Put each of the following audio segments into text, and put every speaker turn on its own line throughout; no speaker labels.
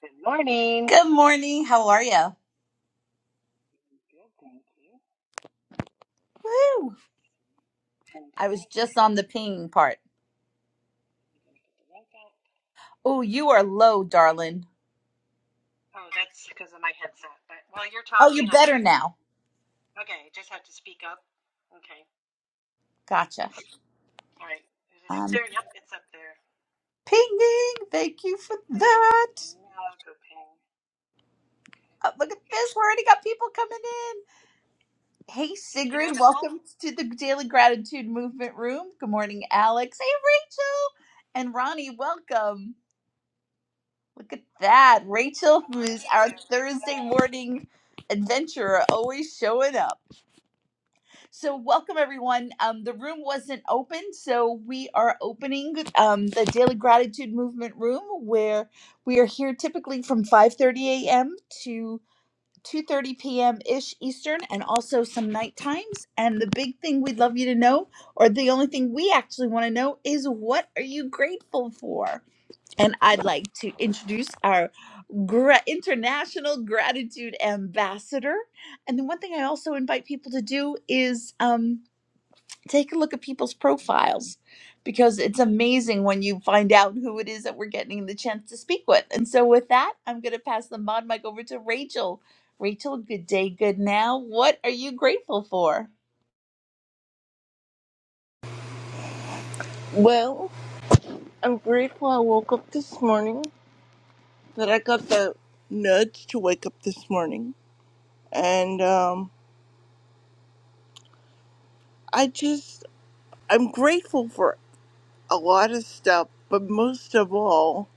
Good morning.
Good morning. How are you?
Good, thank you.
Woo!
And
I was
link.
just on the ping part.
I'm gonna put the link up.
Oh, you are low, darling.
Oh, that's because of my headset. But while you're
Oh, you're
talking, I
better
usually
now.
okay. I just have to speak up. Okay.
Gotcha.
All right. Is it up
I'm
there? Yep, it's up there.
pinging. Thank you for
Okay.
that.
Now I'll go ping. Okay.
Oh, look at this. We already got people coming in. Hey,
You know
Sigrid.
the whole
Welcome to the Daily Gratitude Movement Room. Good morning, Alex. Hey, Rachel. And Ronnie, welcome. Look at that.
good
Rachel, who is
morning,
our Thursday
everyone.
morning adventurer, always showing up. So, welcome everyone. Um, the room wasn't open, so we are opening um, the Daily Gratitude Movement room, where we are here typically from 5:30 a.m. to 2:30 p.m. ish Eastern, and also some night times. And the big thing we'd love you to know, or the only thing we actually want to know, is what are you grateful for? And I'd like to introduce our gra- international gratitude ambassador. And the one thing I also invite people to do is. Um, take a look at people's profiles because it's amazing when you find out who it is that we're getting the chance to speak with. And so, with that, I'm going to pass the mod mic over to Rachel. Rachel, good day, good now. What are you grateful for?
Well, I'm grateful I woke up this morning, that I got the nudge to wake up this morning. And um, I just, I'm grateful for a lot of stuff, but most of all,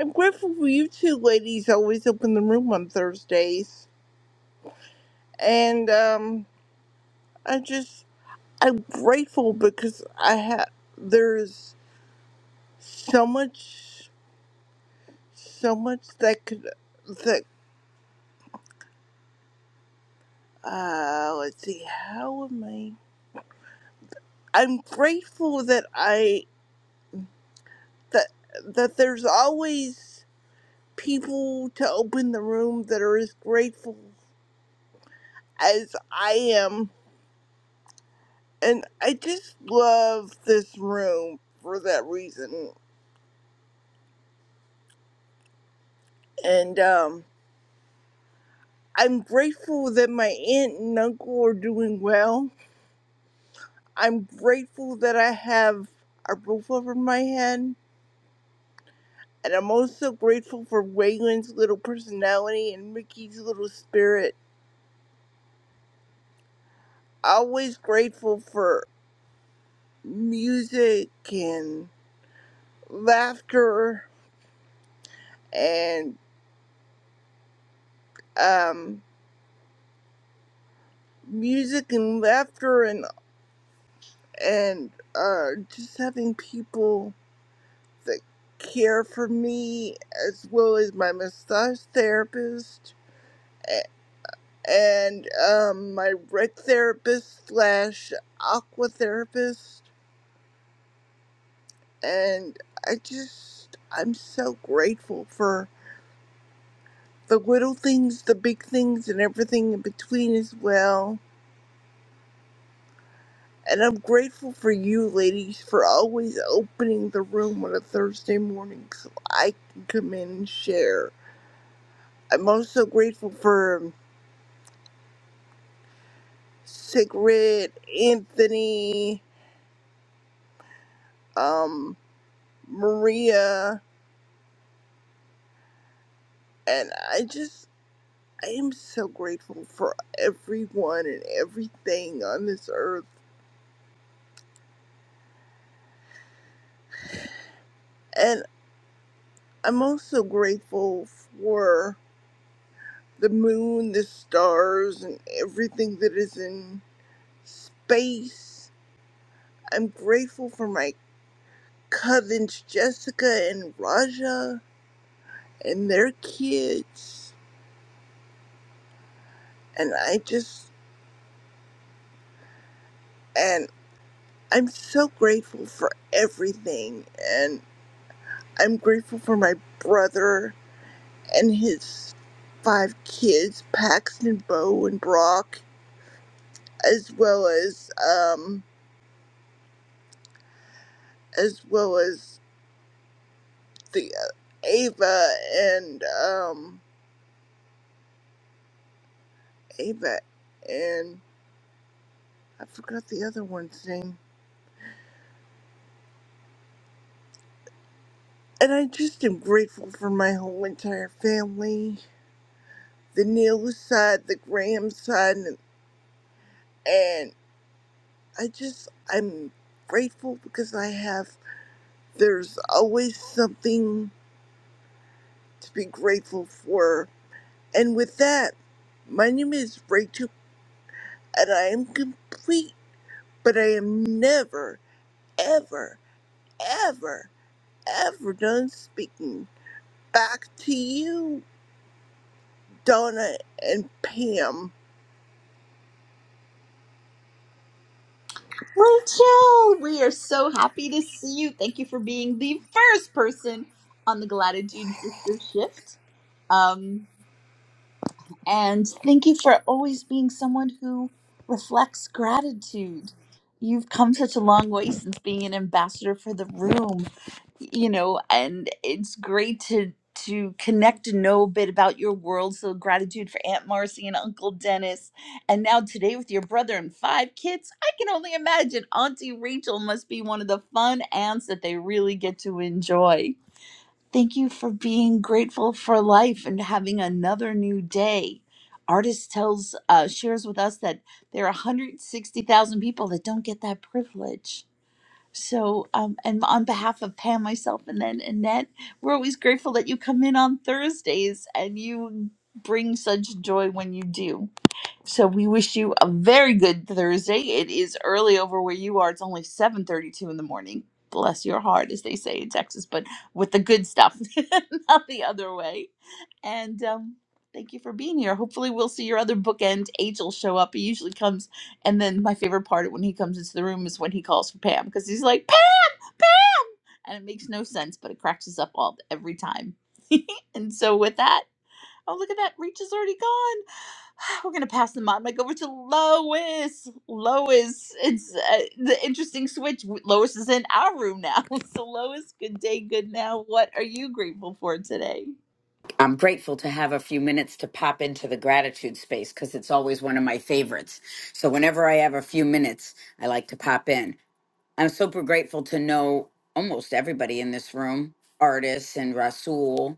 I'm grateful for you two ladies always open the room on Thursdays. And um, I just, I'm grateful because I have, there's so much, so much that could, that, uh, let's see, how am I? I'm grateful that I that that there's always people to open the room that are as grateful as I am, and I just love this room for that reason. And um, I'm grateful that my aunt and uncle are doing well. I'm grateful that I have a roof over my head. And I'm also grateful for Waylon's little personality and Mickey's little spirit always grateful for. music and laughter and um, music and laughter and and uh, just having people that care for me as well as my massage therapist a- and um, my rec therapist slash aqua therapist and I just I'm so grateful for the little things, the big things, and everything in between as well And I'm grateful for you ladies for always opening the room on a Thursday morning so I can come in and share. I'm also grateful for um, Sigrid, Anthony, um, Maria, and I just, I am so grateful for everyone and everything on this earth. And I'm also grateful for the moon, the stars, and everything that is in space I'm grateful for my cousins Jessica and Raja and their kids. And I just, and I'm so grateful for everything. And I'm grateful for my brother and his five kids, Paxton, Bo, and Brock, as well as, um, as well as the uh, Ava and, um, Ava and I forgot the other one's name And I just am grateful for my whole entire family the Neil side, the Graham side, and, and I just, I'm grateful because I have, there's always something to be grateful for. And with that, my name is Rachel, and I am complete, but I am never, ever, ever, ever done speaking. Back to you, Donna and Pam.
Rachel, we are so happy to see you. Thank you for being the first person on the Gratitude Sister Shift. Um, And thank you for always being someone who reflects gratitude. You've come such a long way since being an ambassador for the room, you know, and it's great to to connect and know a bit about your world. So gratitude for Aunt Marcy and Uncle Dennis. And now today with your brother and five kids, I can only imagine Auntie Rachel must be one of the fun aunts that they really get to enjoy. Thank you for being grateful for life and having another new day. Artist tells uh, shares with us that there are 160,000 people that don't get that privilege. So, um, and on behalf of Pam, myself, and then Annette, we're always grateful that you come in on Thursdays and you bring such joy when you do. So we wish you a very good Thursday. It is early over where you are. It's only 7:32 in the morning. Bless your heart, as they say in Texas, but with the good stuff, not the other way. And um, thank you for being here. Hopefully, we'll see your other bookend. Angel show up. He usually comes, and then my favorite part when he comes into the room is when he calls for Pam because he's like Pam, and it makes no sense, but it cracks us up all every time. and so with that. Oh, look at that. Reach is already gone. We're going to pass the mod mic over to Lois. Lois, it's uh, the interesting switch. Lois is in our room now. So, Lois, good day, good now. What are you grateful for today?
I'm grateful to have a few minutes to pop into the gratitude space because it's always one of my favorites. So, whenever I have a few minutes, I like to pop in. I'm super grateful to know almost everybody in this room artists and Rasul.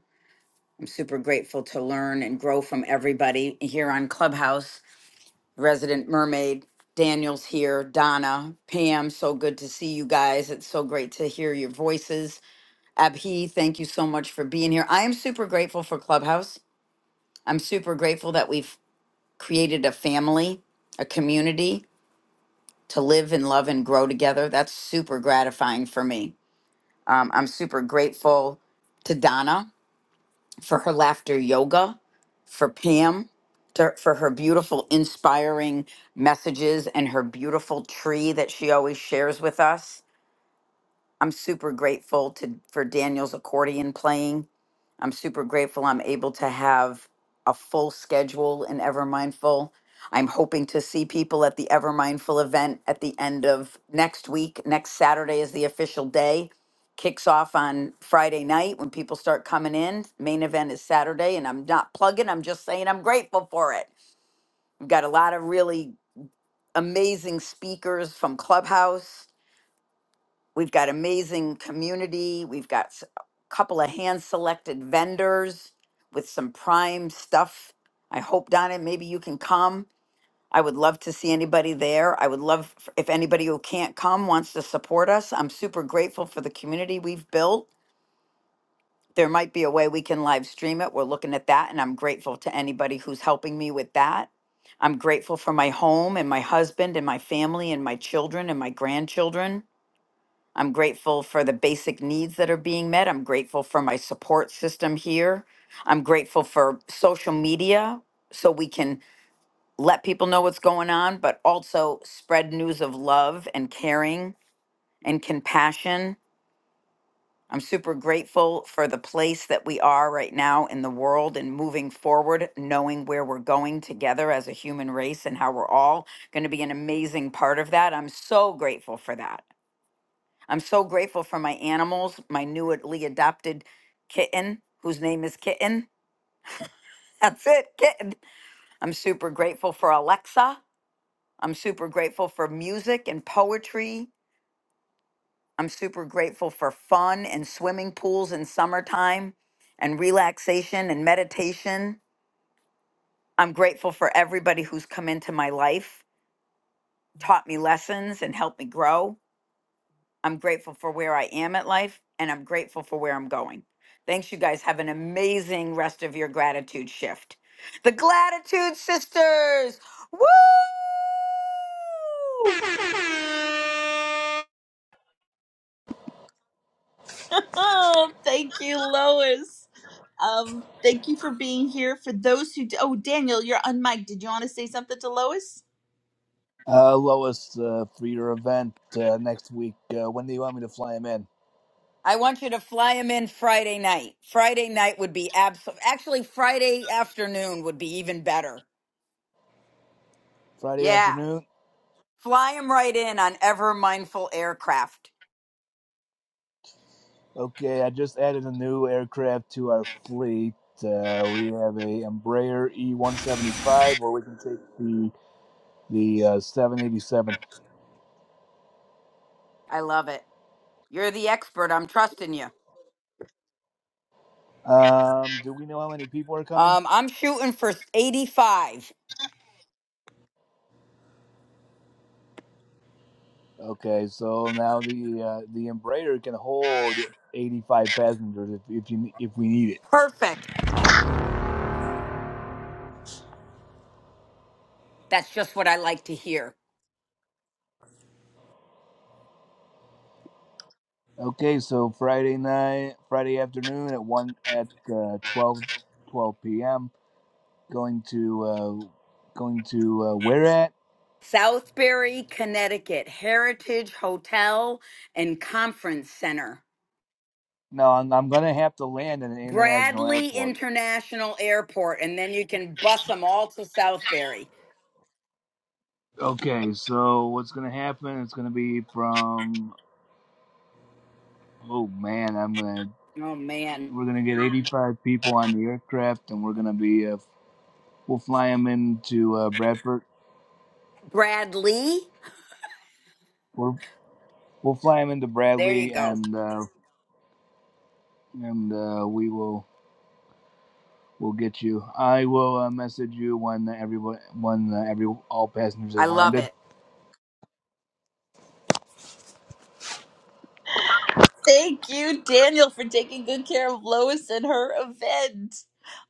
I'm super grateful to learn and grow from everybody here on Clubhouse, Resident Mermaid. Daniel's here, Donna, Pam, so good to see you guys. It's so great to hear your voices. Abhi, thank you so much for being here. I am super grateful for Clubhouse. I'm super grateful that we've created a family, a community to live and love and grow together. That's super gratifying for me. Um, I'm super grateful to Donna for her laughter yoga, for Pam to, for her beautiful, inspiring messages and her beautiful tree that she always shares with us. I'm super grateful to for Daniel's accordion playing. I'm super grateful I'm able to have a full schedule in Ever Mindful. I'm hoping to see people at the Ever Mindful event at the end of next week. Next Saturday is the official day. Kicks off on Friday night when people start coming in. Main event is Saturday, and I'm not plugging, I'm just saying I'm grateful for it. We've got a lot of really amazing speakers from Clubhouse We've got amazing community. We've got s- a couple of hand selected vendors with some prime stuff. I hope, Donna, maybe you can come. I would love to see anybody there. I would love f- if anybody who can't come wants to support us. I'm super grateful for the community we've built. There might be a way we can live stream it. We're looking at that, and I'm grateful to anybody who's helping me with that. I'm grateful for my home and my husband and my family and my children and my grandchildren. I'm grateful for the basic needs that are being met. I'm grateful for my support system here. I'm grateful for social media so we can let people know what's going on, but also spread news of love and caring and compassion. I'm super grateful for the place that we are right now in the world and moving forward, knowing where we're going together as a human race and how we're all going to be an amazing part of that. I'm so grateful for that. I'm so grateful for my animals, my newly adopted kitten, whose name is Kitten. That's it, Kitten. I'm super grateful for Alexa. I'm super grateful for music and poetry. I'm super grateful for fun and swimming pools in summertime and relaxation and meditation. I'm grateful for everybody who's come into my life, taught me lessons, and helped me grow. I'm grateful for where I am at life and I'm grateful for where I'm going. Thanks, you guys. Have an amazing rest of your gratitude shift. The Gratitude Sisters! Woo!
Oh, thank you, Lois. Um, thank you for being here. For those who, oh, Daniel, you're on mic. Did you want to say something to Lois?
Uh, Lois, uh, for your event uh, next week, uh, when do you want me to fly him in?
I want you to fly them in Friday night. Friday night would be absolute. Actually, Friday afternoon would be even better.
Friday
Yeah.
afternoon?
Fly them right in on Ever Mindful Aircraft.
Okay, I just added a new aircraft to our fleet. Uh, we have a Embraer E175, or we can take the the uh, 787.
I love it. You're the expert. I'm trusting you.
Um, do we know how many people are coming?
Um, I'm shooting for 85.
Okay, so now the uh, the Embraer can hold 85 passengers if if you if we need it.
Perfect. That's just what I like to hear.
Okay, so Friday night, Friday afternoon at one at uh, 12, p.m. Going to uh, going to uh, where at?
Southbury, Connecticut, Heritage Hotel and Conference Center,
No, I'm, I'm gonna have to land at an international
Bradley
airport.
International Airport, and then you can bus them all to Southbury.
Okay, so what's gonna happen? It's gonna be from. Oh man, I'm gonna
Oh, man.
we're gonna get 85 people on the aircraft, and we're gonna be uh, we'll fly them into uh, Bradford.
Bradley?
We're, we'll fly them into
There you
Bradley,
go.
and uh, and uh, we will. will get you. I will uh, message you when everyone, when uh, every all passengers
I
have
love
landed.
it.
Thank you, Daniel, for taking good care of Lois and her event.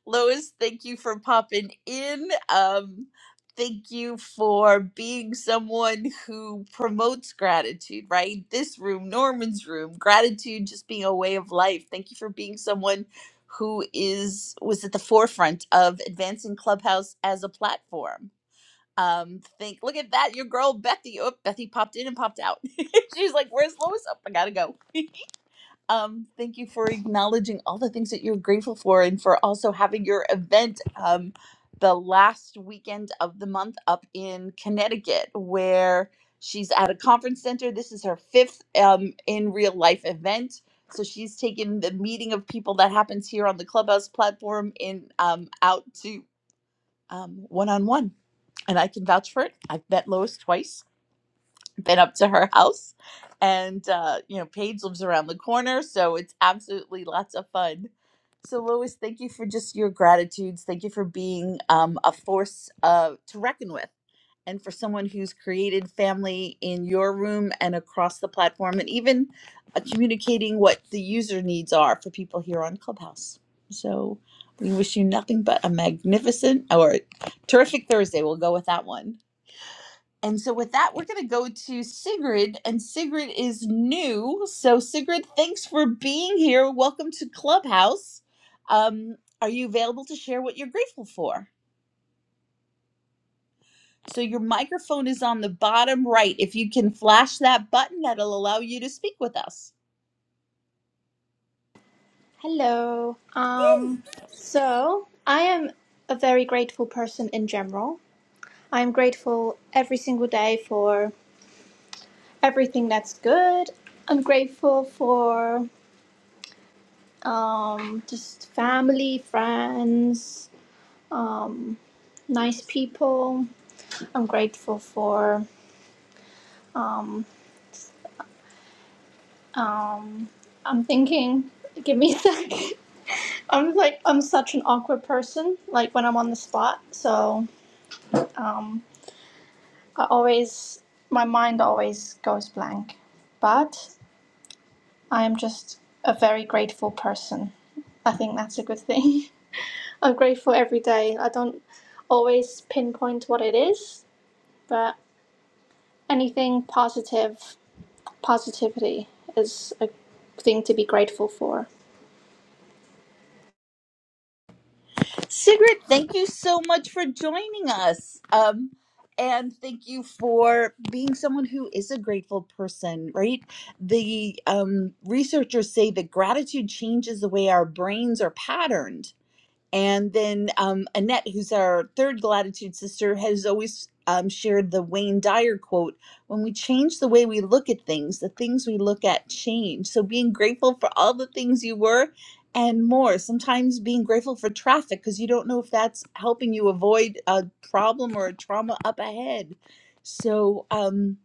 Lois, thank you for popping in. Um, thank you for being someone who promotes gratitude, right? This room, Norman's room, gratitude just being a way of life. Thank you for being someone who is was at the forefront of advancing Clubhouse as a platform. Um, think look at that, your girl Bethy. Oh, Bethy popped in and popped out. She's like, Where's Lois? Oh, I gotta go. Um, thank you for acknowledging all the things that you're grateful for and for also having your event um, the last weekend of the month up in Connecticut, where she's at a conference center. This is her fifth um, in real life event. So she's taken the meeting of people that happens here on the Clubhouse platform in um, out to one on one. And I can vouch for it. I've met Lois twice been up to her house and uh you know paige lives around the corner so it's absolutely lots of fun so lois thank you for just your gratitudes thank you for being um a force uh to reckon with and for someone who's created family in your room and across the platform and even uh, communicating what the user needs are for people here on clubhouse so we wish you nothing but a magnificent or terrific thursday we'll go with that one and so, with that, we're going to go to Sigrid, and Sigrid is new. So, Sigrid, thanks for being here. Welcome to Clubhouse. Um, are you available to share what you're grateful for? So, your microphone is on the bottom right. If you can flash that button, that'll allow you to speak with us.
Hello. Um, so I am a very grateful person in general. I'm grateful every single day for everything that's good. I'm grateful for um, just family, friends, um, nice people. I'm grateful for. Um, um, I'm thinking. Give me a sec. I'm like I'm such an awkward person. Like when I'm on the spot, so. Um, I always, my mind always goes blank, but I am just a very grateful person. I think that's a good thing. I'm grateful every day. I don't always pinpoint what it is, but anything positive, positivity is a thing to be grateful for.
Sigrid, thank you so much for joining us. Um, and thank you for being someone who is a grateful person, right? The um, researchers say that gratitude changes the way our brains are patterned. And then um, Annette, who's our third Gratitude sister, has always um, shared the Wayne Dyer quote When we change the way we look at things, the things we look at change. So being grateful for all the things you were and more. Sometimes being grateful for traffic because you don't know if that's helping you avoid a problem or a trauma up ahead. So, um,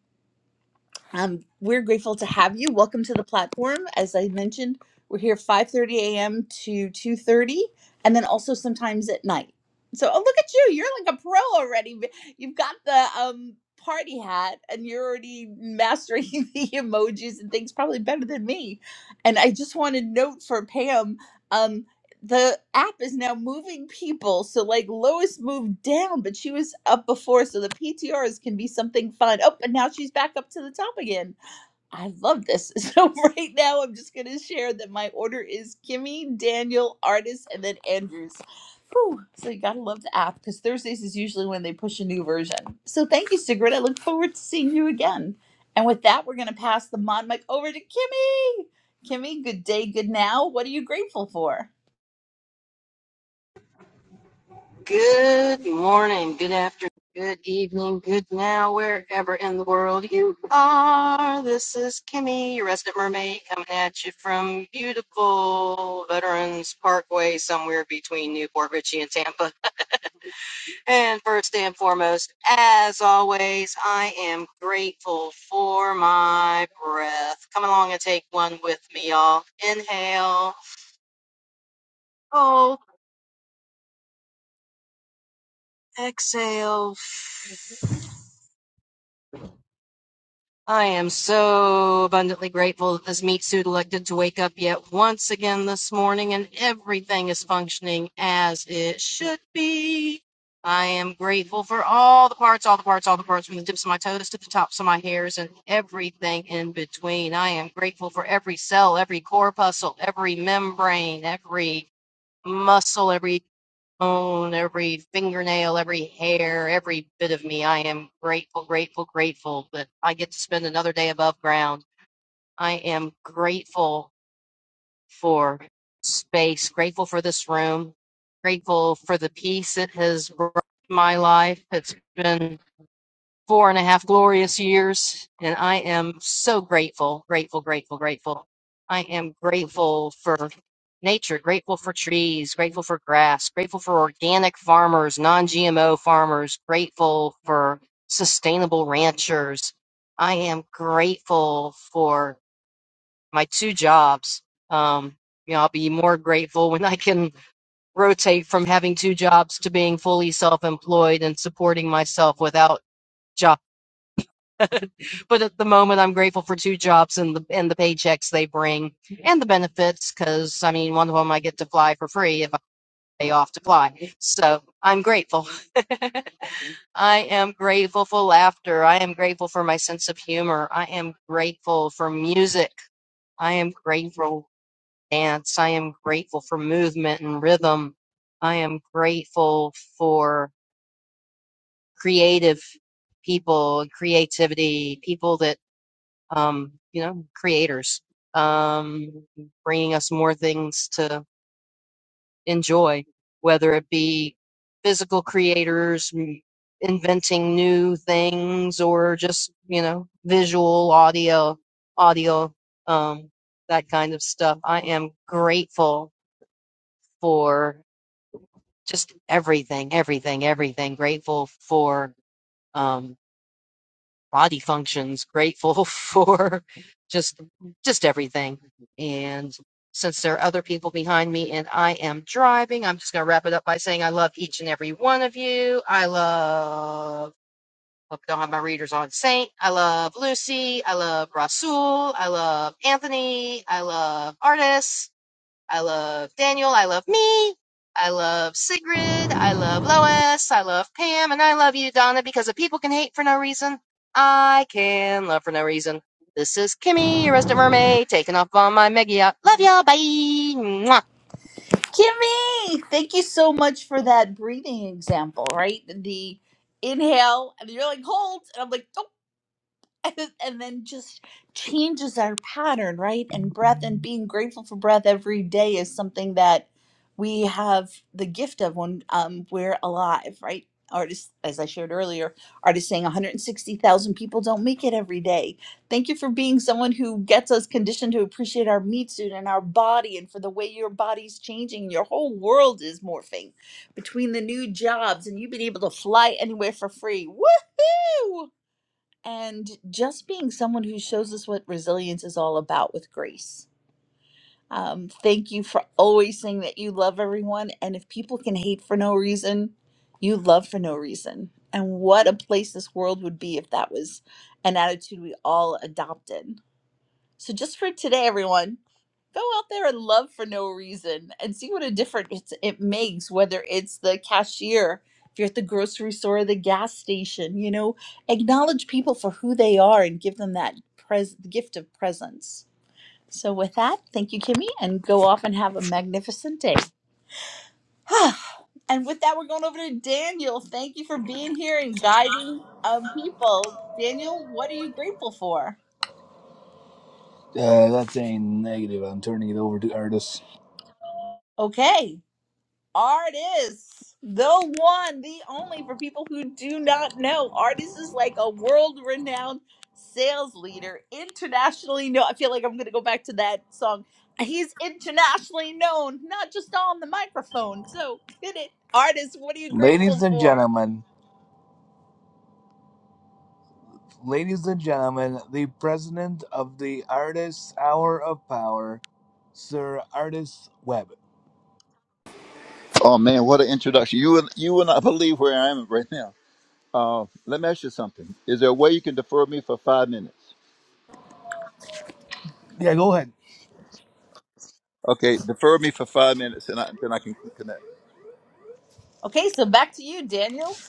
um, we're grateful to have you. Welcome to the platform. As I mentioned, we're here 5:30 a.m. to 2:30, and then also sometimes at night. So, oh look at you! You're like a pro already. B- You've got the um, party hat, and you're already mastering the emojis and things probably better than me. And I just want to note for Pam. um, the app is now moving people. So like Lois moved down, but she was up before. So the PTRs can be something fun. Oh, but now she's back up to the top again. I love this. So right now I'm just gonna share that my order is Kimmy, Daniel, Artis, and then Andrews. Whew. So you gotta love the app because Thursdays is usually when they push a new version. So thank you, Sigrid. I look forward to seeing you again. And with that, we're gonna pass the mod mic over to Kimmy. Kimmy, good day, good now. What are you grateful for?
Good morning, good afternoon, good evening, good now, wherever in the world you are. This is Kimmy, your resident mermaid, coming at you from beautiful Veterans Parkway, somewhere between Newport Richie and Tampa. And first and foremost, as always, I am grateful for my breath. Come along and take one with me, y'all. Inhale, hold, exhale. I am so abundantly grateful that this meat suit elected to wake up yet once again this morning and everything is functioning as it should be. I am grateful for all the parts, all the parts, all the parts, from the tips of my toes to the tops of my hairs and everything in between. I am grateful for every cell, every corpuscle, every membrane, every muscle, every bone, every fingernail, every hair, every bit of me. I am grateful, grateful, grateful that I get to spend another day above ground. I am grateful for space, grateful for this room, grateful for the peace it has brought to my life. It's been four and a half glorious years, and I am so grateful, grateful, grateful, grateful. I am grateful for nature, grateful for trees, grateful for grass, grateful for organic farmers, non GMO farmers, grateful for sustainable ranchers. I am grateful for my two jobs. Um, you know, I'll be more grateful when I can rotate from having two jobs to being fully self employed and supporting myself without job. but at the moment i'm grateful for two jobs and the and the paychecks they bring and the benefits because i mean one of them i get to fly for free if i pay off to fly so i'm grateful i am grateful for laughter i am grateful for my sense of humor i am grateful for music i am grateful for dance i am grateful for movement and rhythm i am grateful for creative people creativity people that. um, you know, creators, um, bringing us more things to enjoy, whether it be physical creators m- inventing new things or just, you know, visual, audio, audio, um, that kind of stuff. I am grateful for just everything, everything, everything. Grateful for, um, body functions, grateful for just just everything. And since there are other people behind me and I am driving, I'm just gonna wrap it up by saying I love each and every one of you. I love look, I don't have my readers on Saint. I love Lucy. I love Rasul. I love Anthony. I love artists. I love Daniel. I love me. I love Sigrid. I love Lois. I love Pam. And I love you, Donna, because if people can hate for no reason, I can love for no reason. This is Kimmy, your resident mermaid, taking off on my Meggie yacht. Love y'all. Bye. Mwah.
Kimmy, thank you so much for that breathing example, right? The inhale, and you're like, hold. And I'm like, nope, and then just changes our pattern, right? And breath and being grateful for breath every day is something that we have the gift of when um, we're alive, right? Artists, as I shared earlier, artists saying 160,000 people don't make it every day. Thank you for being someone who gets us conditioned to appreciate our meat suit and our body and for the way your body's changing. Your whole world is morphing between the new jobs and you have been able to fly anywhere for free. Woohoo! and just being someone who shows us what resilience is all about with grace. Um, thank you for always saying that you love everyone. And if people can hate for no reason, you love for no reason. And what a place this world would be if that was an attitude we all adopted. So just for today, everyone, go out there and love for no reason and see what a difference it makes, whether it's the cashier, if you're at the grocery store or the gas station, you know, acknowledge people for who they are and give them that pres- gift of presence. So with that, thank you, Kimmy, and go off and have a magnificent day. and with that, we're going over to Daniel. Thank you for being here and guiding um, people. Daniel, what are you grateful for?
Uh, that's a negative. I'm turning it over to Artis.
Okay. Artists, the one, the only for people who do not know. Artists is like a world renowned sales leader, internationally known. I feel like I'm going to go back to that song. He's internationally known, not just on the microphone. So get it. artists. what are you
Ladies
grateful
and
for?
gentlemen, ladies and gentlemen, the president of the Artists Hour of Power, Sir Artis Webb.
Oh man, what an introduction! You will you will not believe where I am right now. Uh, let me ask you something. Is there a way you can defer me for five minutes?
Yeah, go ahead.
Okay, defer me for five minutes, and I, then I can connect.
Okay, so back to you, Daniel.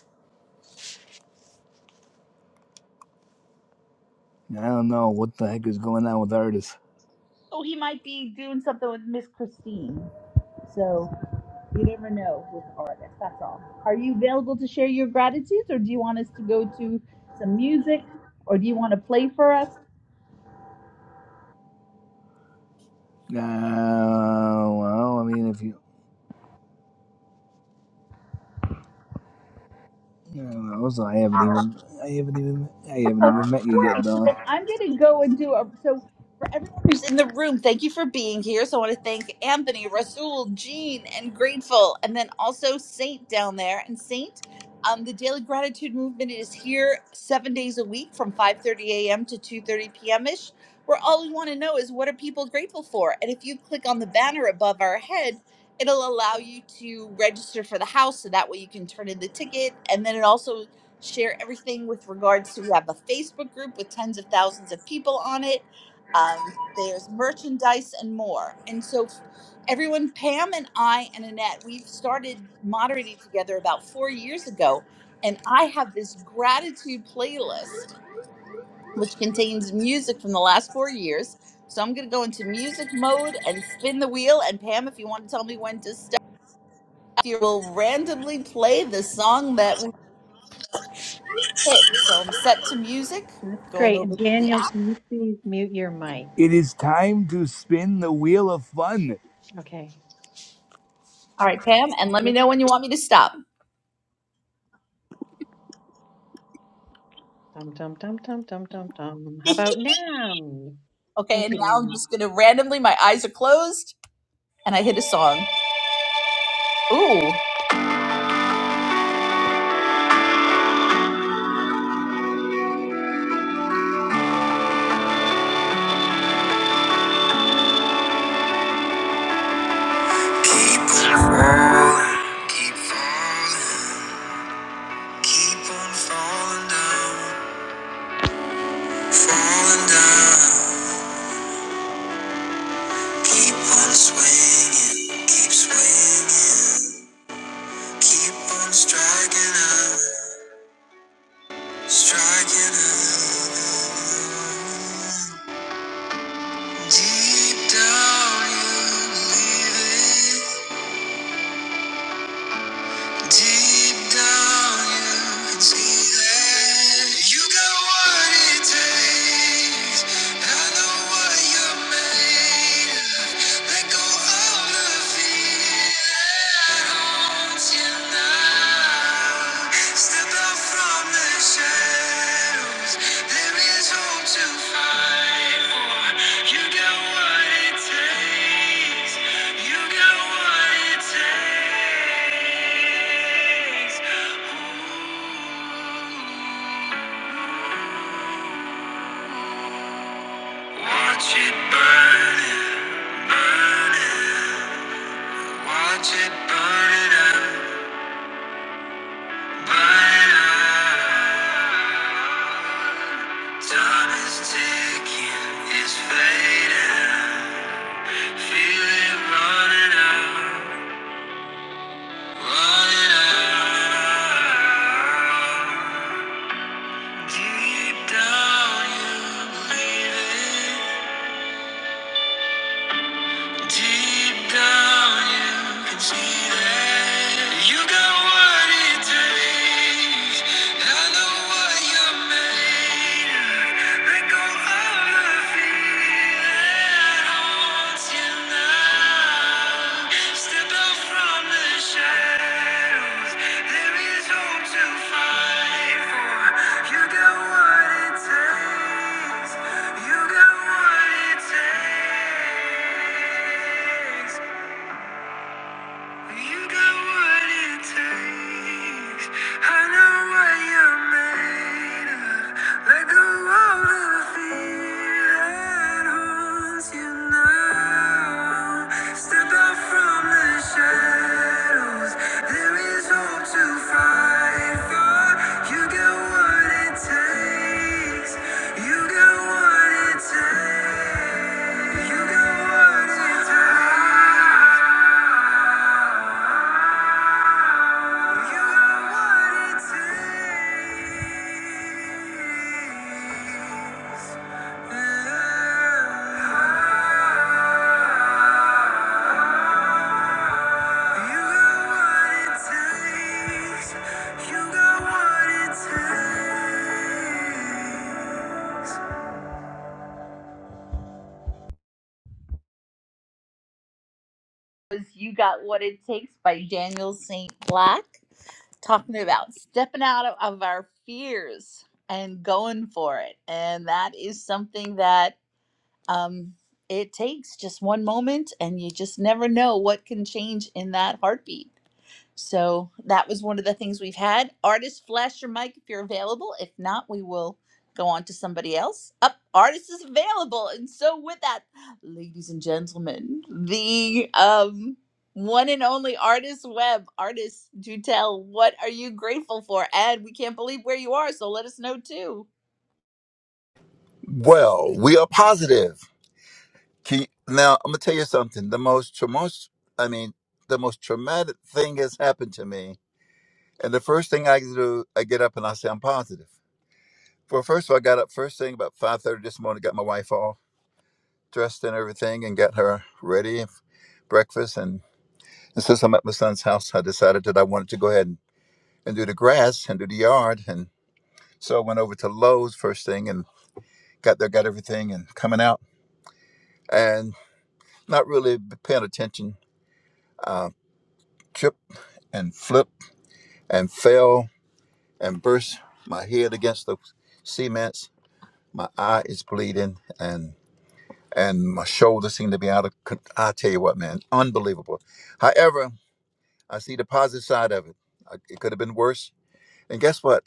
I don't know what the heck is going on with Artis.
Oh, he might be doing something with Miss Christine. So. You never know with artists. That's all. Are you available to share your gratitudes, or do you want us to go to some music, or do you want to play for us?
Uh, well, I mean, if you, I don't know, so I haven't even, I haven't even, I haven't
Well,
even met you
no
yet, Don.
worries. I'm going to go and do a. So, for everyone who's in the room, thank you for being here. So, I want to thank Anthony, Rasul, Jean, and Grateful, and then also Saint down there. And Saint, um, the Daily Gratitude Movement is here seven days a week from 5:30 a.m. to 2:30 p.m. ish. Where all we want to know is what are people grateful for? And if you click on the banner above our head, it'll allow you to register for the house, so that way you can turn in the ticket, and then it also share everything with regards to we have a Facebook group with tens of thousands of people on it. Um, there's merchandise and more. And so f- everyone, Pam and I and Annette, we've started moderating together about four years ago. And I have this gratitude playlist which contains music from the last four years. So I'm going to go into music mode and spin the wheel. And Pam, if you want to tell me when to stop, you will randomly play the song that Okay, so I'm set to music.
That's
Going
great.
over
And
to the
Daniel,
app.
can you please mute your mic?
It is time to spin the wheel of fun.
Okay.
All right, Pam, and let me
Yep.
know when you want me to stop.
Dum dum dum dum dum dum dum. How about now?
Okay,
Thank
and
you,
now I'm
Daniel.
just gonna randomly, my eyes are closed, and I hit a song. Ooh. Keep falling, keep falling, keep on falling down, falling down. Keep on swinging, keep swinging, keep on striking out, striking out. Deep down you believe it. Deep down you can see that you got what it takes. I know what you're made of. Let go of the fear that haunts you now. Above from the shadows, there is hope to fight for. You got what it takes. You got what it takes. Watch it burn, burn. it. Watch it burn it up, burn it up. Time is ticking, it's fading. Feel it running out, running out. Deep down, you believe it. Deep down, you can see that you got what it takes. I know what you're made of. Let go of the fear that haunts you now. Step out from the shadows. There is hope to fight for. You got what it takes. You got what it takes. You got what it takes. I know what you're made of. Let go of the fear that haunts you now. Step out from the shadows. There is hope to fight for. You got what it takes. You got what it takes. You got what it takes. You got what it takes. was You Got What It Takes by Daniel St. Black, talking about stepping out of, of our fears and going for it. And that is something that um, it takes just one moment, and you just never know what can change in that heartbeat. So that was one of the things we've had. Artist, flash your mic if you're available. If not, we will go on to somebody else. Up, artist is available, and so with that, ladies and gentlemen, the um one and only artist web artist do tell what are you grateful for and we can't believe where you are so let us know too
Well, we are positive. Can you, now I'm gonna tell you something. The most tra- most I mean, the most traumatic thing has happened to me, and the first thing I do, I get up and I say I'm positive. Well, first of all, I got up first thing about five thirty this morning, got my wife all dressed and everything, and got her ready for breakfast, And since I'm at my son's house, I decided that I wanted to go ahead and, and do the grass and do the yard. And so I went over to Lowe's first thing and got there, got everything and coming out and not really paying attention. Uh, tripped and flipped and fell and burst my head against the cements. My eye is bleeding and and my shoulder seemed to be out of. con- I tell you what, man, unbelievable. However, I see the positive side of it. I, it could have been worse. And guess what?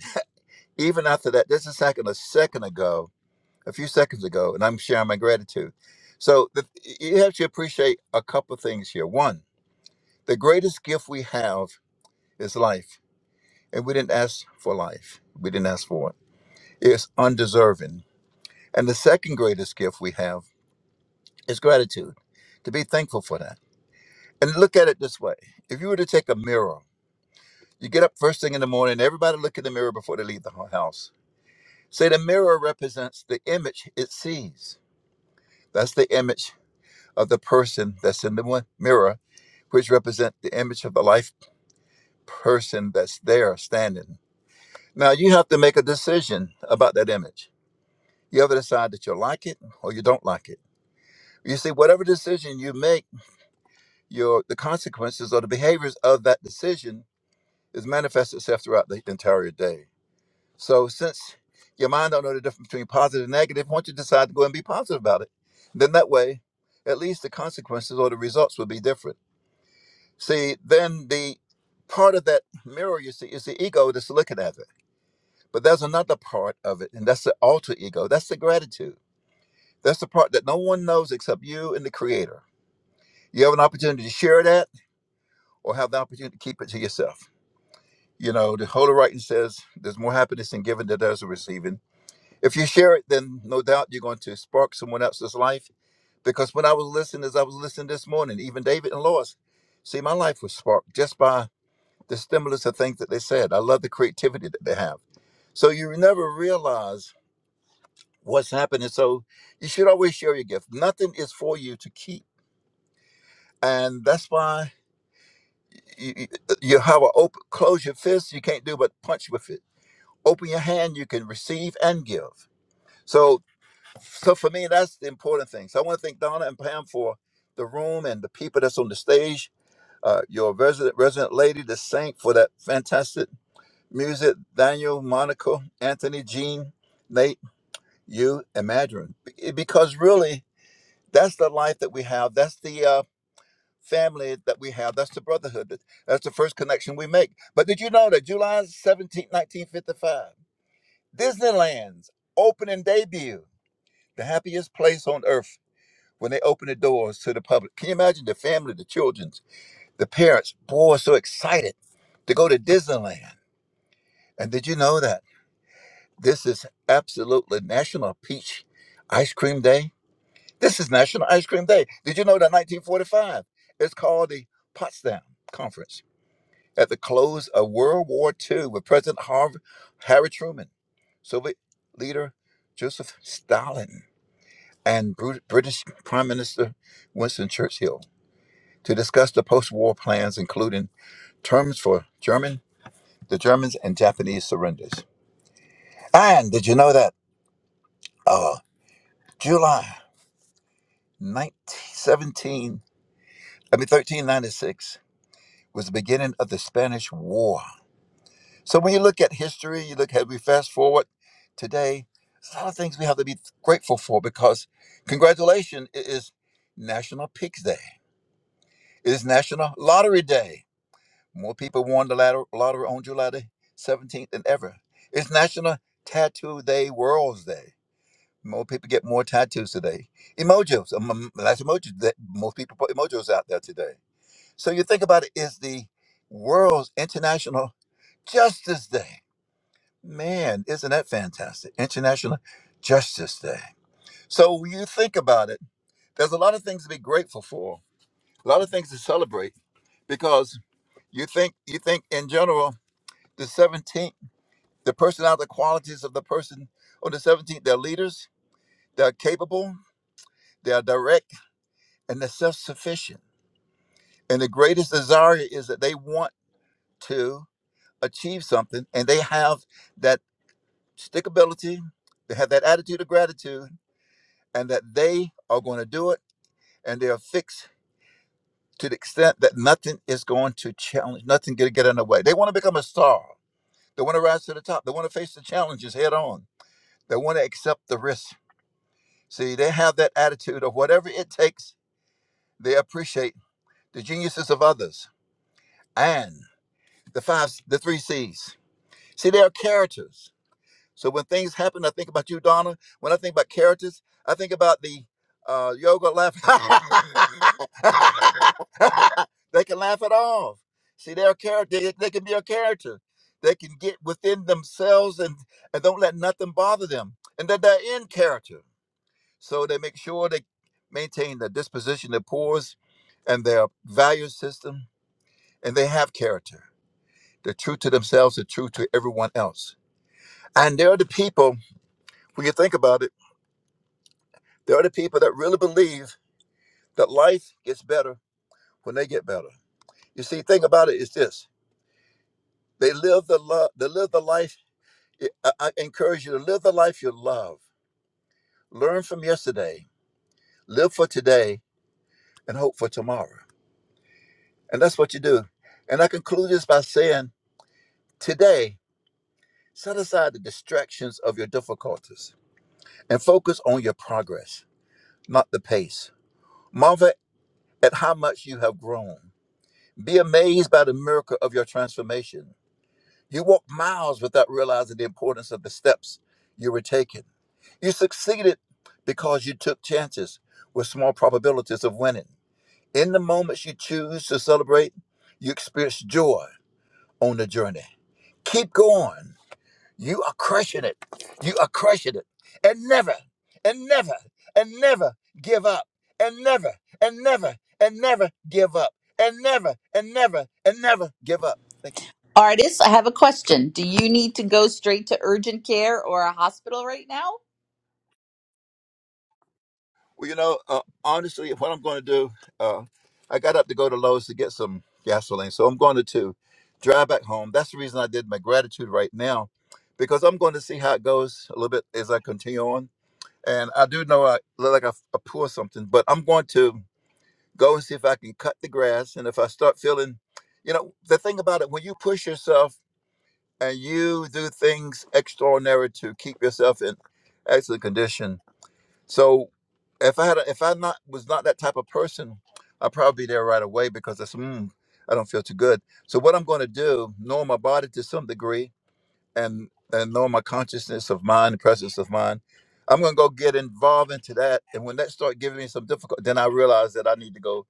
even after that, just a second, a second ago, a few seconds ago, and I'm sharing my gratitude. So the, you have to appreciate a couple things here. One, the greatest gift we have is life, and we didn't ask for life. We didn't ask for it. It's undeserving. And the second greatest gift we have is gratitude. To be thankful for that. And look at it this way: if you were to take a mirror, you get up first thing in the morning. Everybody look in the mirror before they leave the house. Say the mirror represents the image it sees That's the image of the person that's in the mirror, which represent the image of the life person that's there standing. Now you have to make a decision about that image. You have to decide that you like it or you don't like it. You see, whatever decision you make, your the consequences or the behaviors of that decision is manifest itself throughout the entire day. So since your mind don't know the difference between positive and negative, once you decide to go and be positive about it, then that way, at least the consequences or the results will be different. See, then the part of that mirror you see is the ego that's looking at it. But there's another part of it, and that's the alter ego. That's the gratitude. That's the part that no one knows except you and the creator. You have an opportunity to share that or have the opportunity to keep it to yourself. You know, the Holy Writing says there's more happiness in giving than there's in receiving. If you share it, then no doubt you're going to spark someone else's life. Because when I was listening, as I was listening this morning, even David and Lois, see, my life was sparked just by the stimulus of things that they said. I love the creativity that they have. So you never realize what's happening. So you should always share your gift. Nothing is for you to keep, and that's why you, you you have a open, close your fist. You can't do but punch with it. Open your hand. You can receive and give. So, so for me, that's the important thing. So I want to thank Donna and Pam for the room and the people that's on the stage. Uh, your resident resident lady, the saint, for that fantastic. Music, Daniel, Monica, Anthony, Jean, Nate, you, and Madron. Be- Because really, that's the life that we have. That's the uh, family that we have. That's the brotherhood. that- That's the first connection we make. But did you know that July seventeenth, 1955, Disneyland's opening debut, the happiest place on earth when they opened the doors to the public. Can you imagine the family, the children, the parents? Boy, so excited to go to Disneyland. And did you know that? This is absolutely National Peach Ice Cream Day. This is National Ice Cream Day. Did you know that 1945 it's called the Potsdam Conference at the close of World War II with President Harv- Harry Truman, Soviet leader Joseph Stalin, and Bru- British Prime Minister Winston Churchill to discuss the post-war plans, including terms for German, the Germans, and Japanese surrenders. And did you know that uh, July? 1917. I mean, 1396 was the beginning of the Spanish War. So when you look at history, you look at we fast forward today, there's a lot of things we have to be grateful for because congratulations, it is National Pigs Day. It is National Lottery Day. More people won the latter- lottery on July the 17th than ever. It's National Tattoo Day, World's Day. More people get more tattoos today. Emojis, um, um, that's emojis. that- Most people put emojis out there today. So you think about it's the world's International Justice Day. Man, isn't that fantastic? International Justice Day. So when you think about it, there's a lot of things to be grateful for, a lot of things to celebrate because you think you think in general the 17th, the personality qualities of the person on the 17th, they're leaders, they're capable, they're direct, and they're self-sufficient. And the greatest desire is that they want to achieve something and they have that stickability, they have that attitude of gratitude, and that they are going to do it, and they are fixed to the extent that nothing is going to challenge, nothing going to get in the way. They want to become a star. They want to rise to the top. They want to face the challenges head on. They want to accept the risk. See, they have that attitude of whatever it takes. They appreciate the geniuses of others and the five, the three C's. See, they are characters So when things happen, I think about you, Donna. When I think about characters, I think about the uh, yoga laugh. they can laugh it off. See, they're a character. They, they can be a character. They can get within themselves and, and don't let nothing bother them. And that they're in character. So they make sure they maintain their disposition, their pores, and their value system. And they have character. They're true to themselves. They're true to everyone else. And they're the people, when you think about it, There are the people that really believe that life gets better when they get better. You see, thing about it is this: they live the love, they live the life. eh, I, I encourage you to live the life you love. Learn from yesterday, live for today, and hope for tomorrow. And that's what you do. And I conclude this by saying, today, set aside the distractions of your difficulties and focus on your progress, not the pace. Marvel at how much you have grown. Be amazed by the miracle of your transformation You walk miles without realizing the importance of the steps you were taking. You succeeded because you took chances with small probabilities of winning. In the moments you choose to celebrate, you experience joy on the journey. Keep going. You are crushing it. You are crushing it. And never, and never, and never give up. And never, and never, and never give up. And never, and never, and never give up. Thank you.
artist i have a question do you need to go straight to urgent care or a hospital right now
Well, you know, uh, honestly, what I'm going to do, uh, I got up to go to Lowe's to get some gasoline, so I'm going to, to drive back home. That's the reason I did my gratitude right now, because I'm going to see how it goes a little bit as I continue on. And I do know I look like I, I pour something, but I'm going to go and see if I can cut the grass. And if I start feeling, you know, the thing about it, when you push yourself and you do things extraordinary to keep yourself in excellent condition, so if I had, a, if I not was not that type of person, I'd probably be there right away because it's, mm, I don't feel too good. So what I'm going to do, knowing my body to some degree, and and knowing my consciousness of mind, presence of mind, I'm going to go get involved into that. And when that start giving me some difficult, then I realize that I need to go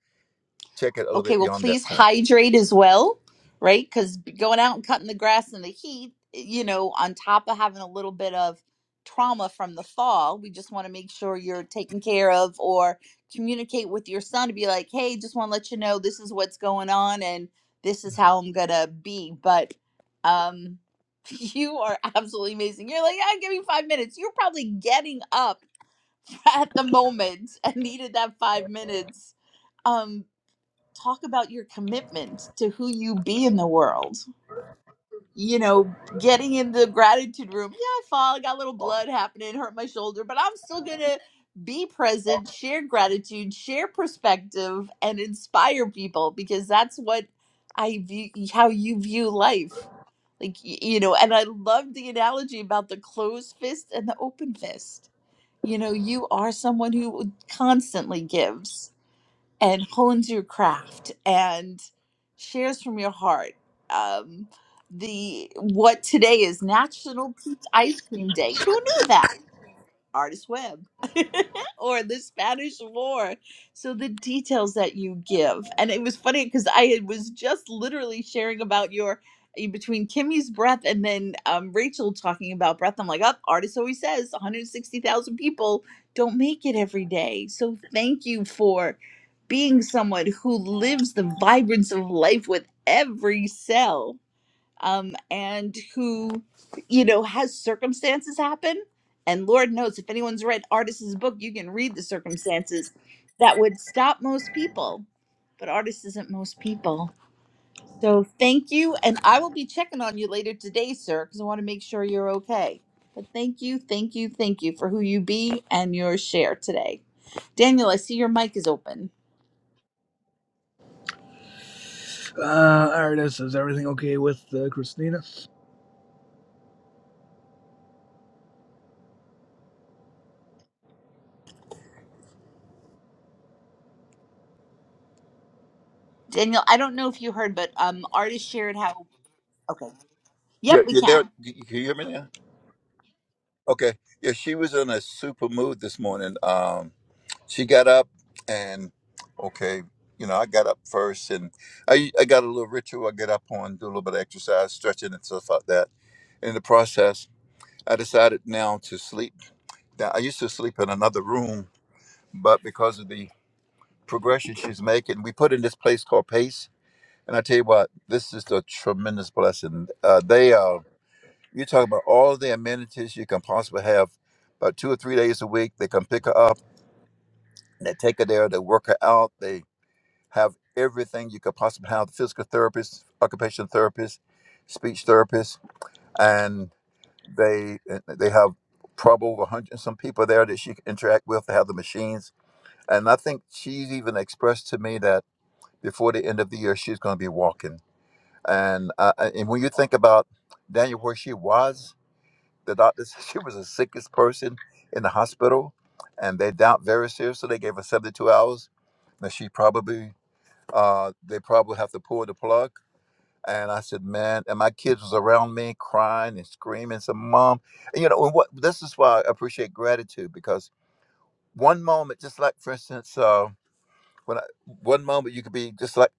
check it a little bit
okay, well,
beyond that
please
point.
hydrate as well, right? Because going out and cutting the grass in the heat, eh, you know, on top of having a little bit of trauma from the fall, we just want to make sure you're taken care of or communicate with your son to be like, hey, just want to let you know this is what's going on and this is how I'm going to be. But, um, you are absolutely amazing. You're like, yeah, give me five minutes. You're probably getting up at the moment and needed that five minutes Um, talk about your commitment to who you be in the world. You know, getting in the gratitude room. Yeah, I fall, I got a little blood happening, hurt my shoulder, but I'm still gonna be present, share gratitude, share perspective, and inspire people because that's what I view how you view life. Like y- you know, and I love the analogy about the closed fist and the open fist. You know, you are someone who constantly gives and hones your craft and shares from your heart. Um, the what today is National Peach Ice Cream Day. Who knew that? Artist Web or the Spanish War. So the details that you give. And it was funny because I had- was just literally sharing about your in between Kimmy's breath and then um, Rachel talking about breath. I'm like, up, artist always says 160,000 people don't make it every day. So thank you for being someone who lives the vibrance of life with every cell um, and who, you know, has circumstances happen. And Lord knows if anyone's read Artist's book, you can read the circumstances that would stop most people. But Artist isn't most people. So thank you. And I will be checking on you later today, sir, because I want to make sure you're okay. But thank you, thank you, thank you for who you be and your share today. Daniel, I see your mic is open.
Uh, Artis, is everything okay with uh, Christina?
Daniel, I don't know if you heard, but um, Artist shared how. Okay.
Yeah,
Yep, we
you're
can.
there. You, you hear me now? Okay. Yeah, she was in a super mood this morning. Um, she got up and okay, you know, I got up first and I I got a little ritual. I get up on, do a little bit of exercise, stretching and stuff like that. In the process, I decided now to sleep. Now I used to sleep in another room, but because of the progression she's making, we put in this place called Pace. And I tell you what, this is a tremendous blessing. Uh, they uh, you talk about all the amenities you can possibly have. About two or three days a week, they come pick her up, and they take her there, they work her out, they have everything you could possibly have physical therapists, occupational therapists, speech therapists, and they eh, they have probably over 100 and some people there that she can interact with. They have the machines. And I think she's even expressed to me that before the end of the year, she's going to be walking. And, uh, and when you think about Daniel, where she was, The doctor said she was the sickest person in the hospital, and they doubt very seriously. They gave her 72 hours. Now she probably, uh, they probably have to pull the plug. And I said, man, and my kids was around me crying and screaming. Said, mom, and you know, and what this is why I appreciate gratitude because one moment, just like for instance, uh, when I, one moment you could be just like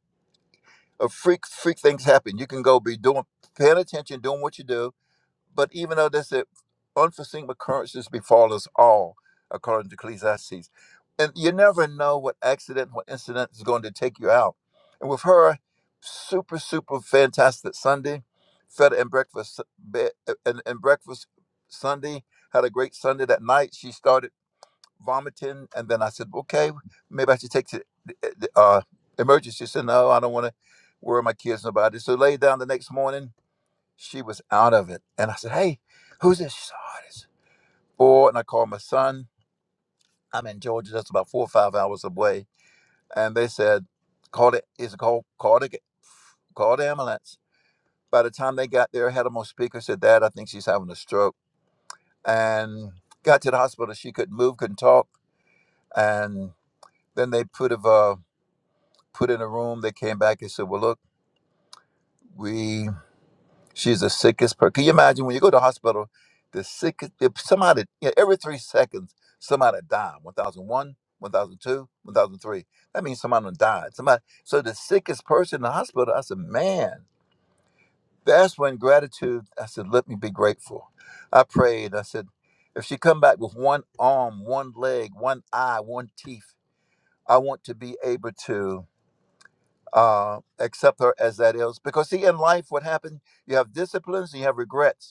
a freak, freak things happen. You can go be doing, paying attention, doing what you do, But even though this unforeseen occurrences befall us all, according to Ecclesiastes, and you never know what accident, what incident is going to take you out. And with her super, super fantastic Sunday, fed and breakfast, bed, and, and breakfast Sunday, had a great Sunday that night. She started vomiting, and then I said, okay, maybe I should take to the the, uh, emergency. She said, no, I don't want to worry my kids about it. So laid down the next morning she was out of it. And I said, Hey, who's this? She said, oh, this. Or, and I called my son. I'm in Georgia, that's about four or five hours away. And they said, Call it, is it called, call the, call the ambulance. By the time they got there, had them on speaker, said, Dad, I think she's having a stroke. And got to the hospital. She couldn't move, couldn't talk. And then they put, of, uh, put in a room. They came back and said, Well, look, we She's the sickest person. Can you imagine when you go to the hospital, the sickest, if somebody, you know, every three seconds, somebody died. 1001, 1002, 1003. That means somebody done died. Somebody, so the sickest person in the hospital, I said, man, that's when gratitude, I said, let me be grateful. I prayed. I said, if she come back with one arm, one leg, one eye, one teeth, I want to be able to uh, accept her as that is. Because see, in life, what happened, you have disciplines and you have regrets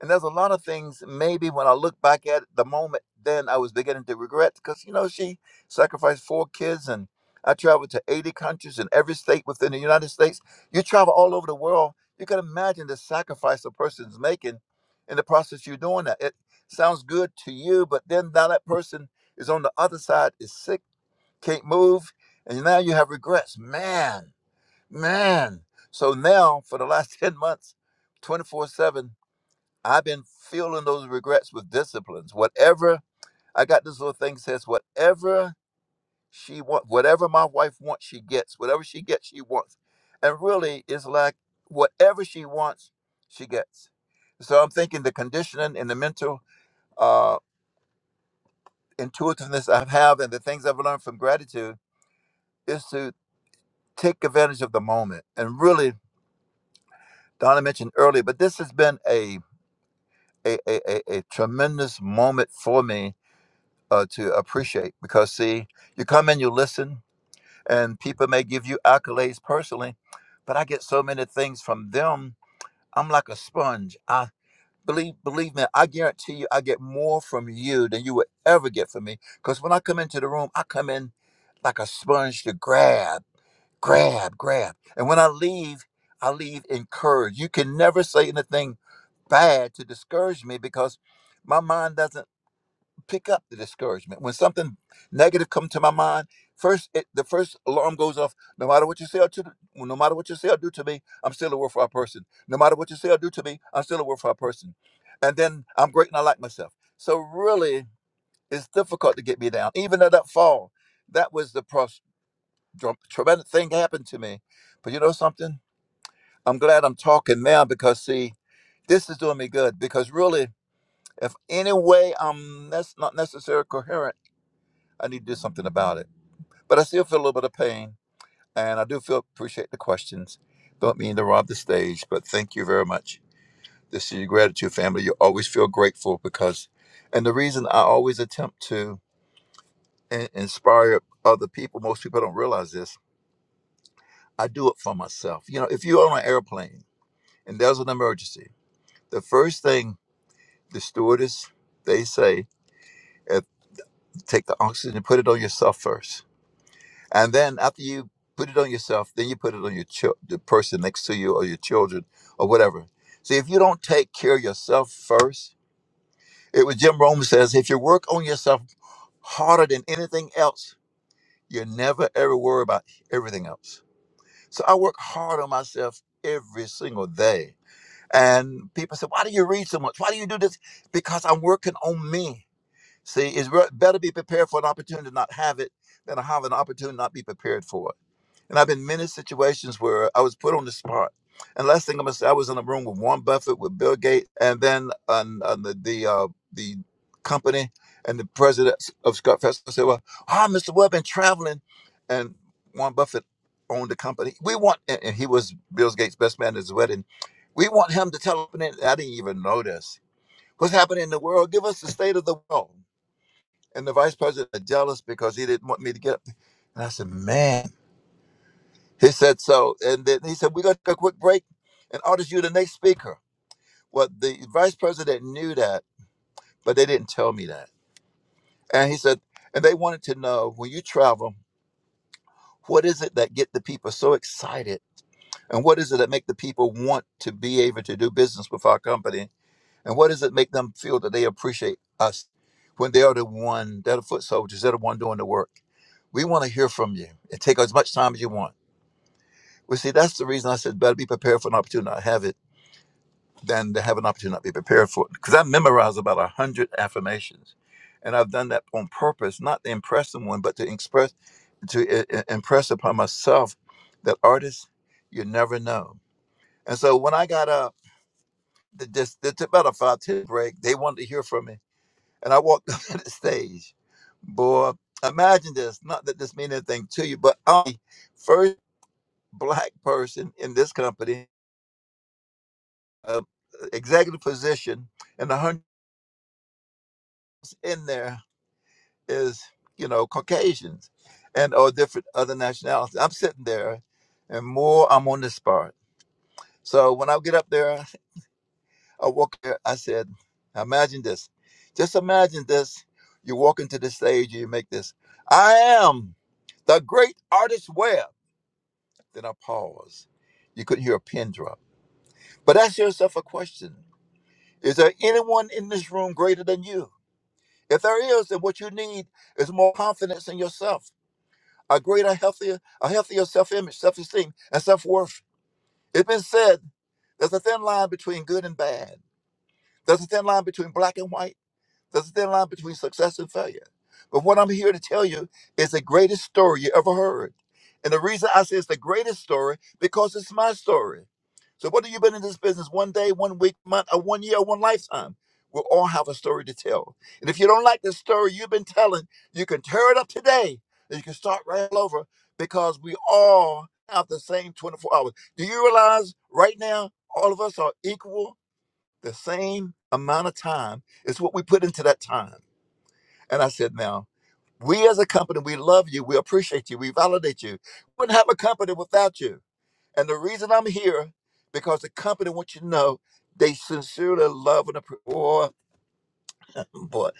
and there's a lot of things maybe when I look back at the moment then I was beginning to regret because you know she sacrificed four kids and I traveled to 80 countries in every state within the United States. You travel all over the world. You can imagine the sacrifice a person's making in the process you're doing that. It sounds good to you, but then now that person is on the other side, is sick, can't move, and now you have regrets. Man, man. So now for the last 10 months, 24 7, I've been feeling those regrets with disciplines. Whatever I got, this little thing says, whatever she wants, whatever my wife wants, she gets. Whatever she gets, she wants. And really, it's like whatever she wants, she gets. So I'm thinking the conditioning and the mental uh, intuitiveness I have, and the things I've learned from gratitude, is to take advantage of the moment. And really, Donna mentioned earlier, but this has been a a, a, a a tremendous moment for me uh, to appreciate because see you come and you listen and people may give you accolades personally but i get so many things from them i'm like a sponge i believe believe me i guarantee you i get more from you than you would ever get from me because when i come into the room i come in like a sponge to grab grab grab and when i leave i leave encouraged you can never say anything bad to discourage me because my mind doesn't pick up the discouragement. When something negative come to my mind, first it, the first alarm goes off. No matter what you say or to, well, no matter what you say or do to me, I'm still a worthwhile person. No matter what you say or do to me, I'm still a worthwhile person. And then I'm great and I like myself. So really, it's difficult to get me down. Even at that fall, that was the pros- dr- tremendous thing happened to me. But you know something? I'm glad I'm talking now because see, this is doing me good. Because really, if any way I'm that's not necessarily coherent I need to do something about it. But I still feel a little bit of pain, and I do feel appreciate the questions. Don't mean to rob the stage, but thank you very much. This is your gratitude family. You always feel grateful because, and the reason I always attempt to in- inspire other people, most people don't realize this. I do it for myself. You know, if you're on an airplane and there's an emergency, the first thing the stewardess they say, eh, take the oxygen and put it on yourself first And then after you put it on yourself, then you put it on your chil- the person next to you or your children or whatever. See, if you don't take care of yourself first, it was Jim Rome says, if you work on yourself harder than anything else, you never ever worry about everything else. So I work hard on myself every single day. And people say, why do you read so much? Why do you do this? Because I'm working on me. See, it's re- better be prepared for an opportunity to not have it than to have an opportunity to not be prepared for it. And I've been in many situations where I was put on the spot. And last thing I'm gonna say, I was in a room with Warren Buffett, with Bill Gates, and then on, on the the, uh, the company and the president of Scott Festival said, "Well, ah, Mr. Webb been traveling," and Warren Buffett owned the company. We want, and and he was Bill Gates' best man at his wedding. We want him to tell him. I didn't even notice what's happening in the world. Give us the state of the world. And the vice president was jealous because he didn't want me to get up. And I said, "Man." He said so. And then he said, We're going to take a quick break and artist you the next speaker. Well, the vice president knew that, but they didn't tell me that. And he said, And they wanted to know when you travel, what is it that get the people so excited? And what is it that make the people want to be able to do business with our company? And what does it make them feel that they appreciate us when they are the one, they're the foot soldiers, they're the one doing the work? We want to hear from you and take as much time as you want. Well, see, that's the reason I said better be prepared for an opportunity. I have it than to have an opportunity not be prepared for it. Because I memorize about a hundred affirmations, and I've done that on purpose, not to impress someone, but to express to i- i- impress upon myself that artists, you never know. And so when I got up, the, this, the about a five ten break, they wanted to hear from me, and I walked up to the stage. Boy, imagine this. Not that this means anything to you, but I'm the first black person in this company, uh, executive position, and a hundred in there is you know Caucasians and or different other nationalities. I'm sitting there, and more I'm on this part. So when I get up there, I walk there. I said, imagine this, just imagine this. You walk into the stage, you make this. I am the great artist Webb. Then I pause. You couldn't hear a pin drop. But ask yourself a question: Is there anyone in this room greater than you? If there is, then what you need is more confidence in yourself a greater, healthier, a healthier self-image, self-esteem, and self-worth. It's been said there's a thin line between good and bad. There's a thin line between black and white. There's a thin line between success and failure. But what I'm here to tell you is the greatest story you ever heard. And the reason I say it's the greatest story because it's my story. So whether you've been in this business one day, one week, month, or one year, or one lifetime, we all have a story to tell. And if you don't like the story you've been telling, you can tear it up today and you can start right all over because we all have the same 24 hours. Do you realize right now all of us are equal? The same amount of time is what we put into that time. And I said, now, we as a company, we love you, we appreciate you, we validate you. We Wouldn't have a company without you. And the reason I'm here, because the company wants you to know they sincerely love and appreciate. Boy, boy.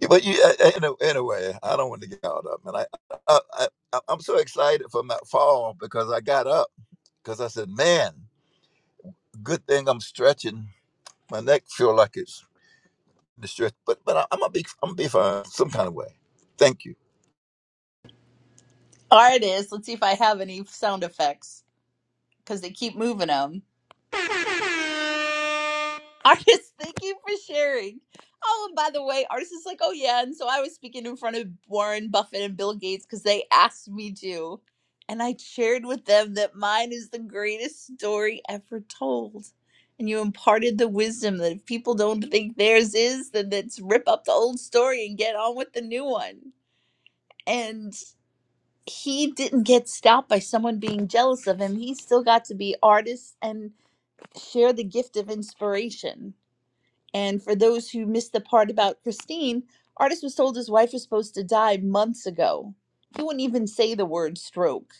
Yeah, but you, uh, uh, ano- anyway, I don't want to get out up, and I, I, I, I- I'm so excited for my fall because I got up because I said, man, good thing I'm stretching. My neck feel like it's distress. But but I, I'm gonna be I'm gonna be fine some kind of way. Thank you.
Artists, let's see if I have any sound effects because they keep moving them. Artists, thank you for sharing. Oh, and by the way, artists is like, oh yeah, and so I was speaking in front of Warren Buffett and Bill Gates because they asked me to, and I shared with them that mine is the greatest story ever told, and you imparted the wisdom that if people don't think theirs is, then let's rip up the old story and get on with the new one. and. he didn't get stopped by someone being jealous of him. He still got to be artist and share the gift of inspiration. And for those who missed the part about Christine, artist was told his wife was supposed to die months ago. He wouldn't even say the word stroke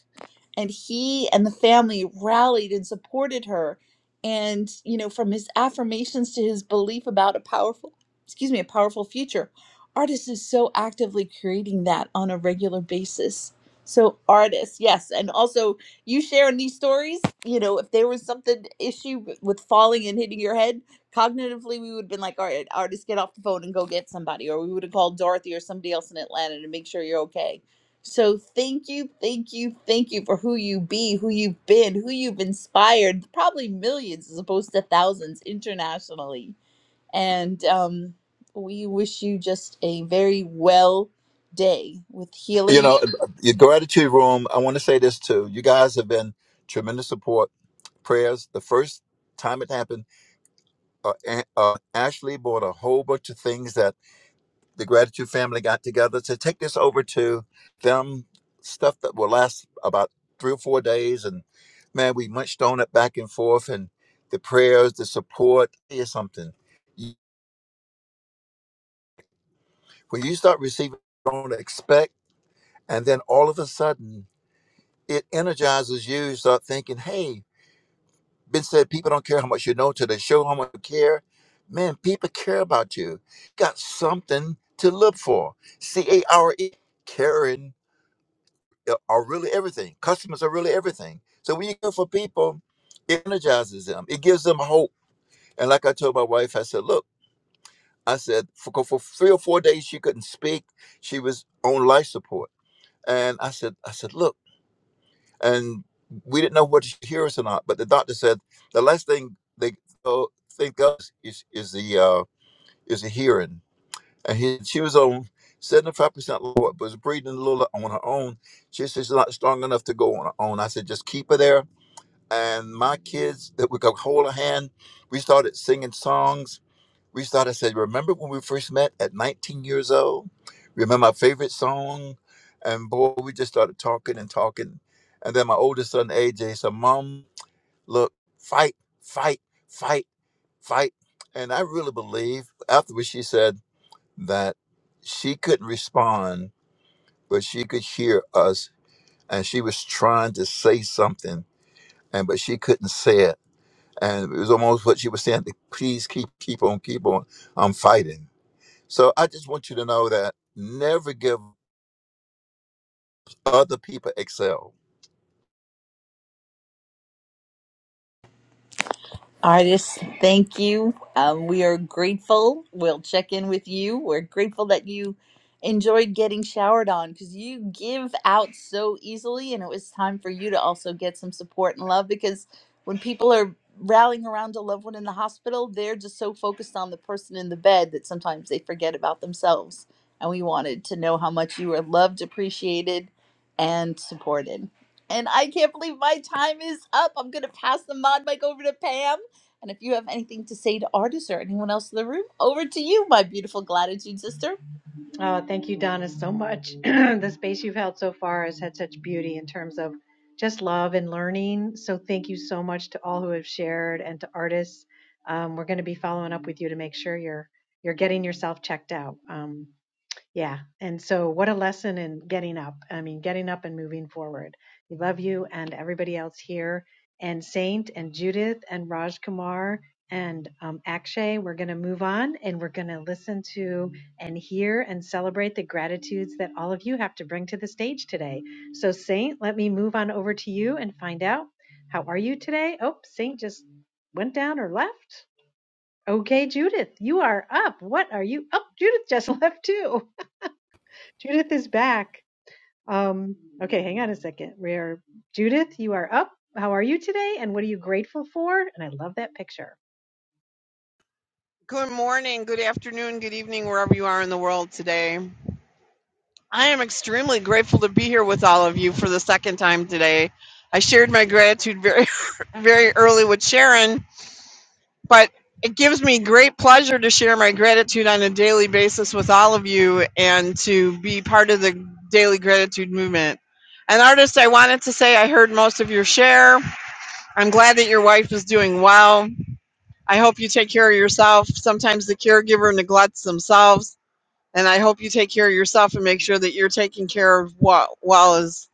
and he and the family rallied and supported her and you know from his affirmations to his belief about a powerful excuse me a powerful future artist is so actively creating that on a regular basis so artists yes and also you sharing these stories you know if there was something issue w- with falling and hitting your head cognitively we would have been like all right artist get off the phone and go get somebody or we would have called dorothy or somebody else in atlanta to make sure you're okay so thank you, thank you, thank you for who you be, who you've been, who you've inspired, probably millions as opposed to thousands internationally. And um, we wish you just a very well day with
You
healing
know, uh, uh, your gratitude room. I want to say this too. You guys have been tremendous support. Prayers. The first time it happened, uh, A- uh, Ashley bought a whole bunch of things that the gratitude family got together to take this over to them. Stuff that will last about three or four days, and man, we munched on it back and forth, and the prayers, the support is something. You- When you start receiving, don't expect. And then all of a sudden, it energizes you. You start thinking, hey, Ben said people don't care how much you know till they show how much you care. Man, people care about you. Got something to live for. C A R E, caring uh, are really everything. Customers are really everything. So when you care for people, it energizes them, it gives them hope. And like I told my wife, I said, look, I said, for, for three or four days, she couldn't speak. She was on life support. And I said, I said, look, and we didn't know whether she'd hear us or not. But the doctor said the last thing they go- think of is is the uh, is the hearing. And he, she was on seventy five percent lower, but was breathing a little on her own. She said she's not strong enough to go on her own. I said just keep her there. And my kids that we could hold her hand. We started singing songs reached out and said, Remember when we first met at 19 years old? Remember my favorite song? And boy, we just started talking and talking. And then my oldest son, AJ, said, Mom, look, fight, fight, fight, fight. And I really believe afterwards she said that she couldn't respond, but she could hear us. And she was trying to say something, and but she couldn't say it. And it was almost what she was saying, please keep keep on, keep on. I'm fighting. So I just want you to know that never give other people excel.
Artists, thank you. Um, we are grateful. We'll check in with you. We're grateful that you enjoyed getting showered on because you give out so easily, and it was time for you to also get some support and love because when people are rallying around a loved one in the hospital, they're just so focused on the person in the bed that sometimes they forget about themselves. And we wanted to know how much you were loved, appreciated, and supported. And I can't believe my time is up. I'm going to pass the mod mic over to Pam. And if you have anything to say to artists or anyone else in the room, over to you, my beautiful gratitude sister.
Uh, thank you, Donna, so much. the space you've held so far has had such beauty in terms of just love and learning. So, thank you so much to all who have shared and to artists. Um, we're going to be following up with you to make sure you're you're getting yourself checked out. Um, yeah. And so, what a lesson in getting up. I mean, getting up and moving forward. We love you and everybody else here, and Saint and Judith and Raj Kumar and um, Akshay. We're going to move on and we're going to listen to and hear and celebrate the gratitudes that all of you have to bring to the stage today. So, Saint, let me move on over to you and find out how are you today? Oh, Saint just went down or left. Okay, Judith, you are up. What are you? Oh, Judith just left too. Judith is back. Um, okay, hang on a second. We are Judith, you are up. How are you today? And what are you grateful for? And I love that picture.
Good morning, good afternoon, good evening, wherever you are in the world today. I am extremely grateful to be here with all of you for the second time today. I shared my gratitude very, very early with Sharon, but it gives me great pleasure to share my gratitude on a daily basis with all of you and to be part of the daily gratitude movement. And artist, I wanted to say I heard most of your share. I'm glad that your wife is doing well. I hope you take care of yourself. Sometimes the caregiver neglects themselves And I hope you take care of yourself and make sure that you're taking care of what well as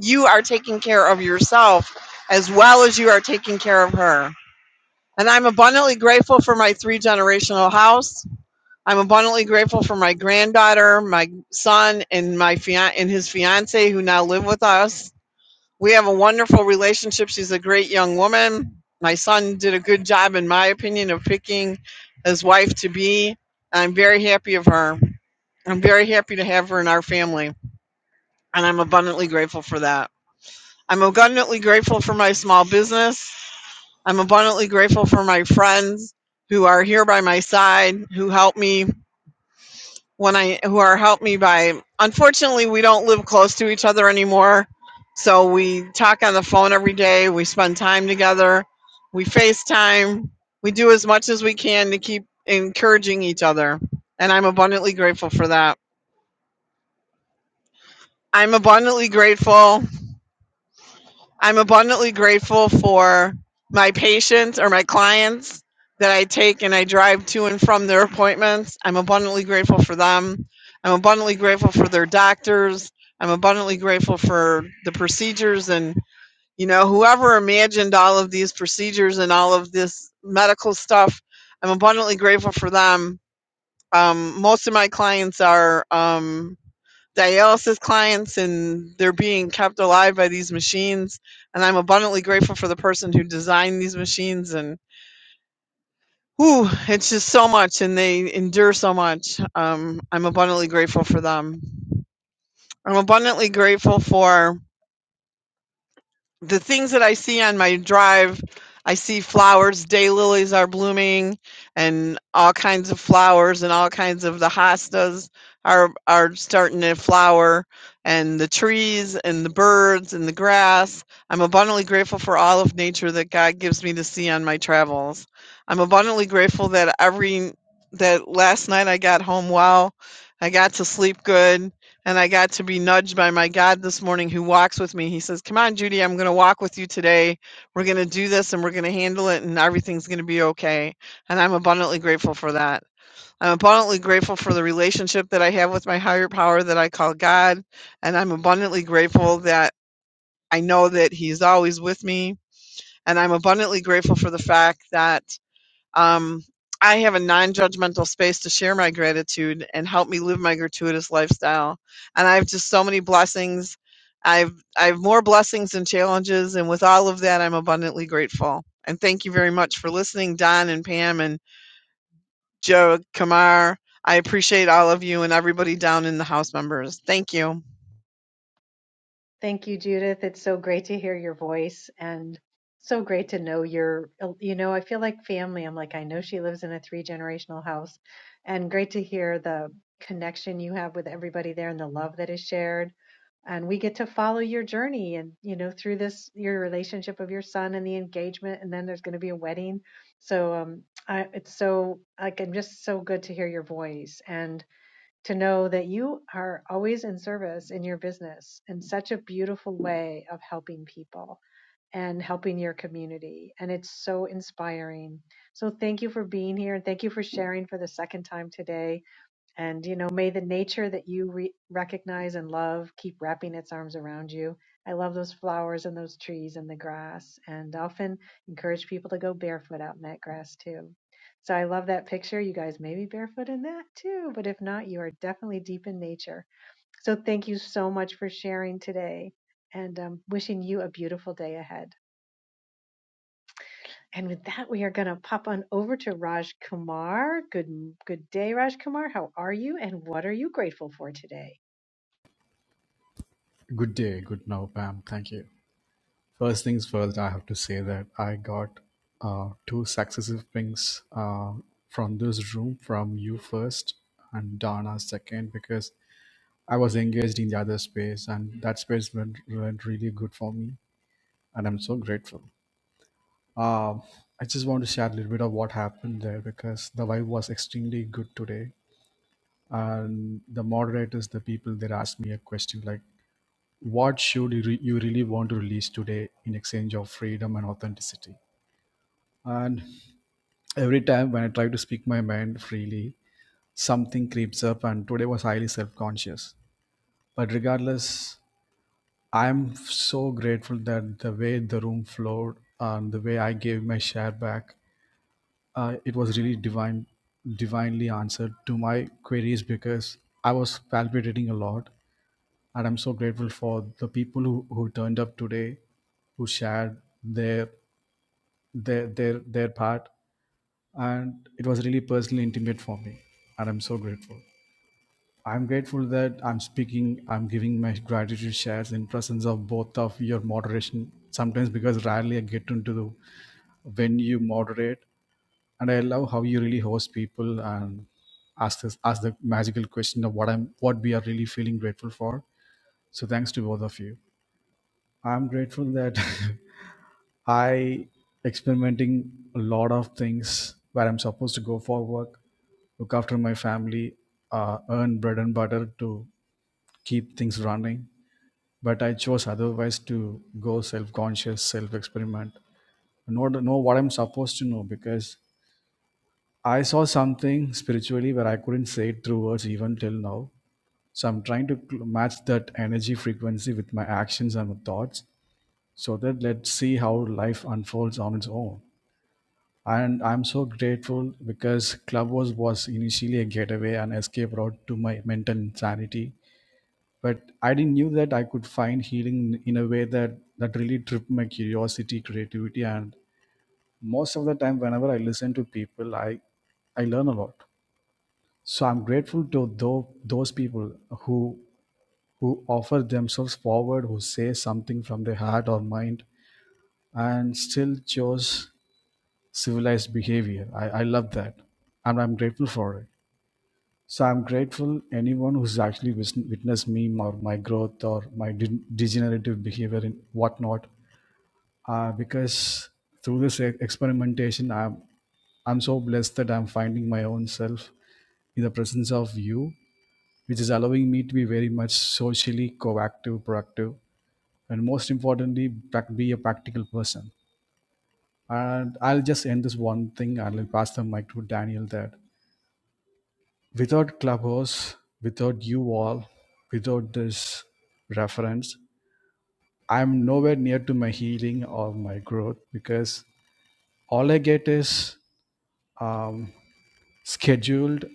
you are taking care of yourself as well as you are taking care of her. And I'm abundantly grateful for my three generational house. I'm abundantly grateful for my granddaughter, my son, and my fian- and his fiance who now live with us. We have a wonderful relationship. She's a great young woman. My son did a good job, in my opinion, of picking his wife to be. I'm very happy of her. I'm very happy to have her in our family, and I'm abundantly grateful for that. I'm abundantly grateful for my small business. I'm abundantly grateful for my friends who are here by my side, who help me when I who are helped me by unfortunately we don't live close to each other anymore. So we talk on the phone every day, we spend time together, we FaceTime, we do as much as we can to keep encouraging each other. And I'm abundantly grateful for that. I'm abundantly grateful I'm abundantly grateful for my patients or my clients that I take and I drive to and from their appointments. I'm abundantly grateful for them. I'm abundantly grateful for their doctors. I'm abundantly grateful for the procedures and, you know, whoever imagined all of these procedures and all of this medical stuff. I'm abundantly grateful for them. Um, most of my clients are um, dialysis clients and they're being kept alive by these machines. And I'm abundantly grateful for the person who designed these machines. And whew, it's just so much, and they endure so much. Um, I'm abundantly grateful for them. I'm abundantly grateful for the things that I see on my drive, I see flowers, daylilies are blooming and all kinds of flowers and all kinds of the hostas are are starting to flower and the trees and the birds and the grass. I'm abundantly grateful for all of nature that God gives me to see on my travels. I'm abundantly grateful that every that last night I got home well. I got to sleep good and I got to be nudged by my God this morning who walks with me. He says, Come on, Judy, I'm going to walk with you today. We're going to do this and we're going to handle it and everything's going to be okay. And I'm abundantly grateful for that. I'm abundantly grateful for the relationship that I have with my higher power that I call God. And I'm abundantly grateful that I know that He's always with me. And I'm abundantly grateful for the fact that um, I have a non judgmental space to share my gratitude and help me live my gratuitous lifestyle. And I have just so many blessings. I've I have more blessings and challenges, and with all of that, I'm abundantly grateful. And thank you very much for listening, Don and Pam and Joe Kamar. I appreciate all of you and everybody down in the house members. Thank you.
Thank you, Judith. It's so great to hear your voice and so great to know your, you know, I feel like family. I'm like, I know she lives in a three generational house and great to hear the connection you have with everybody there and the love that is shared and we get to follow your journey and you know through this your relationship of your son and the engagement and then there's going to be a wedding so um I, it's so like i'm just so good to hear your voice and to know that you are always in service in your business in such a beautiful way of helping people and helping your community and it's so inspiring so thank you for being here and thank you for sharing for the second time today and, you know, may the nature that you re- recognize and love keep wrapping its arms around you. I love those flowers and those trees and the grass, and often encourage people to go barefoot out in that grass too. So I love that picture. You guys may be barefoot in that too, but if not, you are definitely deep in nature. So thank you so much for sharing today and um, wishing you a beautiful day ahead. And with that, we are going to pop on over to Raj Kumar. Good, good day, Raj Kumar. How are you and what are you grateful for today?
Good day, good now, Pam. Thank you. First things first, I have to say that I got uh, two successive pings uh, from this room, from you first and Donna second, because I was engaged in the other space, and that space went, went really good for me, and I'm so grateful. Um, I just want to share a little bit of what happened there because the vibe was extremely good today, and the moderators, the people, they asked me a question like. what should you, re- you really want to release today in exchange of freedom and authenticity and every time when i try to speak my mind freely something creeps up and today was highly self-conscious but regardless i'm so grateful that the way the room flowed and the way i gave my share back uh, it was really divine divinely answered to my queries because i was palpitating a lot and i'm so grateful for the people who, who turned up today who shared their their their their part and it was really personally intimate for me and i'm so grateful i'm grateful that i'm speaking i'm giving my gratitude shares in presence of both of your moderation sometimes because rarely i get into the when you moderate and I love how you really host people and ask this ask the magical question of what I'm what we are really feeling grateful for. So thanks to both of you. I'm grateful that I experimenting a lot of things where I'm supposed to go for work, look after my family, uh, earn bread and butter to keep things running. But I chose otherwise to go self-conscious, self-experiment, know know what I'm supposed to know because I saw something spiritually where I couldn't say it through words even till now. So I'm trying to cl- match that energy frequency with my actions and my thoughts so that let's see how life unfolds on its own and i'm so grateful because clubhouse was initially a getaway and escape route to my mental insanity but i didn't knew that i could find healing in a way that that really tripped my curiosity creativity and most of the time whenever i listen to people i i learn a lot so i'm grateful to tho- those people who who offer themselves forward who say something from their heart or mind and still chose civilized behavior. I, I love that. And I'm grateful for it. So I'm grateful anyone who's actually wis- witnessed me or my growth or my de- degenerative behavior and whatnot. Uh, because through this e- experimentation, I'm, I'm so blessed that I'm finding my own self in the presence of you, which is allowing me to be very much socially coactive, proactive, and most importantly, prac- be a practical person and I'll just end this one thing and I'll pass the mic to Daniel that without Clubhouse, without you all, without this reference, I'm nowhere near to my healing or my growth because all I get is um, scheduled,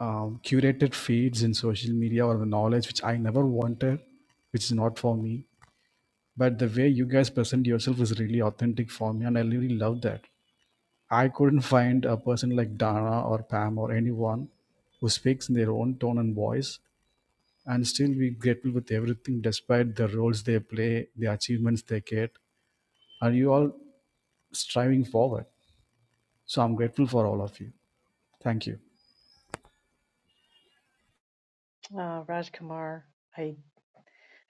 um, curated feeds in social media or the knowledge which I never wanted, which is not for me. But the way you guys present yourself is really authentic for me, and I really love that I couldn't find a person like Dana or Pam or anyone who speaks in their own tone and voice and still be grateful with everything despite the roles they play, the achievements they get. Are you all striving forward? So I'm grateful for all of you. Thank you.
Uh, Rajkumar, I,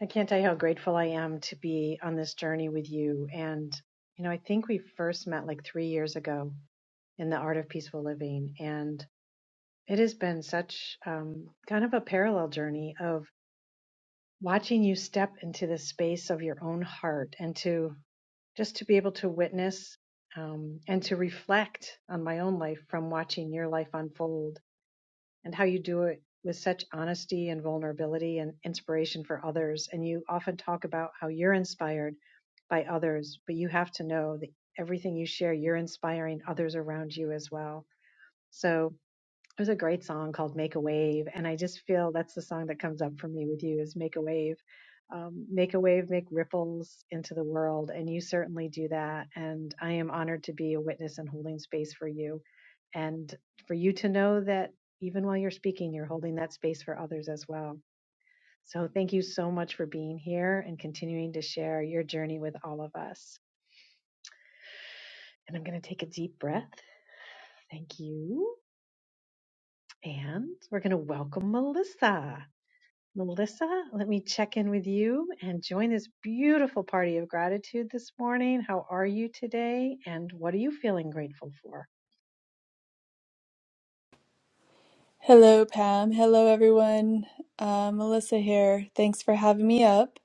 I can't tell you how grateful I am to be on this journey with you. And, you know, I think we first met like three years ago in the Art of Peaceful Living. And it has been such um, kind of a parallel journey of watching you step into the space of your own heart and to just to be able to witness um, and to reflect on my own life from watching your life unfold and how you do it with such honesty and vulnerability and inspiration for others. And you often talk about how you're inspired by others, but you have to know that everything you share, you're inspiring others around you as well. So there's a great song called Make a Wave. And I just feel that's the song that comes up for me with you is Make a Wave. Um, make a wave, make ripples into the world. And you certainly do that. And I am honored to be a witness and holding space for you. And for you to know that even while you're speaking, you're holding that space for others as well. So thank you so much for being here and continuing to share your journey with all of us. And I'm going to take a deep breath. Thank you. And we're going to welcome Melissa. Melissa, let me check in with you and join this beautiful party of gratitude this morning. How are you today? And what are you feeling grateful for?
Hello, Pam. Hello, everyone. Uh, Melissa here. Thanks for having me up.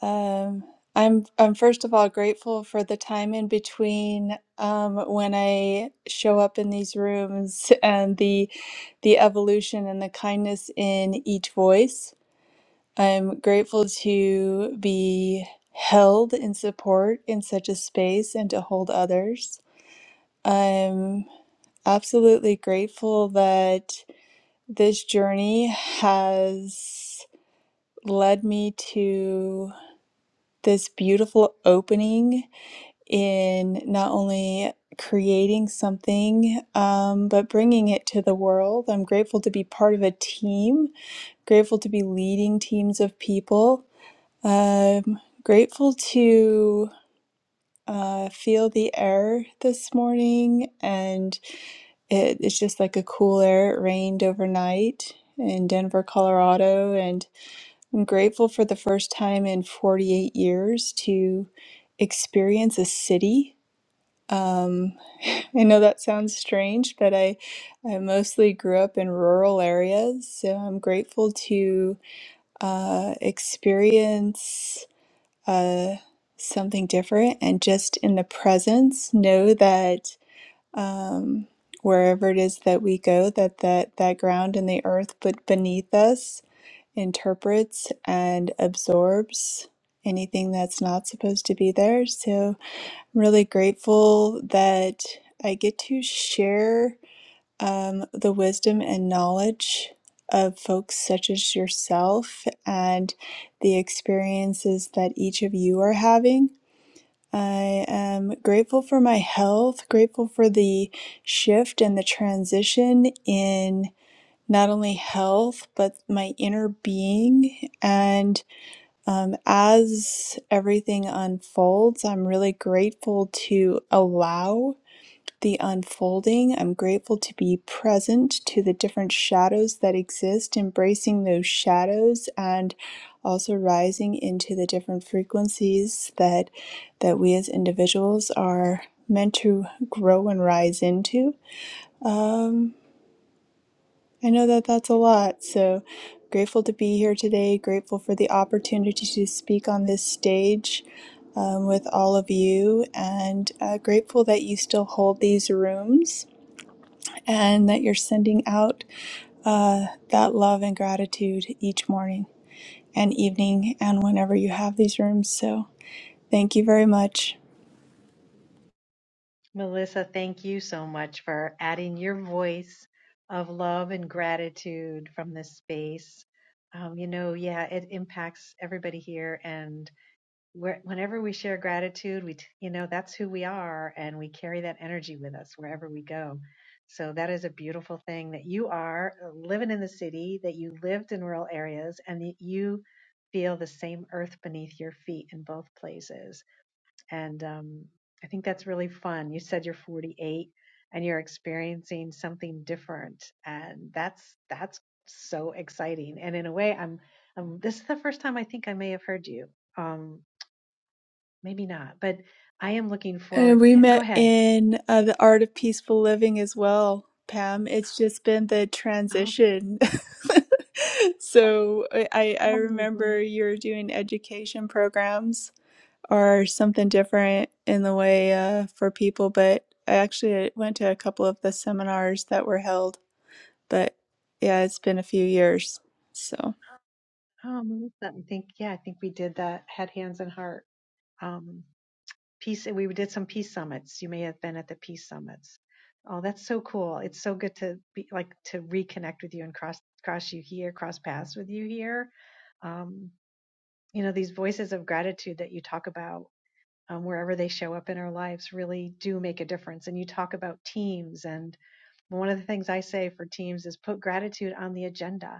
Um, I'm I'm first of all grateful for the time in between um, when I show up in these rooms and the the evolution and the kindness in each voice. I'm grateful to be held in support in such a space and to hold others. I'm absolutely grateful that. This journey has led me to this beautiful opening in not only creating something, um, but bringing it to the world. I'm grateful to be part of a team, grateful to be leading teams of people. Um, grateful to uh, feel the air this morning, and it, it's just like a cool air. It rained overnight in Denver, Colorado, and I'm grateful for the first time in 48 years to experience a city. Um, I know that sounds strange, but I, I mostly grew up in rural areas, so I'm grateful to uh, experience uh, something different and just in the presence know that um, wherever it is that we go, that that, that ground and the earth but beneath us interprets and absorbs anything that's not supposed to be there. So I'm really grateful that I get to share um, the wisdom and knowledge of folks such as yourself and the experiences that each of you are having. I am grateful for my health, grateful for the shift and the transition in not only health, but my inner being. And um, as everything unfolds, I'm really grateful to allow the unfolding. I'm grateful to be present to the different shadows that exist, embracing those shadows and also rising into the different frequencies that that we as individuals are meant to grow and rise into. Um, I know that that's a lot. So grateful to be here today, grateful for the opportunity to speak on this stage um, with all of you, and uh, grateful that you still hold these rooms and that you're sending out uh, that love and gratitude each morning and evening and whenever you have these rooms. So thank you very much.
Melissa, thank you so much for adding your voice of love and gratitude from this space. Um, you know, yeah, it impacts everybody here. And where, whenever we share gratitude, we, t- you know, that's who we are and we carry that energy with us wherever we go. So that is a beautiful thing that you are uh, living in the city, that you lived in rural areas and that you feel the same earth beneath your feet in both places. And, um, I think that's really fun. You said you're 48 and you're experiencing something different and that's, that's so exciting. And in a way, I'm, um, this is the first time I think I may have heard you. Um, Maybe not, but I am looking
And
forward.
we
eh, Go
met
ahead.
in uh, the Art of Peaceful Living as well, Pam. It's just been the
Oh,
transition. so I, I
oh my God.
remember you were doing education programs or something different in the way uh, for people, but I actually went to a couple of the seminars that were held. But yeah, it's been a few years. So.
Oh, Melissa, I think, yeah, I think we did that head, hands, and heart. Um, peace. We did some peace summits. You may have been at the peace summits. Oh, that's so cool. It's so good to be like to reconnect with you and cross cross you here, cross paths with you here. Um, you know, these voices of gratitude that you talk about um, wherever they show up in our lives really do make a difference. And you talk about teams and. One of the things I say for teams is put gratitude on the agenda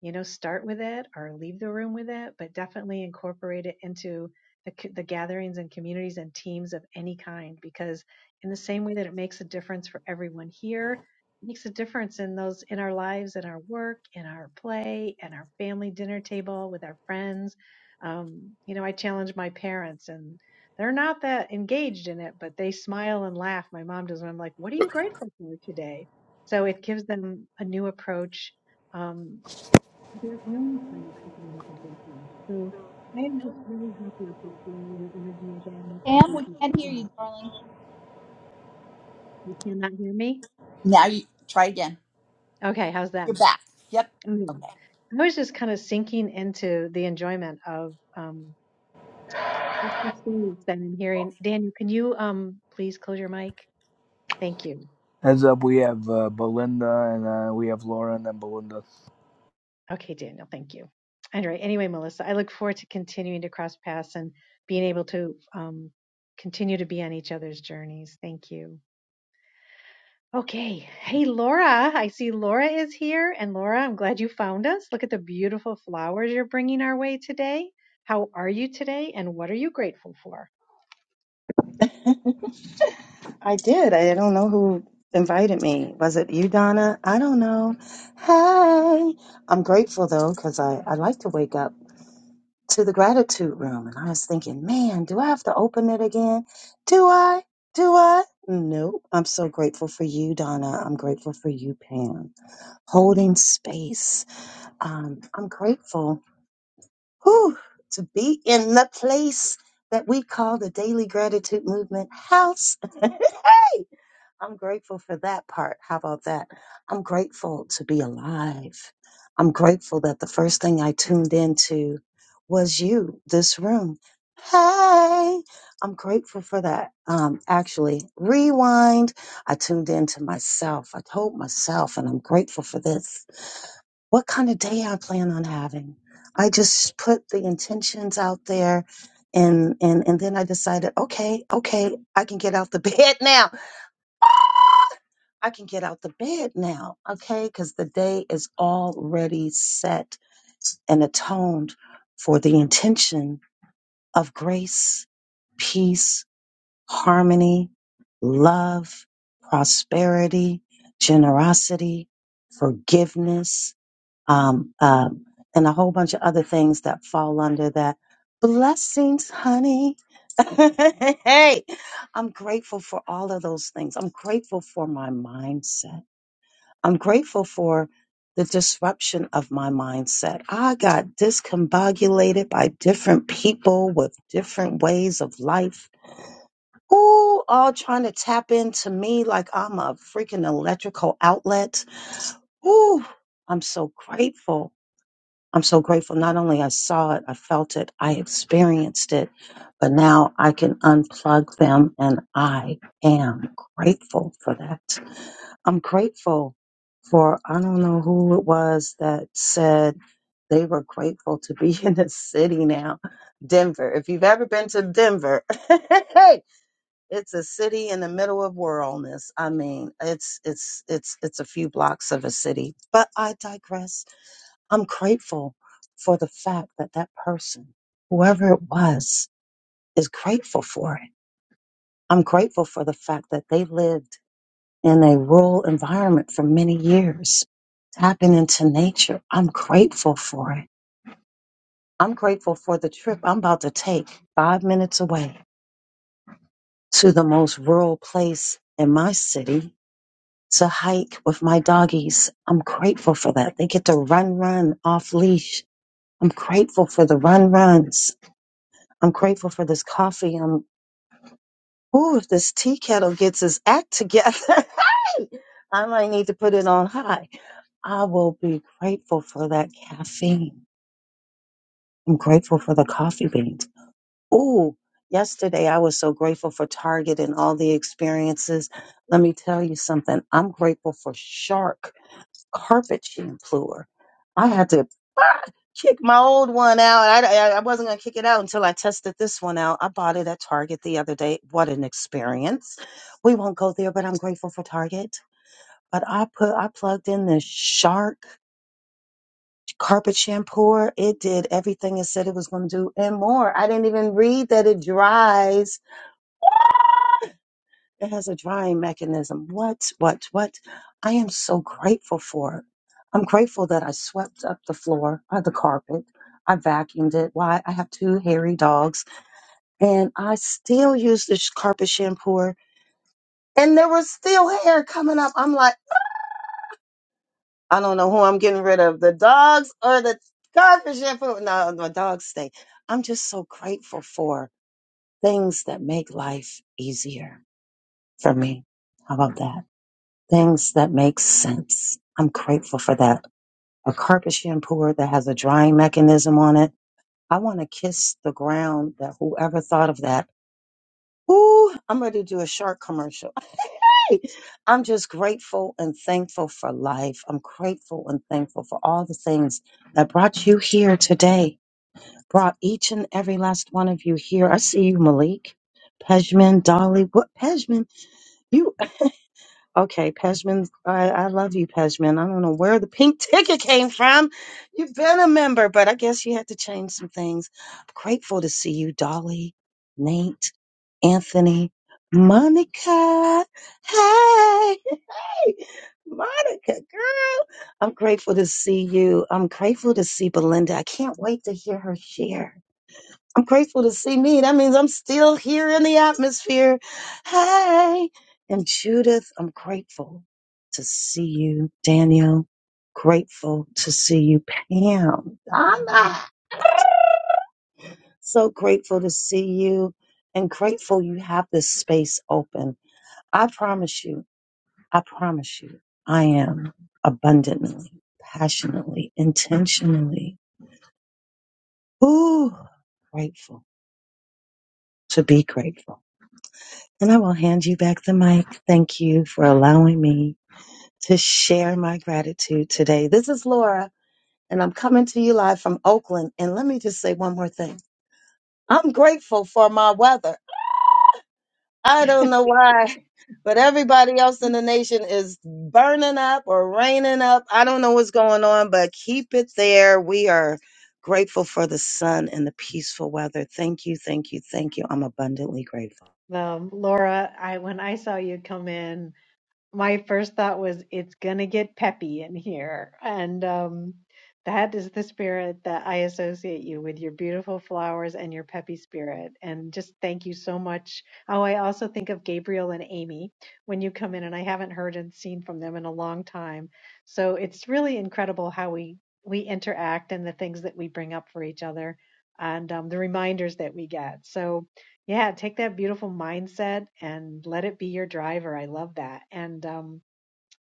you know start with it or leave the room with it but definitely incorporate it into the, the gatherings and communities and teams of any kind because in the same way that it makes a difference for everyone here it makes a difference in those in our lives in our work in our play and our family dinner table with our friends um, you know i challenge my parents and they're not that engaged in it but they smile and laugh my mom does and i'm like what are you grateful for today so it gives them a new approach um, their own kind of opening up of their heart. So I am just really happy to feel your energy again, and
Pam,
thank
we
you
can't
so
hear you,
much.
darling.
You cannot hear me?
Now you try again.
Okay, how's that?
You're back. Yep.
Okay.
Okay.
I was just kind of sinking into the enjoyment of um, just the space that I'm hearing. Daniel, can you um, please close your mic? Thank you.
Heads up, we have uh, Belinda and uh, we have Laura and then Belinda.
Okay, Daniel, thank you. All right. Anyway, Melissa, I look forward to continuing to cross paths and being able to um, continue to be on each other's journeys. Thank you. Okay. Hey, Laura. I see Laura is here. And Laura, I'm glad you found us. Look at the beautiful flowers you're bringing our way today. How are you today? And what are you grateful for?
I did. I don't know who invited me. Was it you, Donna? I don't know. Hey, I'm grateful though, because I, I like to wake up to the gratitude room. And I was thinking, man, do I have to open it again? Do I? Do I? Nope. I'm so grateful for you, Donna. I'm grateful for you, Pam. Holding space. Um, I'm grateful whew, to be in the place that we call the Daily Gratitude Movement House. hey! I'm grateful for that part. How about that? I'm grateful to be alive. I'm grateful that the first thing I tuned into was you, this room. Hey, I'm grateful for that. Um, actually, rewind. I tuned into myself. I told myself, and I'm grateful for this. What kind of day I plan on having? I just put the intentions out there, and and and then I decided, okay, okay, I can get out the bed now I can get out the bed now, okay? Because the day is already set and atoned for the intention of grace, peace, harmony, love, prosperity, generosity, forgiveness, um, um, and a whole bunch of other things that fall under that. Blessings, honey. hey, I'm grateful for all of those things. I'm grateful for my mindset. I'm grateful for the disruption of my mindset. I got discombobulated by different people with different ways of life, who all trying to tap into me like I'm a freaking electrical outlet. Ooh, I'm so grateful. I'm so grateful. Not only I saw it, I felt it, I experienced it, but now I can unplug them and I am grateful for that. I'm grateful for, I don't know who it was that said they were grateful to be in the city now. Denver. If you've ever been to Denver, hey, it's a city in the middle of worldness. I mean, it's, it's, it's, it's a few blocks of a city, but I digress. I'm grateful for the fact that that person, whoever it was, is grateful for it. I'm grateful for the fact that they lived in a rural environment for many years, tapping into nature. I'm grateful for it. I'm grateful for the trip I'm about to take five minutes away to the most rural place in my city to hike with my doggies. I'm grateful for that. They get to run, run off leash. I'm grateful for the run, runs. I'm grateful for this coffee. I'm, ooh, if this tea kettle gets its act together, I might need to put it on high. I will be grateful for that caffeine. I'm grateful for the coffee beans. Ooh, yesterday I was so grateful for Target and all the experiences. Let me tell you something. I'm grateful for Shark carpet shampooer. I had to ah, kick my old one out. I, I I wasn't going to kick it out until I tested this one out. I bought it at Target the other day. What an experience. We won't go there, but I'm grateful for Target. But I put I plugged in this Shark carpet shampooer. It did everything it said it was going to do and more. I didn't even read that it dries. It has a drying mechanism. What, what, what? I am so grateful for it. I'm grateful that I swept up the floor, uh, the carpet. I vacuumed it. Why? I have two hairy dogs and I still use this carpet shampooer and there was still hair coming up. I'm like, I don't know who I'm getting rid of, the dogs or the garbage and food. No, the dogs stay. I'm just so grateful for things that make life easier for me. How about that? Things that make sense. I'm grateful for that. A carpet shampooer that has a drying mechanism on it. I want to kiss the ground that whoever thought of that. Ooh, I'm ready to do a shark commercial I'm just grateful and thankful for life. I'm grateful and thankful for all the things that brought you here today, brought each and every last one of you here. I see you, Malik, Pejman, Dolly. What Pejman? You okay, Pejman? I, I love you, Pejman. I don't know where the pink ticket came from. You've been a member, but I guess you had to change some things. grateful to see you, Dolly, Nate, Anthony, Monica. Hey. Monica, girl, I'm grateful to see you. I'm grateful to see Belinda. I can't wait to hear her share. I'm grateful to see me. That means I'm still here in the atmosphere. Hey, and Judith, I'm grateful to see you. Daniel, grateful to see you. Pam, Donna, so grateful to see you and grateful you have this space open. I promise you. I promise you, I am abundantly, passionately, intentionally, ooh, grateful to be grateful. And I will hand you back the mic. Thank you for allowing me to share my gratitude today. This is Laura, and I'm coming to you live from Oakland. And let me just say one more thing. I'm grateful for my weather. I don't know why, but everybody else in the nation is burning up or raining up. I don't know what's going on, but keep it there. We are grateful for the sun and the peaceful weather. Thank you, thank you, thank you. I'm abundantly grateful.
Um, Laura, I when I saw you come in, my first thought was it's gonna get peppy in here and um that is the spirit that I associate you with your beautiful flowers and your peppy spirit. And just thank you so much. Oh, I also think of Gabriel and Amy when you come in, and I haven't heard and seen from them in a long time. So it's really incredible how we we interact and the things that we bring up for each other and um, the reminders that we get. So yeah, take that beautiful mindset and let it be your driver. I love that. And um,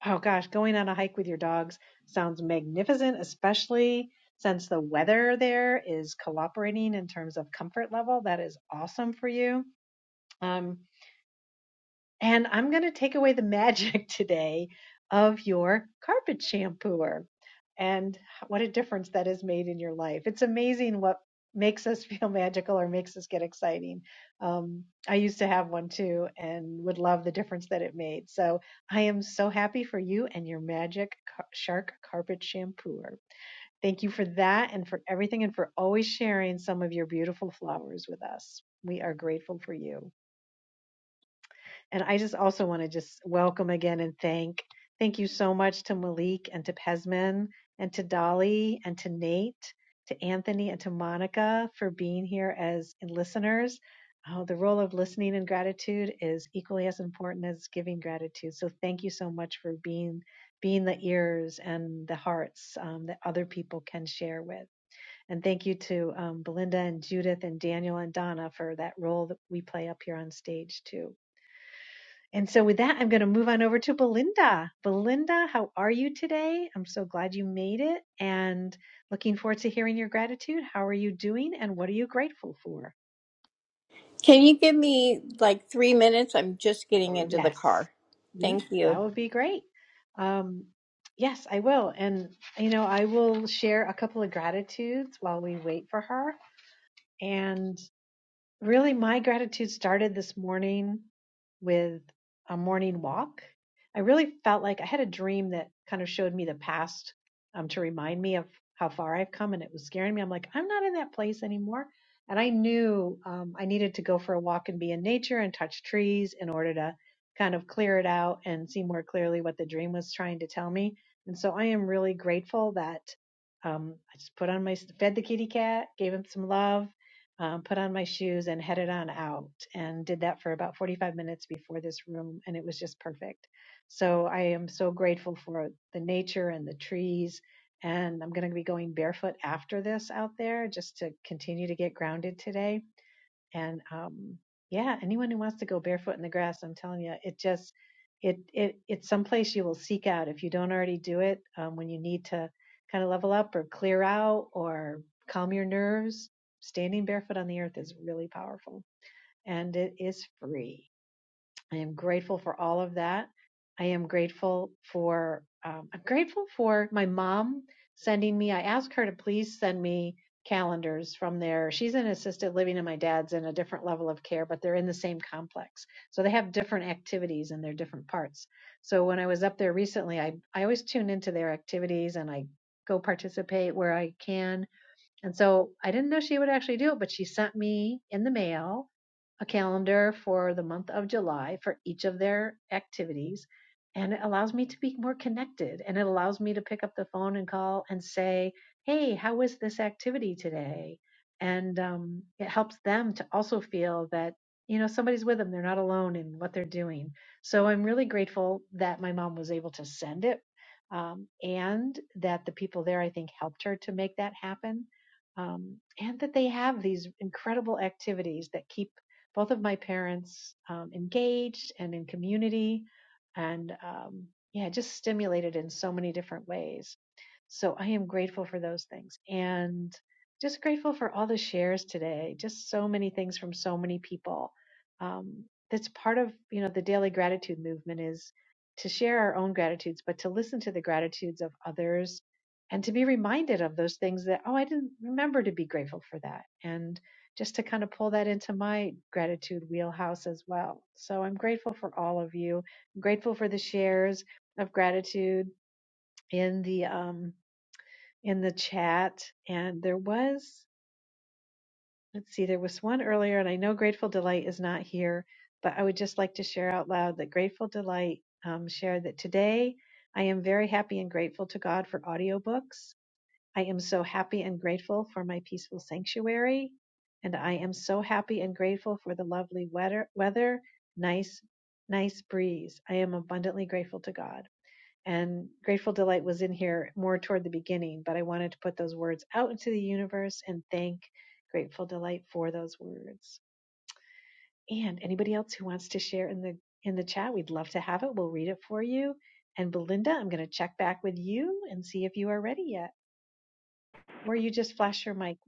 oh gosh, going on a hike with your dogs sounds magnificent, especially since the weather there is cooperating in terms of comfort level. That is awesome for you. Um, and I'm going to take away the magic today of your carpet shampooer and what a difference that has made in your life. It's amazing what makes us feel magical or makes us get exciting. Um, I used to have one too and would love the difference that it made. So I am so happy for you and your magic Car- shark carpet shampooer. Thank you for that and for everything and for always sharing some of your beautiful flowers with us. We are grateful for you. And I just also want to just welcome again and thank thank you so much to Malik and to Pesman and to Dolly and to Nate, to Anthony and to Monica for being here as listeners. Oh, the role of listening and gratitude is equally as important as giving gratitude. So thank you so much for being being the ears and the hearts um, that other people can share with. And thank you to um, Belinda and Judith and Daniel and Donna for that role that we play up here on stage too. And so, with that, I'm going to move on over to Belinda. Belinda, how are you today? I'm so glad you made it and looking forward to hearing your gratitude. How are you doing and what are you grateful for?
Can you give me like three minutes? I'm just getting into the
Yes.
car.
Yeah,
Thank you.
that would be great. Um, yes, I will. And, you know, I will share a couple of gratitudes while we wait for her. And Really, my gratitude started this morning with a morning walk. I really felt like I had a dream that kind of showed me the past um, to remind me of how far I've come, and it was scaring me. I'm like, I'm not in that place anymore. And I knew um, I needed to go for a walk and be in nature and touch trees in order to kind of clear it out and see more clearly what the dream was trying to tell me. And so I am really grateful that um, I just put on my fed the kitty cat, gave him some love, um, put on my shoes and headed on out and did that for about 45 minutes before this room and it was just perfect so i am so grateful for the nature and the trees and i'm going to be going barefoot after this out there just to continue to get grounded today and um yeah anyone who wants to go barefoot in the grass i'm telling you it just it it it's someplace you will seek out if you don't already do it um, when you need to kind of level up or clear out or calm your nerves standing barefoot on the earth is really powerful and it is free I am grateful for all of that. I am grateful for um, I'm grateful for my mom sending me. I asked her to please send me calendars from there. She's in assisted living, and my dad's in a different level of care, but they're in the same complex, so they have different activities in their different parts. So when I was up there recently, I I always tune into their activities and I go participate where I can and so I didn't know she would actually do it, but she sent me in the mail a calendar for the month of July for each of their activities. And it allows me to be more connected and it allows me to pick up the phone and call and say, Hey, how was this activity today? And um, it helps them to also feel that, you know, somebody's with them. They're not alone in what they're doing. So I'm really grateful that my mom was able to send it um, and that the people there, I think, helped her to make that happen um, and that they have these incredible activities that keep both of my parents um, engaged and in community and um, yeah just stimulated in so many different ways so i am grateful for those things and just grateful for all the shares today just so many things from so many people um, that's part of you know the daily gratitude movement is to share our own gratitudes but to listen to the gratitudes of others and to be reminded of those things that oh i didn't remember to be grateful for that and just to kind of pull that into my gratitude wheelhouse as well so i'm grateful for all of you i'm grateful for the shares of gratitude in the um in the chat and there was let's see there was one earlier and i know grateful delight is not here but i would just like to share out loud that grateful delight um, shared that today i am very happy and grateful to god for audiobooks I am so happy and grateful for my peaceful sanctuary. And I am so happy and grateful for the lovely weather, weather, nice, nice breeze. I am abundantly grateful to God. And Grateful Delight was in here more toward the beginning, but I wanted to put those words out into the universe and thank Grateful Delight for those words. And anybody else who wants to share in the in the chat, we'd love to have it. We'll read it for you. And Belinda, I'm going to check back with you and see if you are ready yet or you just flash your mic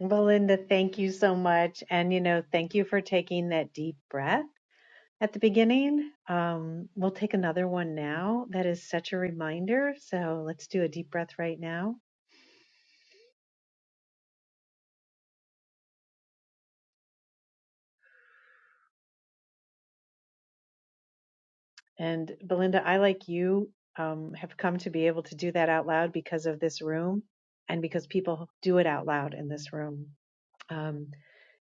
Belinda, thank you so much. And, you know, thank you for taking that deep breath at the beginning. Um, we'll take another one now. That is such a reminder. So let's do a deep breath right now. And, Belinda, I, like you, um, have come to be able to do that out loud because of this room and because people do it out loud in this room. Um,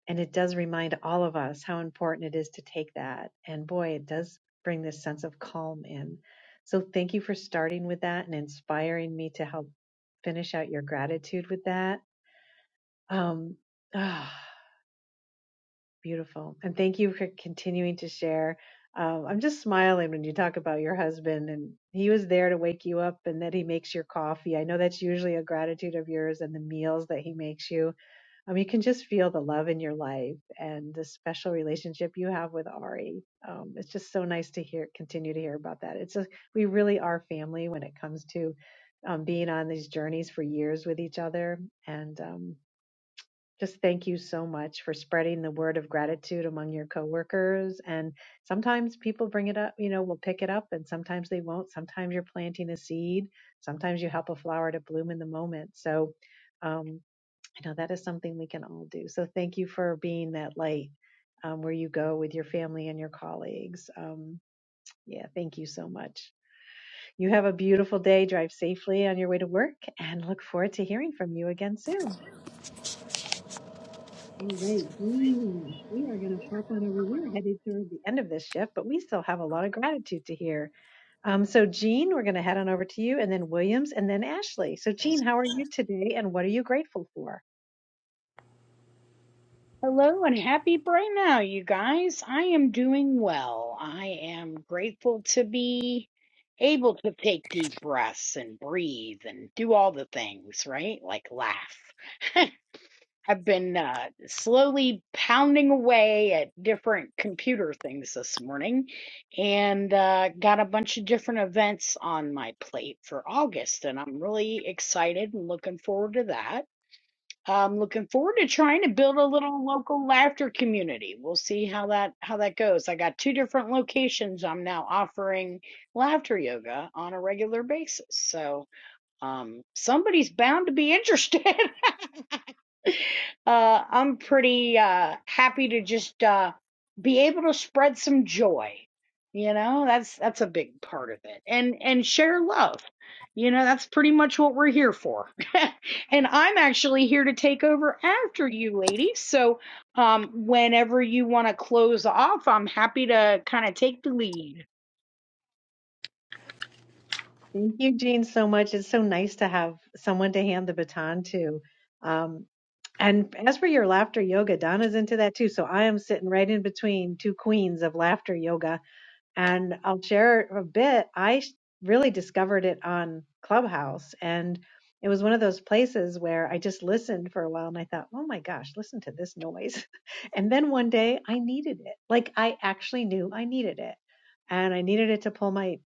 and it does remind all of us how important it is to take that and boy it does bring this sense of calm in so thank you for starting with that and inspiring me to help finish out your gratitude with that um ah, beautiful and thank you for continuing to share um, i'm just smiling when you talk about your husband and he was there to wake you up and that he makes your coffee i know that's usually a gratitude of yours and the meals that he makes you um, you can just feel the love in your life and the special relationship you have with Ari. Um, it's just so nice to hear, continue to hear about that. It's a, we really are family when it comes to um, being on these journeys for years with each other. And um, just thank you so much for spreading the word of gratitude among your coworkers. And sometimes people bring it up, you know, will pick it up, and sometimes they won't. Sometimes you're planting a seed. Sometimes you help a flower to bloom in the moment. So. Um, I know that is something we can all do. So thank you for being that light um, where you go with your family and your colleagues. Um, yeah, thank you so much. You have a beautiful day. Drive safely on your way to work and look forward to hearing from you again soon. All right, we we are gonna pop on over. We're headed toward the End of this shift, but we still have a lot of gratitude to hear. Um, so, Jean, we're going to head on over to you, and then Williams, and then Ashley. So, Jean, how are you today, and what are you grateful for?
Hello and happy brain now, you guys. I am doing well. I am grateful to be able to take deep breaths and breathe and do all the things, right? Like laugh. I've been uh, slowly pounding away at different computer things this morning and uh, got a bunch of different events on my plate for August. And I'm really excited and looking forward to that. I'm looking forward to trying to build a little local laughter community. We'll see how that how that goes. I got two different locations. I'm now offering laughter yoga on a regular basis. So, um somebody's bound to be interested. Uh, I'm pretty uh, happy to just uh, be able to spread some joy. You know, that's that's a big part of it, and and share love. You know, that's pretty much what we're here for. and I'm actually here to take over after you, ladies. So, um, whenever you want to close off, I'm happy to kind of take the lead.
Thank you, Jean, so much. It's so nice to have someone to hand the baton to. Um, and as for your laughter yoga, Donna's into that too. So I am sitting right in between two queens of laughter yoga. And I'll share a bit. I really discovered it on Clubhouse. And it was one of those places where I just listened for a while and I thought, oh my gosh, listen to this noise. and then one day I needed it. Like I actually knew I needed it. And I needed it to pull my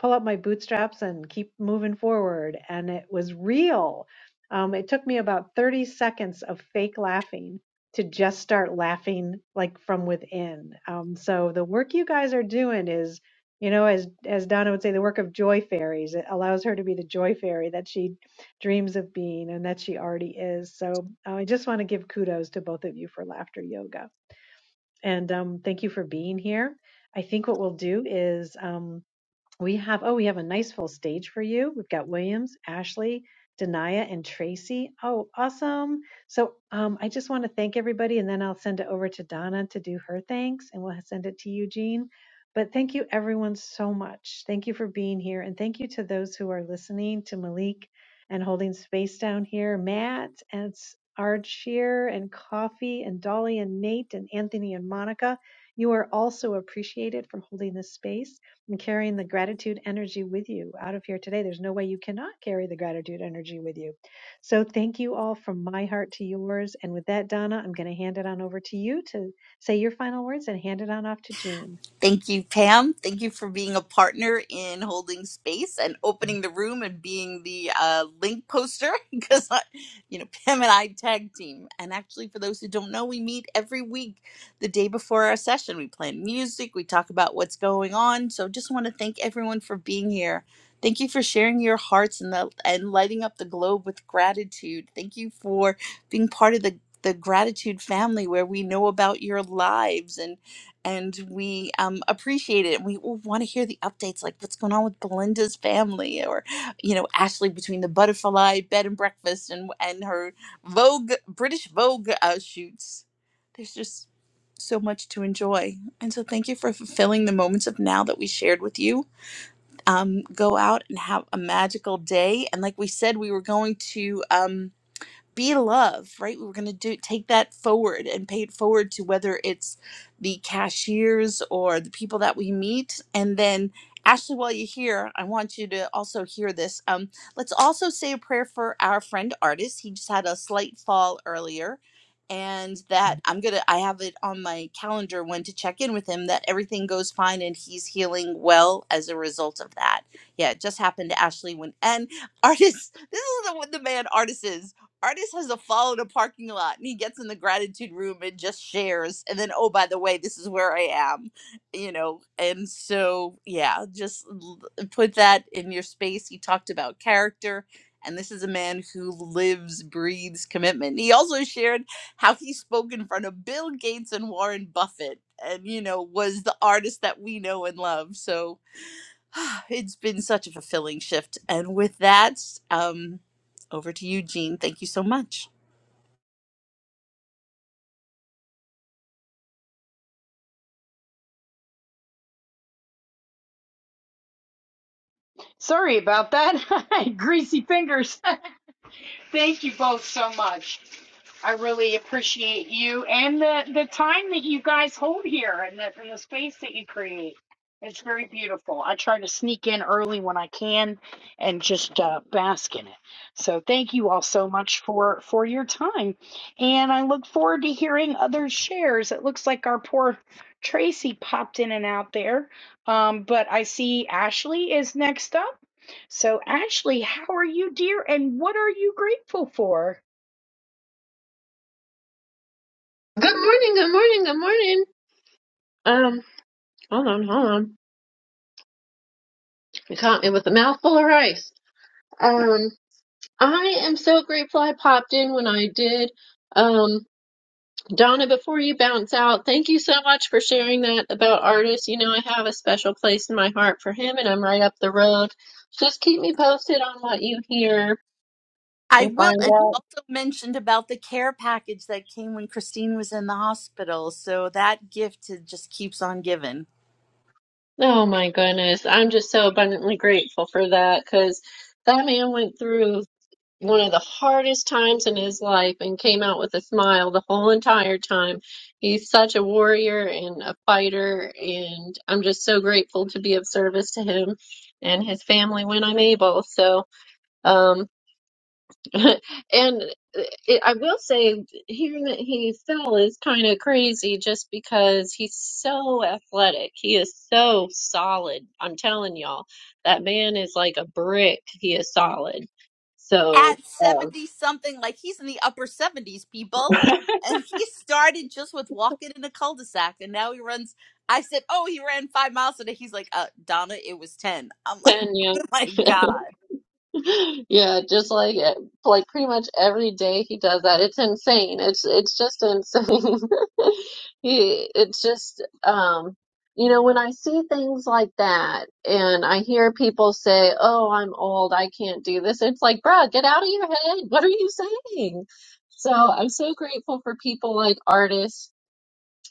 pull up my bootstraps and keep moving forward. And it was real. Um, it took me about 30 seconds of fake laughing to just start laughing like from within. Um, so the work you guys are doing is, you know, as as Donna would say, the work of joy fairies. It allows her to be the joy fairy that she dreams of being and that she already is. So uh, I just want to give kudos to both of you for laughter yoga and um, thank you for being here. I think what we'll do is. Um, we have, oh, we have a nice full stage for you. We've got Williams, Ashley, Denia, and Tracy. Oh, awesome. So um, I just want to thank everybody, and then I'll send it over to Donna to do her thanks, and we'll send it to Eugene. But thank you, everyone, so much. Thank you for being here, and thank you to those who are listening to Malik and holding space down here, Matt and S- Ard Shear and Coffee and Dolly and Nate and Anthony and Monica. You are also appreciated for holding this space and carrying the gratitude energy with you out of here today. There's no way you cannot carry the gratitude energy with you. So thank you all from my heart to yours. And with that, Donna, I'm going to hand it on over to you to say your final words and hand it on off to Jean.
Thank you, Pam. Thank you for being a partner in holding space and opening the room and being the uh, link poster because, you know, Pam and I tag team. And actually, for those who don't know, we meet every week the day before our session. We play music, we talk about what's going on. So just want to thank everyone for being here. Thank you for sharing your hearts and, the, and lighting up the globe with gratitude. Thank you for being part of the the gratitude family where we know about your lives and and we um, appreciate it. We want to hear the updates, like what's going on with Belinda's family, or you know Ashley between the butterfly bed and breakfast and and her Vogue British Vogue uh, shoots. There's just so much to enjoy, and so thank you for fulfilling the moments of now that we shared with you. Um, go out and have a magical day, and like we said, we were going to. Um, be love right we're going to do take that forward and pay it forward to whether it's the cashiers or the people that we meet and then ashley while you're here i want you to also hear this um, let's also say a prayer for our friend artist he just had a slight fall earlier and that i'm gonna i have it on my calendar when to check in with him that everything goes fine and he's healing well as a result of that yeah it just happened to ashley when and artists this is the, the man artist is Artist has to follow the parking lot and he gets in the gratitude room and just shares. And then, oh, by the way, this is where I am, you know. And so, yeah, just l- put that in your space. He talked about character. And this is a man who lives, breathes commitment. He also shared how he spoke in front of Bill Gates and Warren Buffett and, you know, was the artist that we know and love. So, It's been such a fulfilling shift. And with that, um, over to you, Jean. Thank you so much.
Sorry about that, greasy fingers. Thank you both so much. I really appreciate you and the, the time that you guys hold here and the, and the space that you create. It's very beautiful. I try to sneak in early when I can and just uh, bask in it. So thank you all so much for for your time, and I look forward to hearing other shares. It looks like our poor Tracy popped in and out there, um, but I see Ashley is next up. So Ashley, how are you, dear? And what are you grateful for?
Good morning, good morning, good morning. Um, hold on, hold on. You caught me with a mouthful of rice. Um, I am so grateful I popped in when I did. Um, Donna, before you bounce out, thank you so much for sharing that about artists. You know, I have a special place in my heart for him, and I'm right up the road. Just keep me posted on what you hear
I
and
will.
find
And you
out.
also mentioned about the care package that came when Christine was in the hospital. So that gift it just keeps on giving.
Oh my goodness, I'm just so abundantly grateful for that because that man went through. one of the hardest times in his life and came out with a smile the whole entire time. He's such a warrior and a fighter, and I'm just so grateful to be of service to him and his family when I'm able. So, um, and it, I will say, hearing that he fell is kind of crazy just because he's so athletic. He is so solid. I'm telling y'all, that man is like a brick. He is solid. So,
At
um,
70 something, like he's in the upper 70s, people. And he started just with walking in a cul de sac. And now he runs. I said, Oh, he ran five miles a day. He's like, uh, Donna, it was 10. I'm like,
Kenya.
Oh my God.
Yeah, just like eh, like pretty much every day he does that. It's insane. It's it's just insane. He it's just um you know when I see things like that and I hear people say, "Oh, I'm old. I can't do this." It's like, "Bruh, get out of your head. What are you saying?" So, I'm so grateful for people like artists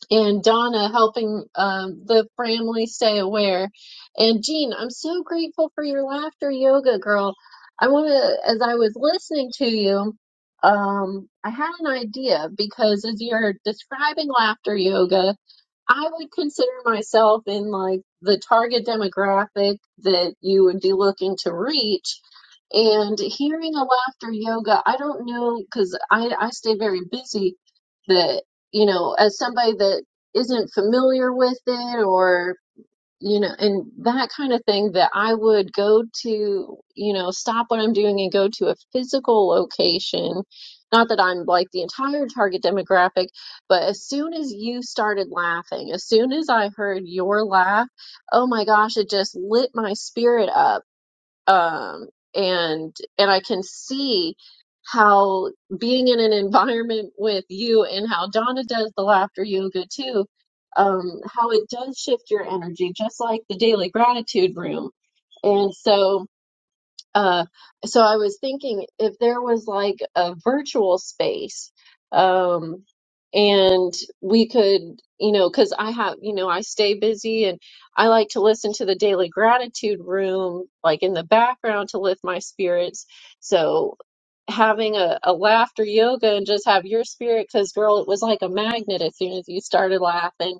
and Donna helping um, the family stay aware. And Jean, I'm so grateful for your laughter yoga, girl. I want to, as I was listening to you, um, I had an idea because as you're describing laughter yoga, I would consider myself in like the target demographic that you would be looking to reach. And hearing a laughter yoga, I don't know because I, I stay very busy that, you know, as somebody that isn't familiar with it or you know, and that kind of thing that I would go to, you know, stop what I'm doing and go to a physical location. Not that I'm like the entire target demographic, but as soon as you started laughing, as soon as I heard your laugh, oh my gosh, it just lit my spirit up um, and and I can see how being in an environment with you and how Donna does the laughter yoga too, um, how it does shift your energy, just like the daily gratitude room. And so uh, so I was thinking if there was like a virtual space, um, and we could, you know, because I have, you know, I stay busy and I like to listen to the Daily Gratitude Room, like in the background to lift my spirits. So having a, a laughter yoga and just have your spirit, because girl, it was like a magnet as soon as you started laughing.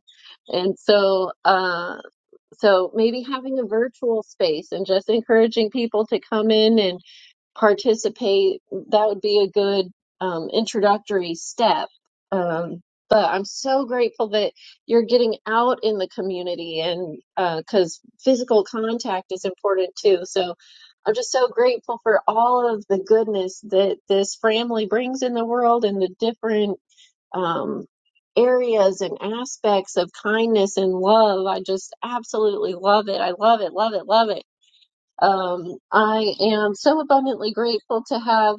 And so, uh. So maybe having a virtual space and just encouraging people to come in and participate, that would be a good um, introductory step. Um, but I'm so grateful that you're getting out in the community and because uh, physical contact is important too. So I'm just so grateful for all of the goodness that this family brings in the world and the different um, areas and aspects of kindness and love. I just absolutely love it. I love it, love it, love it. Um, I am so abundantly grateful to have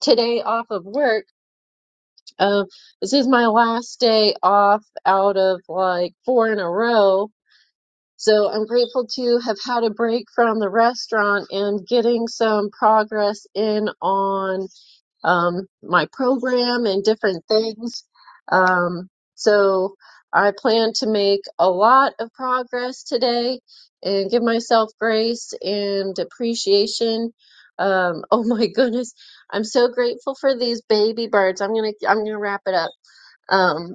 today off of work. Um, this is my last day off out of like four in a row. So I'm grateful to have had a break from the restaurant and getting some progress in on um, my program and different things. Um, so I plan to make a lot of progress today and give myself grace and appreciation. Um, oh my goodness, I'm so grateful for these baby birds. I'm gonna I'm gonna wrap it up. Um,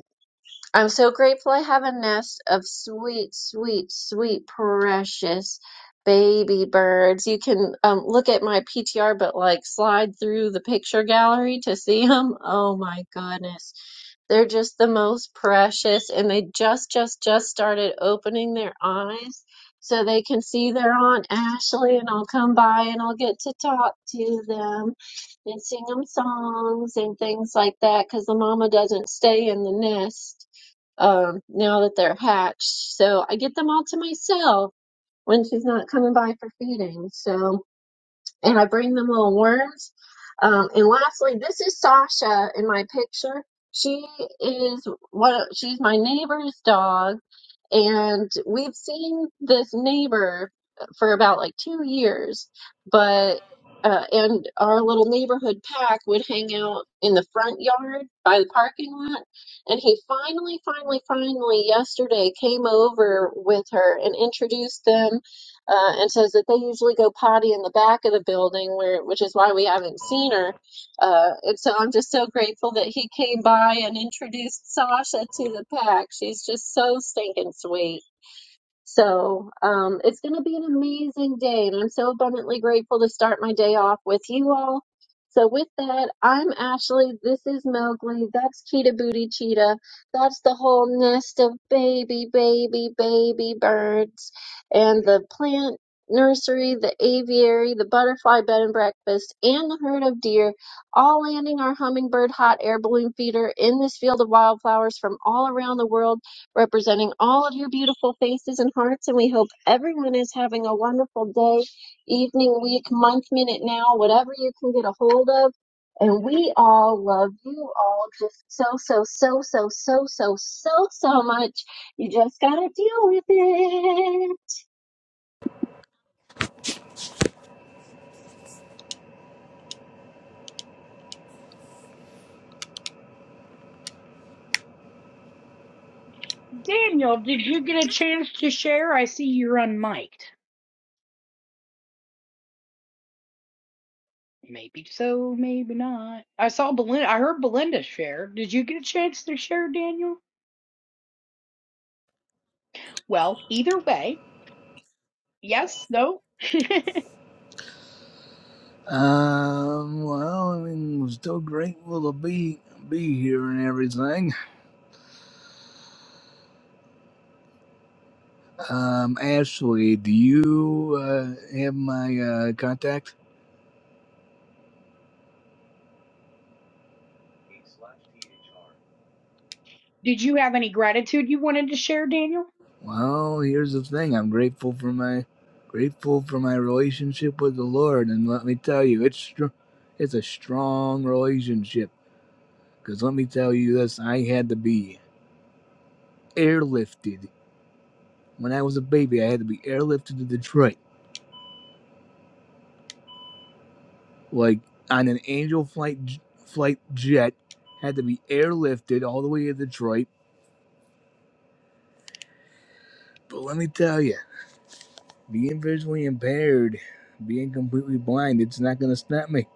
I'm so grateful I have a nest of sweet, sweet, sweet, precious baby birds. You can um, look at my PTR, but like slide through the picture gallery to see them. Oh my goodness. They're just the most precious, and they just, just, just started opening their eyes so they can see their Aunt Ashley, and I'll come by and I'll get to talk to them and sing them songs and things like that because the mama doesn't stay in the nest um, now that they're hatched. So I get them all to myself when she's not coming by for feeding. So, and I bring them little worms. Um, and lastly, this is Sasha in my picture. She is what she's my neighbor's dog and we've seen this neighbor for about like two years, but uh, and our little neighborhood pack would hang out in the front yard by the parking lot. And he finally, finally, finally yesterday came over with her and introduced them uh, and says that they usually go potty in the back of the building where, which is why we haven't seen her uh, and so I'm just so grateful that he came by and introduced Sasha to the pack. She's just so stinking sweet. So um, it's going to be an amazing day, and I'm so abundantly grateful to start my day off with you all. So with that, I'm Ashley. This is Mowgli. That's Cheetah Booty Cheetah. That's the whole nest of baby, baby, baby birds, and the plant nursery, the aviary, the butterfly bed and breakfast, and the herd of deer, all landing our hummingbird hot air balloon feeder in this field of wildflowers from all around the world representing all of your beautiful faces and hearts. And we hope everyone is having a wonderful day, evening, week, month, minute, now, whatever you can get a hold of. And we all love you all just so, so, so, so, so, so, so, so much. You just got to deal with it.
Daniel, did you get a chance to share? I see you're unmiked. Maybe so, maybe not. I saw Belinda. I heard Belinda share. Did you get a chance to share, Daniel? Well, either way, yes, no. did
Um, well, I mean, we're still grateful to be be here and everything. Um, Ashley, do you uh, have my uh, contact?
you have any gratitude you wanted to share, Daniel?
Well, here's the thing. I'm grateful for my grateful for my relationship with the Lord, and let me tell you, it's str- it's a strong relationship. Cause let me tell you this, I had to be airlifted when I was a baby. I had to be airlifted to Detroit, like on an Angel flight j- flight jet. Had to be airlifted all the way to Detroit. But let me tell you, being visually impaired, being completely blind, it's not gonna stop me.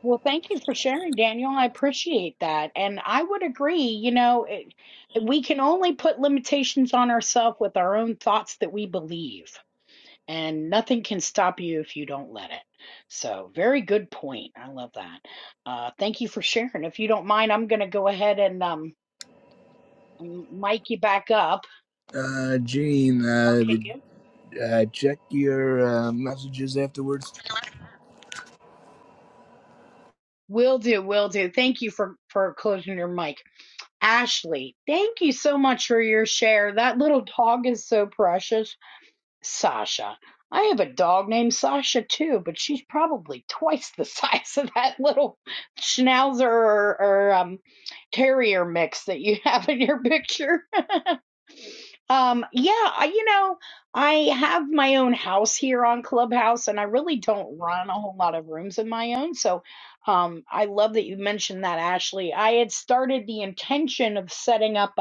Well, thank you for sharing, Daniel. I appreciate that. And I would agree, you know, it, we can only put limitations on ourselves with our own thoughts that we believe. and nothing can stop you if you don't let it. So, very good point. I love that. Uh, thank you for sharing. If you don't mind, I'm going to go ahead and um, mic you back up.
Uh, Gene,
Or
uh,
can you?
uh, check your uh, messages afterwards.
Will do. Will do. Thank you for for closing your mic, Ashley. Thank you so much for your share. That little dog is so precious Sasha. I have a dog named Sasha too, but she's probably twice the size of that little schnauzer or, or um, terrier mix that you have in your picture. Um, yeah, I, you know, I have my own house here on Clubhouse, and I really don't run a whole lot of rooms of my own. So um, I love that you mentioned that, Ashley. I had started the intention of setting up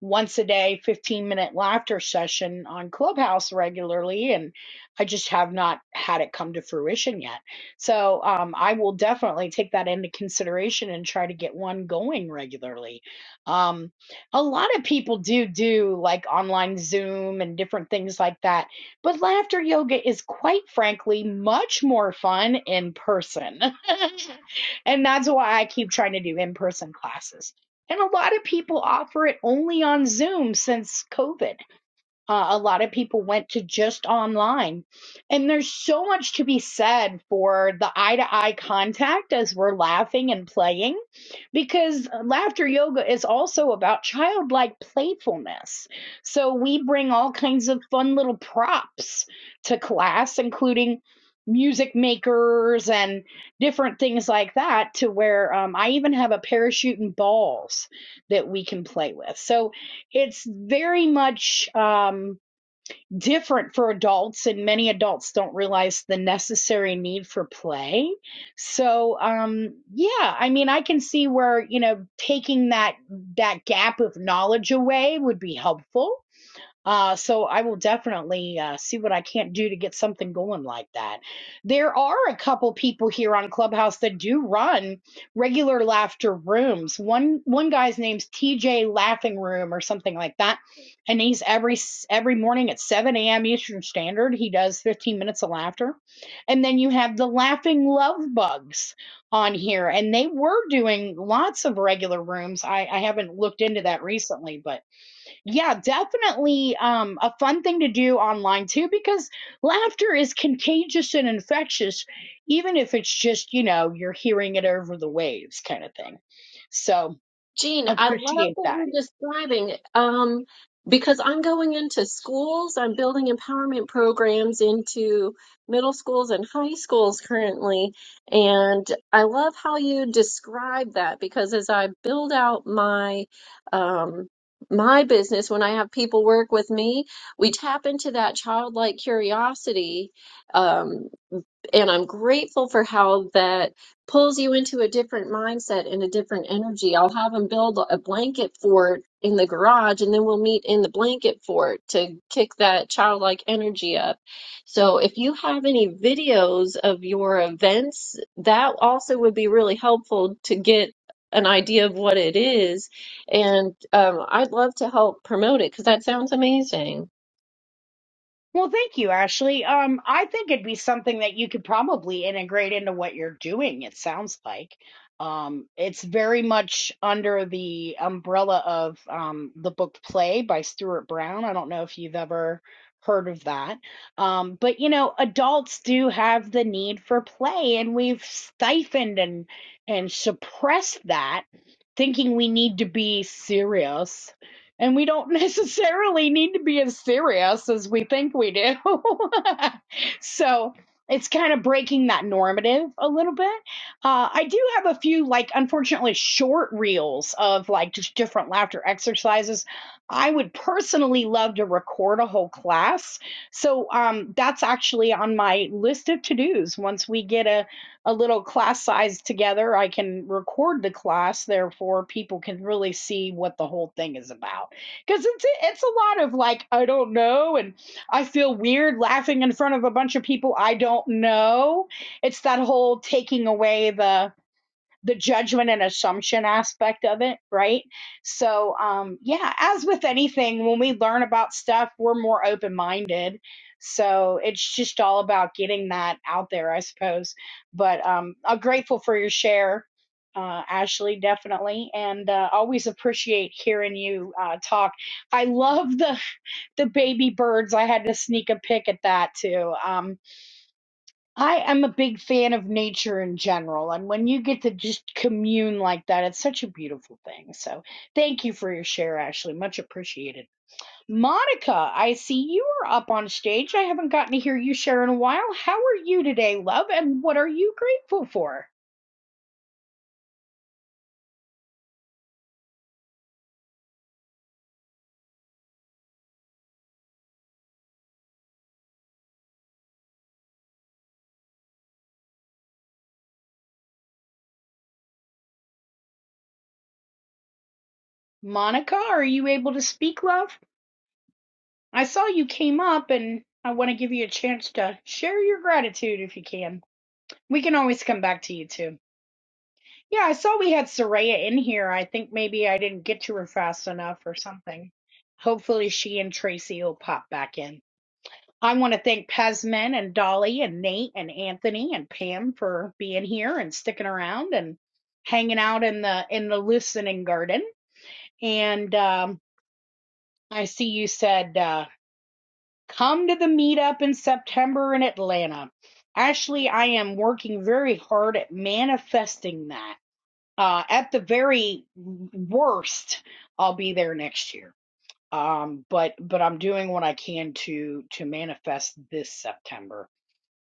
once a day 15 minute laughter session on clubhouse regularly and i just have not had it come to fruition yet so um, i will definitely take that into consideration and try to get one going regularly um, a lot of people do do like online zoom and different things like that but laughter yoga is quite frankly much more fun in person And that's why I keep trying to do in person classes. And a lot of people offer it only on Zoom since COVID. Uh, a lot of people went to just online. And there's so much to be said for the eye to eye contact as we're laughing and playing, because laughter yoga is also about childlike playfulness. So we bring all kinds of fun little props to class, including music makers and different things like that, to where um, I even have a parachute and balls that we can play with. So it's very much um, different for adults, and many adults don't realize the necessary need for play. So, um, yeah, I mean, I can see where you know taking that that gap of knowledge away would be helpful uh, so I will definitely uh, see what I can't do to get something going like that. There are a couple people here on Clubhouse that do run regular laughter rooms. One one guy's name's TJ Laughing Room or something like that, and he's every s- every morning at 7 a.m. Eastern Standard. He does 15 minutes of laughter, and then you have the Laughing Love Bugs on here, and they were doing lots of regular rooms. I, I haven't looked into that recently, but yeah, definitely um, a fun thing to do online too, because laughter is contagious and infectious, even if it's just, you know, you're hearing it over the waves kind of thing. So
Gene, I love
appreciate
what
that.
you're describing um, because I'm going into schools. I'm building empowerment programs into middle schools and high schools currently. And I love how you describe that because as I build out my um, my business, when I have people work with me, we tap into that childlike curiosity. Um, and I'm grateful for how that pulls you into a different mindset and a different energy. I'll have them build a blanket fort in the garage, and then we'll meet in the blanket fort to kick that childlike energy up. So, if you have any videos of your events, that also would be really helpful to get an idea of what it is. And um, I'd love to help promote it because that sounds amazing.
Well, thank you, Ashley. Um, I think it'd be something that you could probably integrate into what you're doing, it sounds like. Um, it's very much under the umbrella of um, the book Play by Stuart Brown. I don't know if you've ever heard of that. Um, but, you know, adults do have the need for play, and we've stifled and, and suppressed that, thinking we need to be serious and we don't necessarily need to be as serious as we think we do. so it's kind of breaking that normative a little bit. Uh, I do have a few, like, unfortunately, short reels of like just different laughter exercises. I would personally love to record a whole class. So um, that's actually on my list of to dos. Once we get a, a little class size together, I can record the class. Therefore, people can really see what the whole thing is about because it's it's a lot of like I don't know and I feel weird laughing in front of a bunch of people I don't know. It's that whole taking away the the judgment and assumption aspect of it, right? So, um, yeah, as with anything, when we learn about stuff, we're more open minded. So it's just all about getting that out there, I suppose. But um, I'm grateful for your share, uh, Ashley, definitely, and uh, always appreciate hearing you uh, talk. I love the the baby birds. I had to sneak a pic at that too. Um, I am a big fan of nature in general, and when you get to just commune like that, it's such a beautiful thing. So, thank you for your share, Ashley. Much appreciated. Monica, I see you are up on stage. I haven't gotten to hear you share in a while. How are you today, love, and what are you grateful for? Monica, are you able to speak, love? I saw you came up, and I want to give you a chance to share your gratitude if you can. We can always come back to you too. Yeah, I saw we had Soraya in here. I think maybe I didn't get to her fast enough or something. Hopefully, she and Tracy will pop back in. I want to thank Pesman and Dolly and Nate and Anthony and Pam for being here and sticking around and hanging out in the in the listening garden. And um, I see you said uh, come to the meetup in September in Atlanta. Ashley, I am working very hard at manifesting that. uh, at the very worst, I'll be there next year. Um, but but I'm doing what I can to to manifest this September.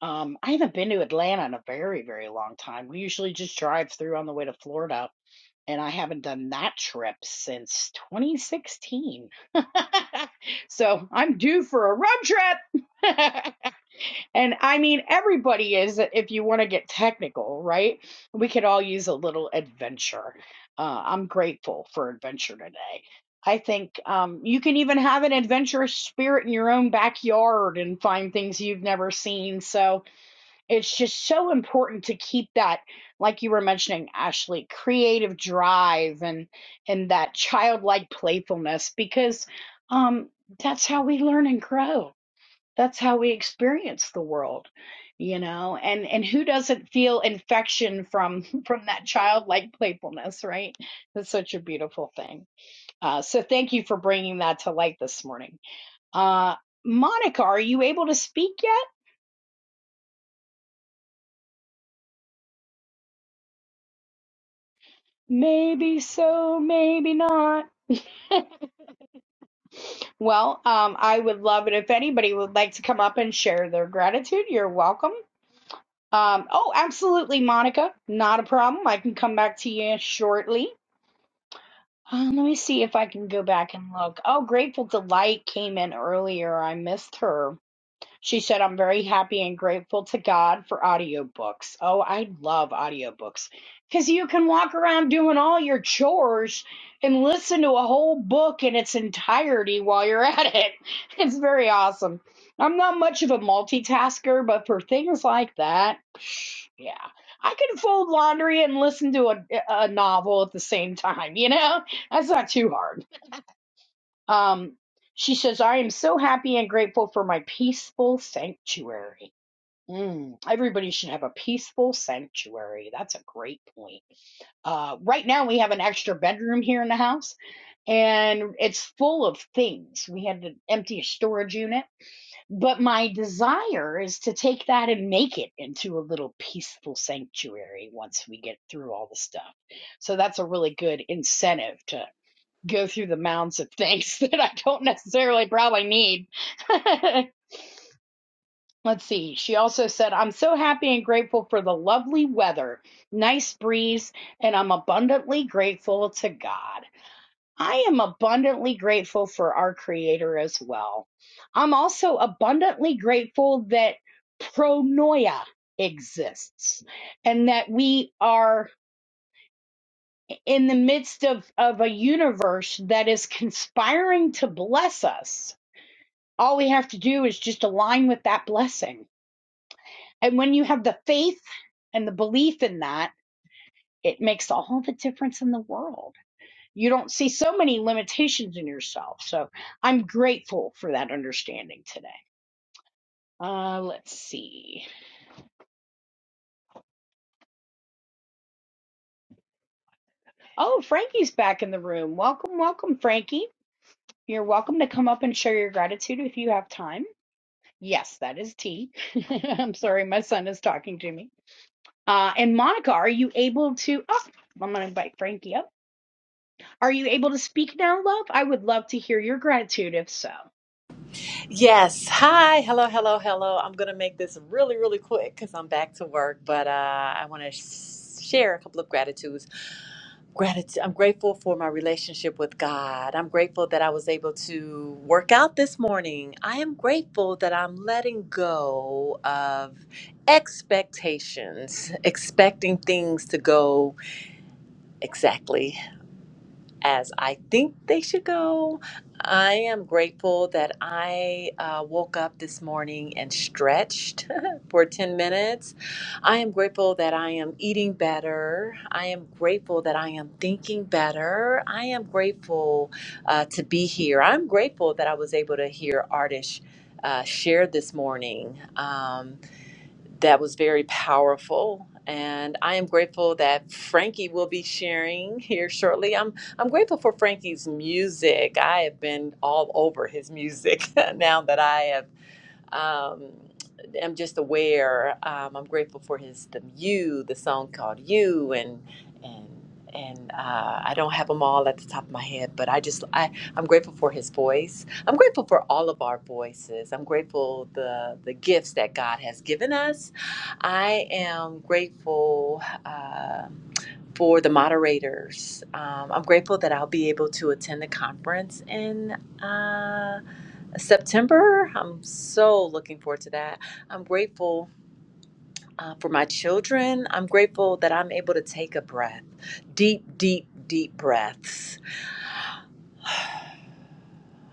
Um, I haven't been to Atlanta in a very very long time. We usually just drive through on the way to Florida, and I haven't done that trip since 2016. so I'm due for a road trip. And I mean, everybody is, if you want to get technical, right? We could all use a little adventure. Uh, I'm grateful for adventure today. I think um, you can even have an adventurous spirit in your own backyard and find things you've never seen. So it's just so important to keep that, like you were mentioning, Ashley, creative drive and and that childlike playfulness because um, that's how we learn and grow that's how we experience the world you know and and who doesn't feel infection from from that childlike playfulness right that's such a beautiful thing uh, so thank you for bringing that to light this morning uh, monica are you able to speak yet maybe so maybe not well um, i would love it if anybody would like to come up and share their gratitude you're welcome um, oh absolutely monica not a problem i can come back to you shortly Um, let me see if I can go back and look. Oh, Grateful Delight came in earlier. I missed her. She said, I'm very happy and grateful to God for audiobooks. Oh, I love audiobooks because you can walk around doing all your chores and listen to a whole book in its entirety while you're at it. It's very awesome. I'm not much of a multitasker, but for things like that, psh, yeah. I can fold laundry and listen to a, a novel at the same time, you know? That's not too hard. Um, she says, I am so happy and grateful for my peaceful sanctuary. Mm, everybody should have a peaceful sanctuary. That's a great point. Uh, right now, we have an extra bedroom here in the house, and it's full of things. We had to empty a storage unit, but my desire is to take that and make it into a little peaceful sanctuary once we get through all the stuff. So that's a really good incentive to go through the mounds of things that I don't necessarily probably need. Let's see. She also said, I'm so happy and grateful for the lovely weather, nice breeze, and I'm abundantly grateful to God. I am abundantly grateful for our Creator as well. I'm also abundantly grateful that pronoia exists and that we are in the midst of, of a universe that is conspiring to bless us All we have to do is just align with that blessing. And when you have the faith and the belief in that, it makes all the difference in the world. You don't see so many limitations in yourself. So I'm grateful for that understanding today. Uh, let's see. Oh, Frankie's back in the room. Welcome, welcome, Frankie. You're welcome to come up and share your gratitude if you have time. Yes, that is tea. I'm sorry, my son is talking to me. Uh, and Monica, are you able to? Oh, I'm going to invite Frankie up. Are you able to speak now, love? I would love to hear your gratitude if so.
Yes. Hi. Hello, hello, hello. I'm going to make this really, really quick because I'm back to work, but uh, I want to sh- share a couple of gratitudes. Gratitude. I'm grateful for my relationship with God. I'm grateful that I was able to work out this morning. I am grateful that I'm letting go of expectations, expecting things to go exactly as I think they should go. I am grateful that I uh, woke up this morning and stretched for 10 minutes. I am grateful that I am eating better. I am grateful that I am thinking better. I am grateful uh, to be here. I'm grateful that I was able to hear artists. Uh, share this morning. Um, that was very powerful. And I am grateful that Frankie will be sharing here shortly. I'm I'm grateful for Frankie's music. I have been all over his music now that I have um, I'm just aware. Um, I'm grateful for his the you, the song called you, and and and uh, I don't have them all at the top of my head, but I just I I'm grateful for his voice. I'm grateful for all of our voices. I'm grateful the the gifts that God has given us. I am grateful. Uh, for the moderators, um, I'm grateful that I'll be able to attend the conference in uh, September. I'm so looking forward to that. I'm grateful uh, for my children. I'm grateful that I'm able to take a breath, deep, deep, deep breaths.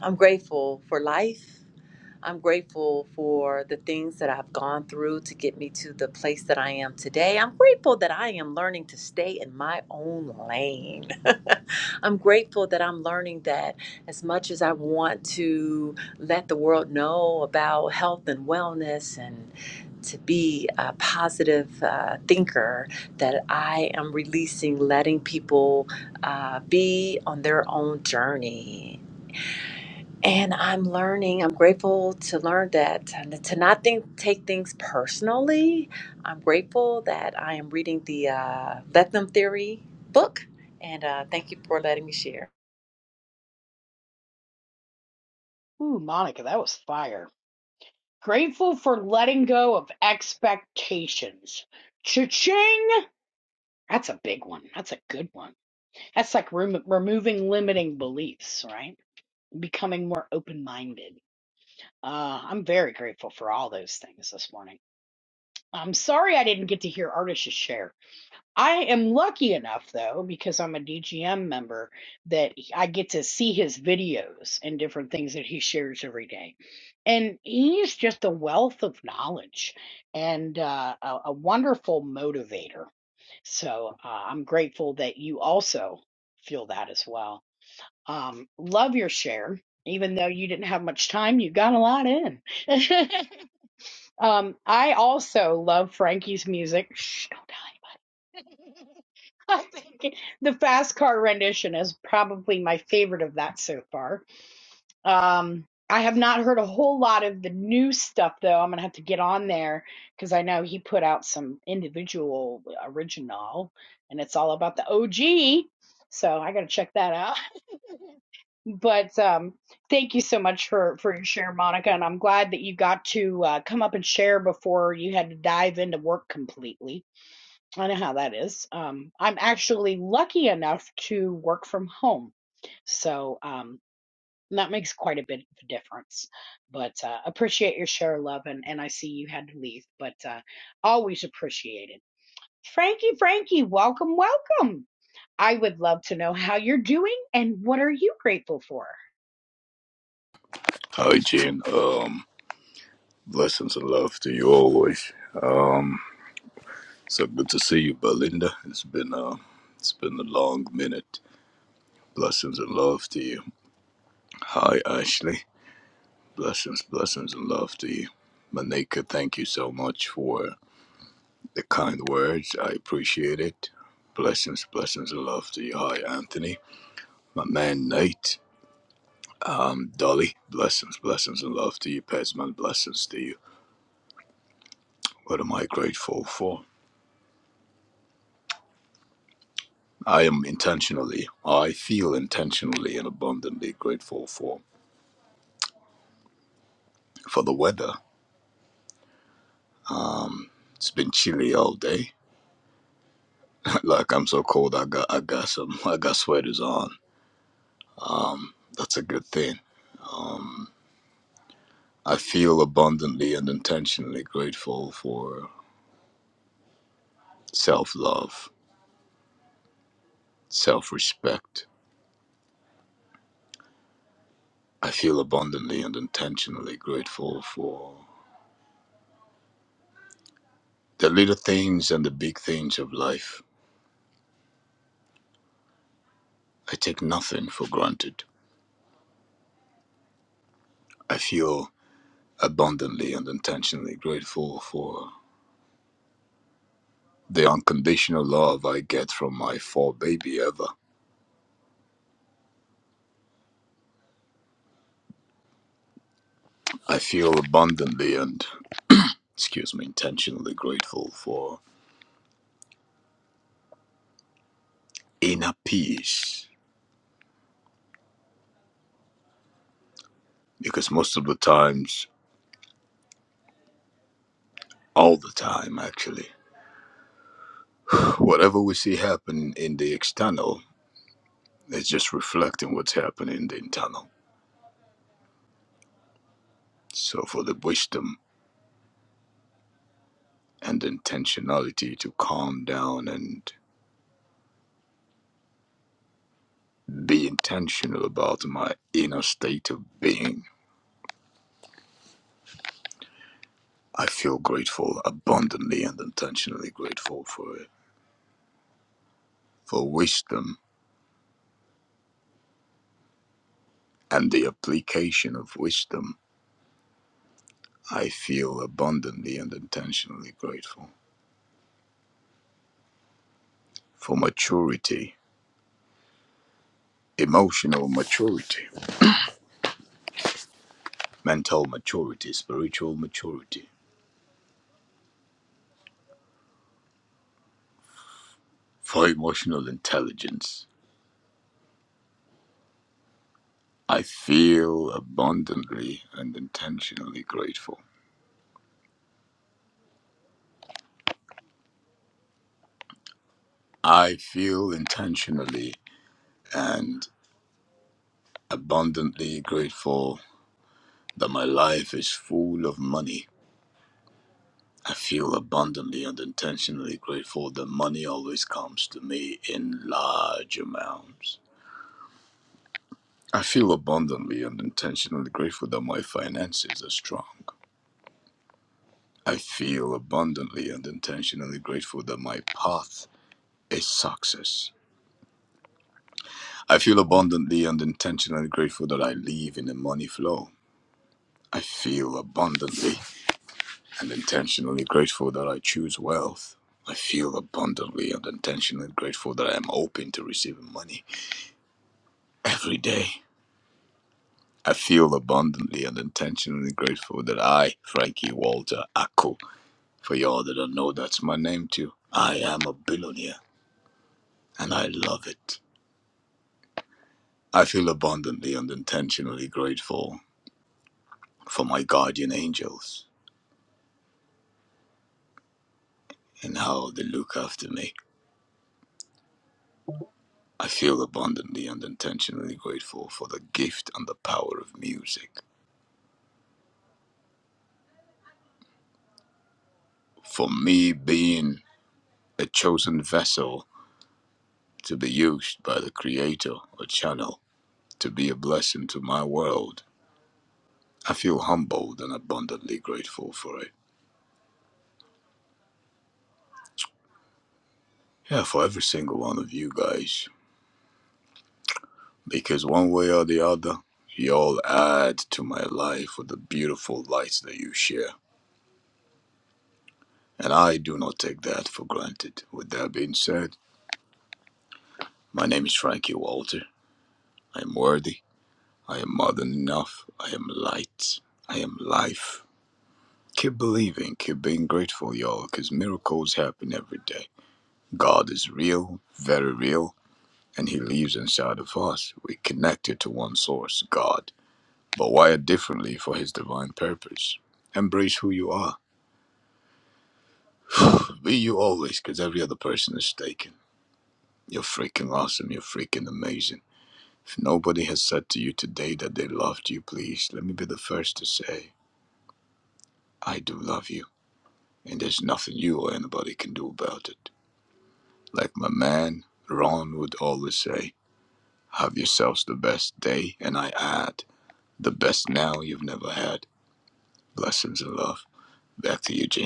I'm grateful for life. I'm grateful for the things that I've gone through to get me to the place that I am today. I'm grateful that I am learning to stay in my own lane. I'm grateful that I'm learning that as much as I want to let the world know about health and wellness and to be a positive uh, thinker, that I am releasing letting people uh, be on their own journey and I'm learning, I'm grateful to learn that to not think, take things personally. I'm grateful that I am reading the uh, Let Them Theory book. And uh, thank you for letting me share.
Ooh, Monica, that was fire. Grateful for letting go of expectations. Cha-ching! That's a big one. That's a good one. That's like rem- removing limiting beliefs, right? Becoming more open-minded. Uh, I'm very grateful for all those things this morning. I'm sorry I didn't get to hear Artish's share. I am lucky enough though, because I'm a DGM member, that I get to see his videos and different things that he shares every day. And he's just a wealth of knowledge and uh, a, a wonderful motivator. So uh, I'm grateful that you also feel that as well. Um, love your share. Even though you didn't have much time, you got a lot in. um, I also love Frankie's music. Shh, don't tell anybody. I think the fast car rendition is probably my favorite of that so far. Um, I have not heard a whole lot of the new stuff though. I'm gonna have to get on there because I know he put out some individual original, and it's all about the OG. So I gotta check that out. But um, thank you so much for for your share, Monica, and I'm glad that you got to uh, come up and share before you had to dive into work completely. I know how that is. Um, I'm actually lucky enough to work from home. So um, that makes quite a bit of a difference. But uh, appreciate your share, love. And, and I see you had to leave, but uh, always appreciate it. Frankie, Frankie, welcome, welcome. I would love to know how you're doing and what are you grateful for?
Hi, Gene. Um, blessings and love to you always. So good to see you, Belinda. It's been uh, it's been a long minute. Blessings and love to you. Hi, Ashley. Blessings, blessings and love to you. Manika, thank you so much for the kind words. I appreciate it. Blessings, blessings and love to you. Hi, Anthony. My man, Nate. Um, Dolly. Blessings, blessings and love to you. Pesman, blessings to you. What am I grateful for? I am intentionally, or I feel intentionally and abundantly grateful for for the weather. Um, it's been chilly all day. like I'm so cold, I got I got some I got sweaters on. Um, that's a good thing. Um, I feel abundantly and intentionally grateful for self love, self respect. I feel abundantly and intentionally grateful for the little things and the big things of life. I take nothing for granted. I feel abundantly and intentionally grateful for the unconditional love I get from my four baby ever. I feel abundantly and, excuse me, intentionally grateful for inner peace because most of the times, all the time actually, whatever we see happen in the external is just reflecting what's happening in the internal. So for the wisdom and intentionality to calm down and be intentional about my inner state of being I feel grateful, abundantly and intentionally grateful for it, for wisdom and the application of wisdom. I feel abundantly and intentionally grateful for maturity, emotional maturity, mental maturity, spiritual maturity, for emotional intelligence. I feel abundantly and intentionally grateful. I feel intentionally and abundantly grateful that my life is full of money. I feel abundantly and intentionally grateful that money always comes to me in large amounts. I feel abundantly and intentionally grateful that my finances are strong. I feel abundantly and intentionally grateful that my path is success. I feel abundantly and intentionally grateful that I live in a money flow. I feel abundantly and intentionally grateful that I choose wealth. I feel abundantly and intentionally grateful that I am open to receiving money every day. I feel abundantly and intentionally grateful that I, Frankie Walter Akko, for y'all that don't know that's my name too, I am a billionaire and I love it. I feel abundantly and intentionally grateful for my guardian angels and how they look after me. I feel abundantly and intentionally grateful for the gift and the power of music. for me being a chosen vessel to be used by the Creator or channel to be a blessing to my world. I feel humbled and abundantly grateful for it. Yeah, for every single one of you guys. Because one way or the other, you all add to my life with the beautiful lights that you share. And I do not take that for granted. With that being said, my name is Frankie Walter. I am worthy. I am more than enough. I am light. I am life. Keep believing, keep being grateful, y'all, because miracles happen every day. God is real, very real, and He lives inside of us. We connected to one source, God, but wired differently for His divine purpose. Embrace who you are. Be you always, because every other person is taken. You're freaking awesome. You're freaking amazing. If nobody has said to you today that they loved you, please let me be the first to say, I do love you. And there's nothing you or anybody can do about it. Like my man Ron would always say, have yourselves the best day, and I add, the best now you've never had. Blessings and love. Back to you, Gene.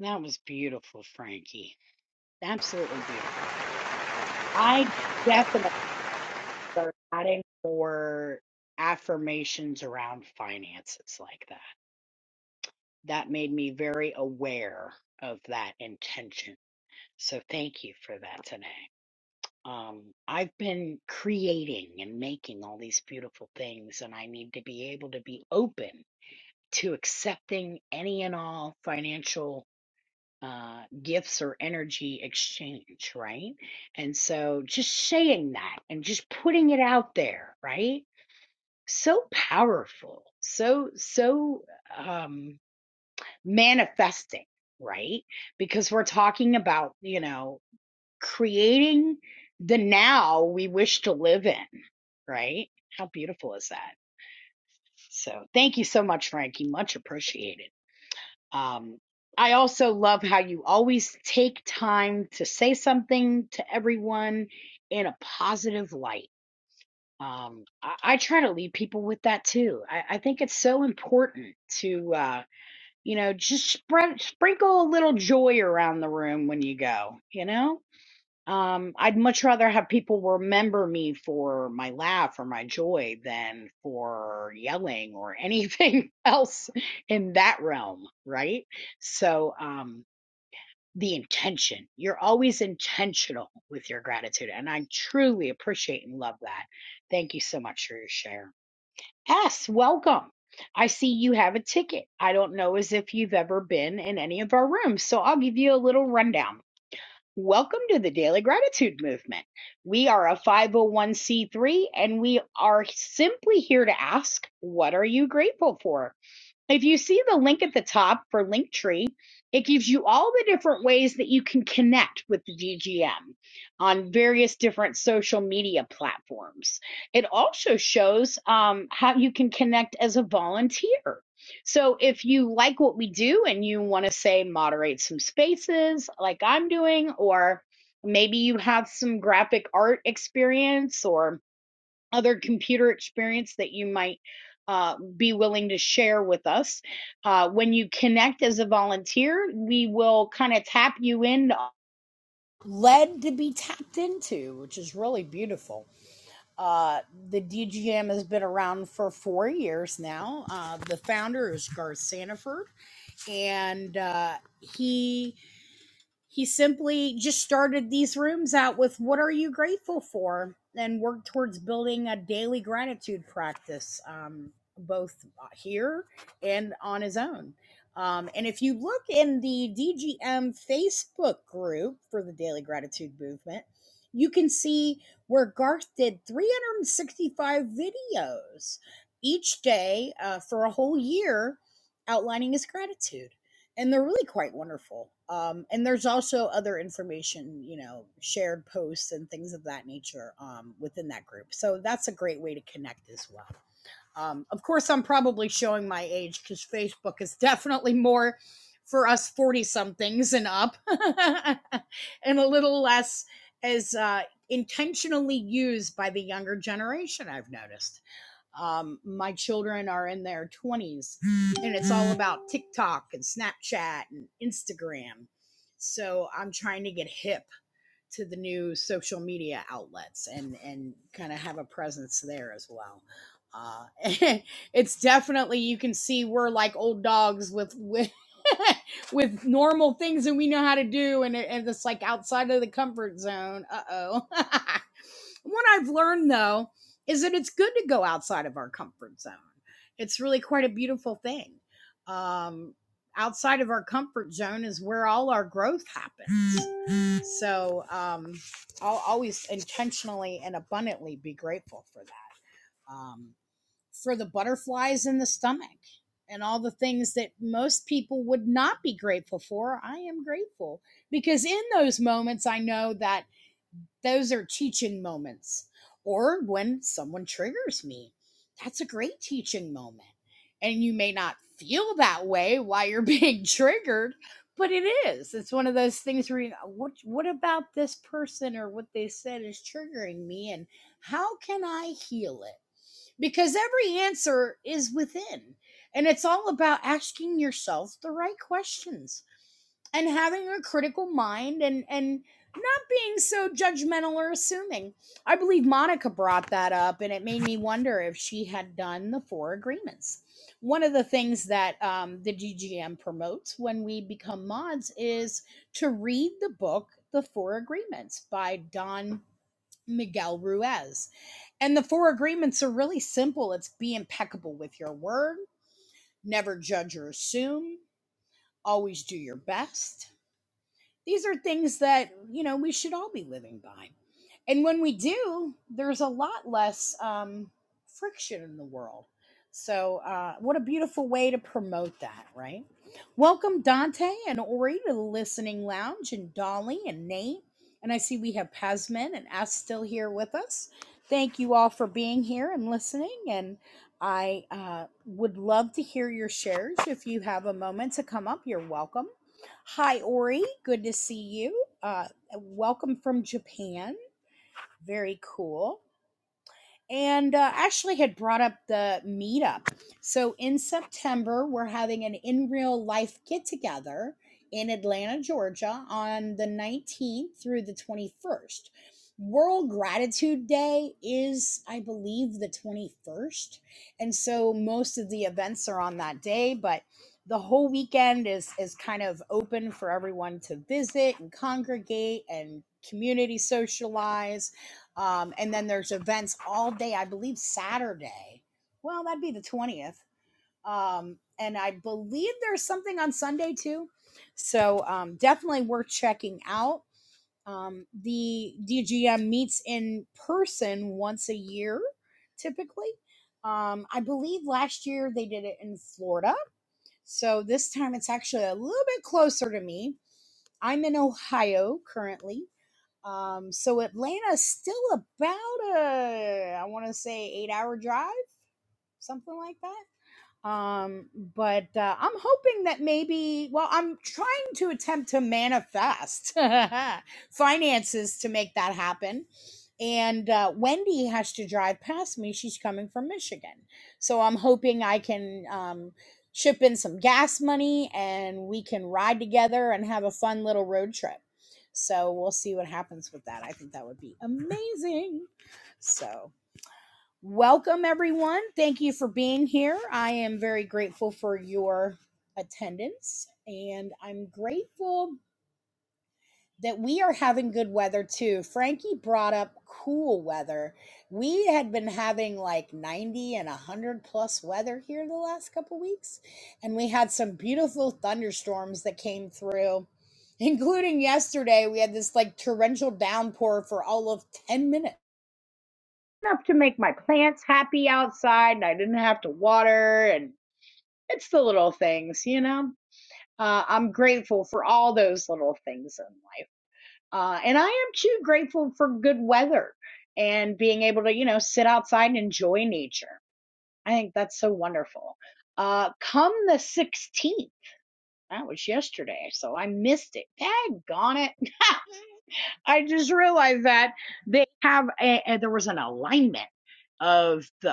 That was beautiful, Frankie. Absolutely beautiful. I definitely. start adding more affirmations around finances like that. That made me very aware of that intention. So thank you for that today. Um, I've been creating and making all these beautiful things, and I need to be able to be open to accepting any and all financial uh, gifts or energy exchange, right? And so just saying that and just putting it out there, right? so powerful, so so um manifesting, right? Because we're talking about, you know, creating the now we wish to live in, right? How beautiful is that? So, thank you so much Frankie, much appreciated. Um I also love how you always take time to say something to everyone in a positive light Um, I, I try to leave people with that too. I, I think it's so important to, uh, you know, just spread, sprinkle a little joy around the room when you go, you know? Um, I'd much rather have people remember me for my laugh or my joy than for yelling or anything else in that realm, right? So, um, the intention. You're always intentional with your gratitude. And I truly appreciate and love that. Thank you so much for your share. S, welcome. I see you have a ticket. I don't know as if you've ever been in any of our rooms, so I'll give you a little rundown. Welcome to the Daily Gratitude Movement. We are a 501c3 and we are simply here to ask, what are you grateful for? If you see the link at the top for Linktree, it gives you all the different ways that you can connect with the VGM on various different social media platforms. It also shows um, how you can connect as a volunteer. So if you like what we do and you want to say moderate some spaces like I'm doing, or maybe you have some graphic art experience or other computer experience that you might uh, be willing to share with us. Uh, when you connect as a volunteer, we will kind of tap you in, led to be tapped into, which is really beautiful. Uh, the DGM has been around for four years now. Uh, the founder is Garth Sanaford, and uh, he he simply just started these rooms out with what are you grateful for and worked towards building a daily gratitude practice, um, both uh, here and on his own. Um, and if you look in the DGM Facebook group for the Daily Gratitude Movement, you can see where Garth did 365 videos each day uh, for a whole year outlining his gratitude and they're really quite wonderful. Um, and there's also other information, you know, shared posts and things of that nature um, within that group. So that's a great way to connect as well. Um, of course, I'm probably showing my age because Facebook is definitely more for us 40 somethings and up, and a little less as uh, intentionally used by the younger generation, I've noticed. Um, my children are in their 20s, and it's all about TikTok and Snapchat and Instagram. So I'm trying to get hip to the new social media outlets and and kind of have a presence there as well. Uh, it's definitely you can see we're like old dogs with with with normal things that we know how to do, and, and it's like outside of the comfort zone. Uh oh. what I've learned though is that it's good to go outside of our comfort zone. It's really quite a beautiful thing. Um, outside of our comfort zone is where all our growth happens. So um, I'll always intentionally and abundantly be grateful for that, um, for the butterflies in the stomach and all the things that most people would not be grateful for. I am grateful because in those moments, I know that those are teaching moments or when someone triggers me that's a great teaching moment and you may not feel that way while you're being triggered but it is it's one of those things where you go, what what about this person or what they said is triggering me and how can i heal it because every answer is within. And it's all about asking yourself the right questions and having a critical mind and, and not being so judgmental or assuming. I believe Monica brought that up, and it made me wonder if she had done the four agreements. One of the things that um, the DGM promotes when we become mods is to read the book, The Four Agreements by Don Miguel Ruiz and the four agreements are really simple it's be impeccable with your word, never judge or assume, always do your best, these are things that, you know, we should all be living by. And when we do, there's a lot less um, friction in the world. So, uh, what a beautiful way to promote that, right? Welcome, Dante and Ori, to the Listening Lounge, and Dolly and Nate. And I see we have Pasman and Ass still here with us. Thank you all for being here and listening. And I uh, would love to hear your shares. If you have a moment to come up, you're welcome. Hi, Ori. Good to see you. Uh, welcome from Japan. Very cool and uh, actually had brought up the meetup. So in September, we're having an in real life get together in Atlanta, Georgia on the 19th through the 21st. World Gratitude Day is, I believe, the 21st. And so most of the events are on that day, but the whole weekend is is kind of open for everyone to visit and congregate and community socialize um, and then there's events all day, I believe Saturday. Well, that'd be the 20th. Um, and I believe there's something on Sunday too. So um, definitely worth checking out. Um, the DGM meets in person once a year, typically. Um, I believe last year they did it in Florida. So this time it's actually a little bit closer to me. I'm in Ohio currently. Um, so Atlanta's still about a, I want to say, eight hour drive, something like that um but uh, i'm hoping that maybe well i'm trying to attempt to manifest finances to make that happen and uh, wendy has to drive past me she's coming from michigan so i'm hoping i can um ship in some gas money and we can ride together and have a fun little road trip so we'll see what happens with that i think that would be amazing so Welcome, everyone. Thank you for being here. I am very grateful for your attendance, and I'm grateful that we are having good weather too. Frankie brought up cool weather. We had been having like 90 and 100 plus weather here the last couple weeks, and we had some beautiful thunderstorms that came through. Including yesterday, we had this like torrential downpour for all of 10 minutes enough to make my plants happy outside and I didn't have to water and it's the little things, you know. Uh, I'm grateful for all those little things in life. Uh, and I am too grateful for good weather and being able to, you know, sit outside and enjoy nature. I think that's so wonderful. Uh, come the 16th, that was yesterday, so I missed it. Daggone it. I just realized that they have a, a- there was an alignment of the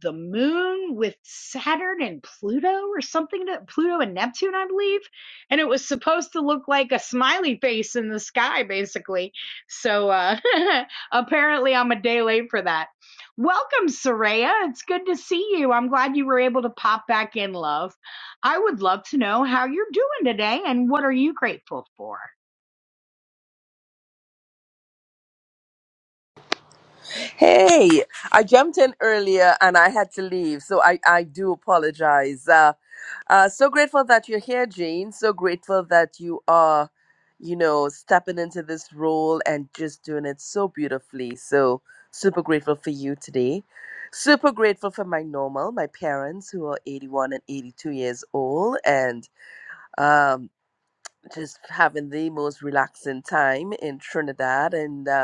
the moon with Saturn and Pluto or something to Pluto and Neptune, I believe. And it was supposed to look like a smiley face in the sky, basically. So uh apparently I'm a day late for that. Welcome, Soraya. It's good to see you. I'm glad you were able to pop back in, love. I would love to know how you're doing today and what are you grateful for?
Hey, I jumped in earlier and I had to leave, so I, I do apologize. Uh, uh, so grateful that you're here, Jane. So grateful that you are, you know, stepping into this role and just doing it so beautifully. So super grateful for you today. Super grateful for my normal, my parents who are 81 and 82 years old, and um, just having the most relaxing time in Trinidad. And uh,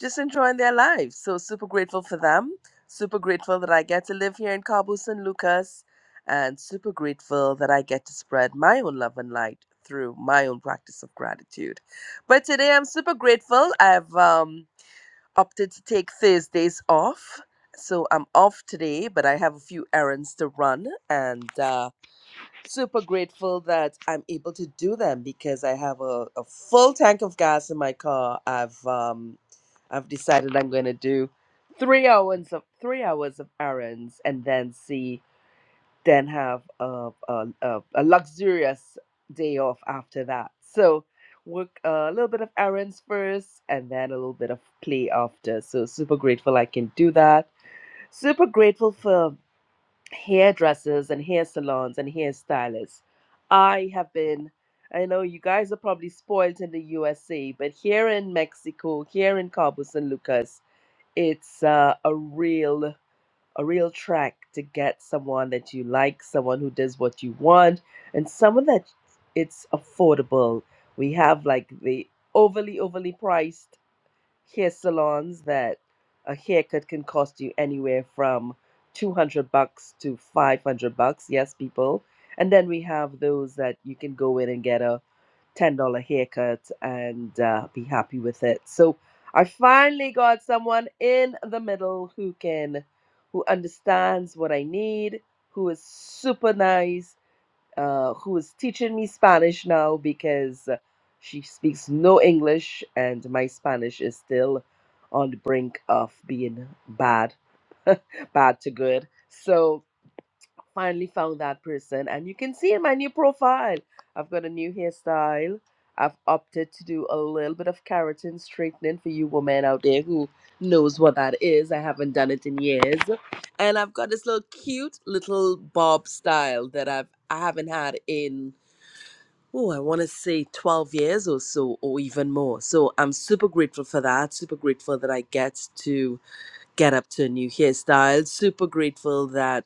just enjoying their lives. So super grateful for them. Super grateful that I get to live here in Cabo San Lucas, and super grateful that I get to spread my own love and light through my own practice of gratitude. But today I'm super grateful. I've um, opted to take Thursdays off. So I'm off today, but I have a few errands to run and uh, super grateful that I'm able to do them because I have a, a full tank of gas in my car. I've um I've decided I'm gonna do three hours of three hours of errands and then see then have a a, a, a luxurious day off after that. So work a little bit of errands first and then a little bit of play after. So super grateful I can do that. Super grateful for hairdressers and hair salons and hairstylists. I have been, I know you guys are probably spoiled in the USA, but here in Mexico, here in Cabo San Lucas, it's uh, a real a real track to get someone that you like, someone who does what you want, and someone that it's affordable. We have like the overly overly priced hair salons that a haircut can cost you anywhere from 200 bucks to 500 bucks. Yes, people. And then we have those that you can go in and get a $10 haircut and uh, be happy with it. So I finally got someone in the middle who can, who understands what I need, who is super nice, uh, who is teaching me Spanish now because she speaks no English and my Spanish is still on the brink of being bad, bad to good. So finally found that person, and you can see in my new profile, I've got a new hairstyle. I've opted to do a little bit of keratin straightening for you women out there who knows what that is. I haven't done it in years. And I've got this little cute little bob style that I've I haven't had in oh, I want to say 12 years or so, or even more. So I'm super grateful for that. Super grateful that I get to get up to a new hairstyle. Super grateful that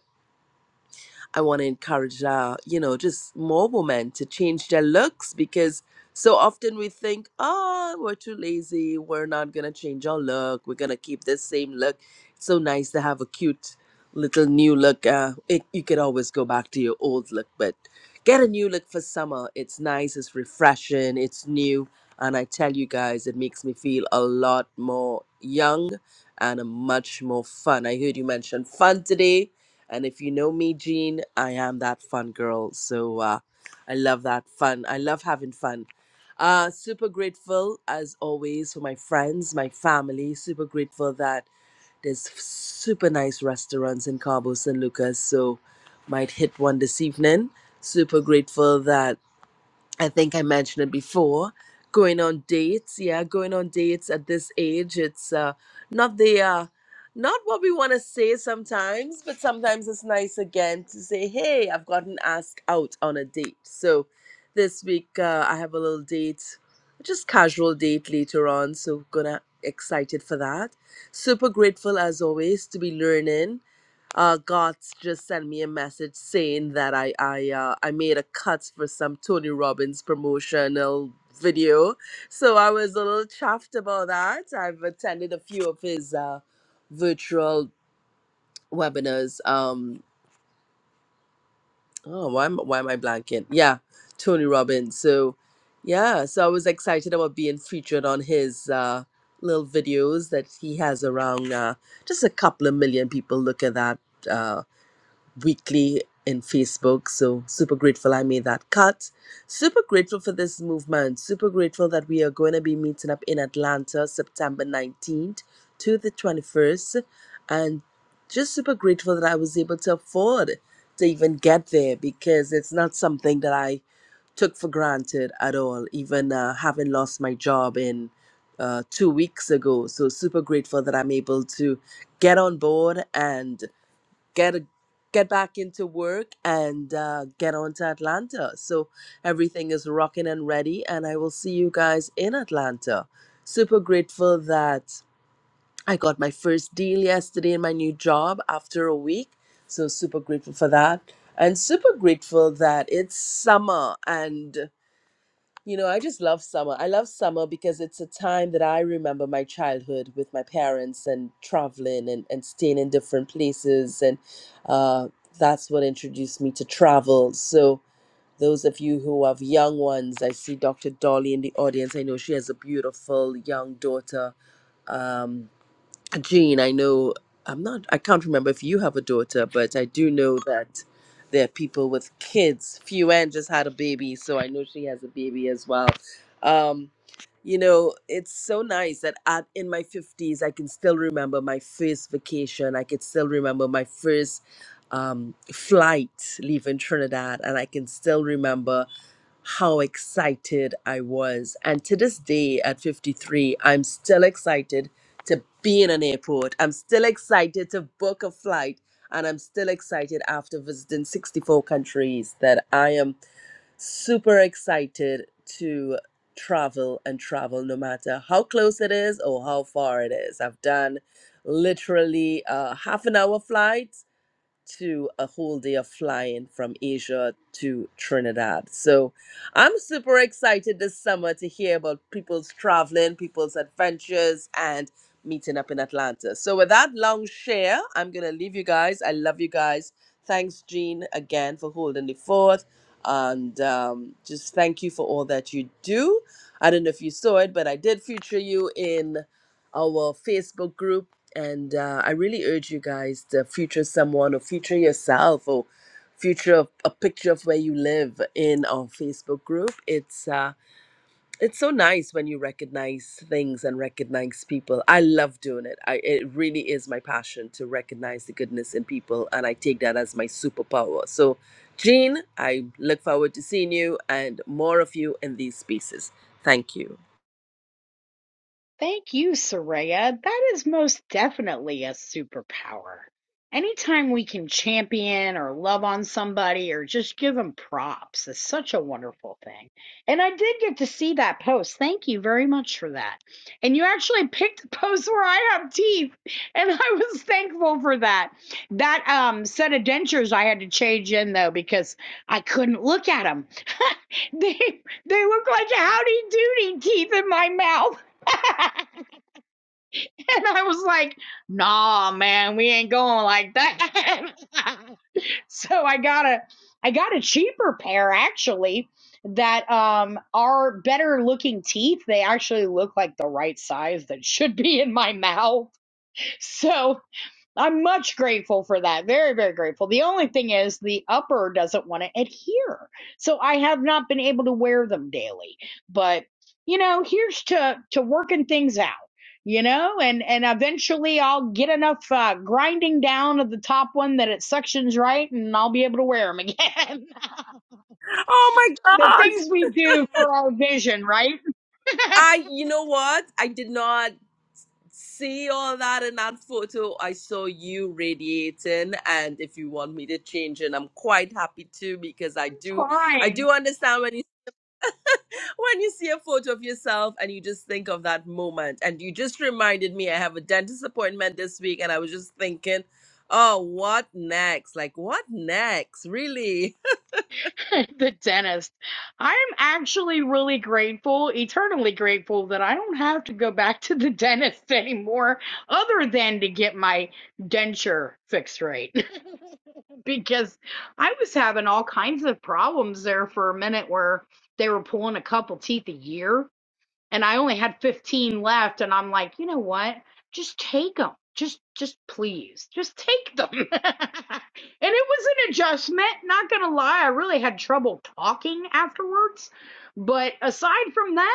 I want to encourage, uh, you know, just more women to change their looks because so often we think, oh, we're too lazy. We're not going to change our look. We're going to keep this same look. It's so nice to have a cute little new look. Uh, it, you could always go back to your old look, but get a new look for summer. It's nice, it's refreshing, it's new. And I tell you guys, it makes me feel a lot more young and much more fun. I heard you mention fun today and if you know me, Jean, I am that fun girl. So uh, I love that fun. I love having fun. Uh, super grateful, as always, for my friends, my family. Super grateful that there's super nice restaurants in Cabo San Lucas. So might hit one this evening. Super grateful that I think I mentioned it before. Going on dates, yeah, going on dates at this age, it's uh, not the uh, not what we want to say sometimes, but sometimes it's nice again to say, "Hey, I've gotten asked out on a date." So this week uh, I have a little date, just casual date later on. So gonna excited for that. Super grateful as always to be learning uh Gots just sent me a message saying that I I uh, I made a cut for some Tony Robbins promotional video. So I was a little chuffed about that. I've attended a few of his uh virtual webinars. Um oh why am why am I blanking? Yeah, Tony Robbins. So yeah, so I was excited about being featured on his uh little videos that he has around uh just a couple of million people look at that uh, weekly in Facebook. So super grateful I made that cut. Super grateful for this movement. Super grateful that we are going to be meeting up in Atlanta September 19th to the 21st. And just super grateful that I was able to afford to even get there because it's not something that I took for granted at all, even uh, having lost my job in uh, two weeks ago. So super grateful that I'm able to get on board and get a, get back into work and uh, get on to Atlanta. So everything is rocking and ready, and I will see you guys in Atlanta. Super grateful that I got my first deal yesterday in my new job after a week. So super grateful for that, and super grateful that it's summer and you know, I just love summer. I love summer because it's a time that I remember my childhood with my parents and traveling and, and staying in different places. And uh, that's what introduced me to travel. So, those of you who have young ones, I see Dr. Dolly in the audience. I know she has a beautiful young daughter. Um, Jean, I know I'm not I can't remember if you have a daughter, but I do know that there are people with kids. Fuan just had a baby, so I know she has a baby as well. Um, you know, it's so nice that at in my 50s I can still remember my first vacation. I can still remember my first um flight leaving Trinidad and I can still remember how excited I was. And to this day at 53, I'm still excited to be in an airport. I'm still excited to book a flight, and I'm still excited after visiting 64 countries that I am super excited to travel and travel no matter how close it is or how far it is. I've done literally a half an hour flight to a whole day of flying from Asia to Trinidad. So I'm super excited this summer to hear about people's traveling, people's adventures, and meeting up in Atlanta. So with that long share, I'm going to leave you guys. I love you guys. Thanks, Jean, again for holding the fort. And um, just thank you for all that you do. I don't know if you saw it, but I did feature you in our Facebook group and uh, I really urge you guys to future someone or future yourself or future of- a picture of where you live in our Facebook group. It's uh, it's so nice when you recognize things and recognize people. I love doing it. I it really is my passion to recognize the goodness in people, and I take that as my superpower. So, Jean, I look forward to seeing you and more of you in these spaces. Thank you.
Thank you, Soraya. That is most definitely a superpower. Anytime we can champion or love on somebody or just give them props is such a wonderful thing. And I did get to see that post. Thank you very much for that. And you actually picked a post where I have teeth, and I was thankful for that. That um, set of dentures I had to change in though because I couldn't look at them. they they look like Howdy Doody teeth in my mouth. and I was like, nah, man, we ain't going like that. so I got a I got a cheaper pair actually that um are better looking teeth. They actually look like the right size that should be in my mouth. So I'm much grateful for that. Very, very grateful. The only thing is the upper doesn't want to adhere. So I have not been able to wear them daily. But, you know, here's to, to working things out, you know, and, and eventually I'll get enough uh, grinding down of the top one that it suctions right and I'll be able to wear them again.
Oh my
the
gosh!
things we do for our vision, right?
I, you know what? I did not. see all that in that photo. I saw you radiating, and if you want me to change it, I'm quite happy to because I do, I
Fine.
do understand when you when you see a photo of yourself and you just think of that moment, and you just reminded me I have a dentist appointment this week, and I was just thinking. Oh, what next? Like, what next? Really?
the dentist. I'm actually really grateful, eternally grateful that I don't have to go back to the dentist anymore other than to get my denture fixed right because I was having all kinds of problems there for a minute where they were pulling a couple teeth a year and I only had 15 left and I'm like, you know what? Just take them. Just just please. Just take them. and it was an adjustment, not going to lie. I really had trouble talking afterwards, but aside from that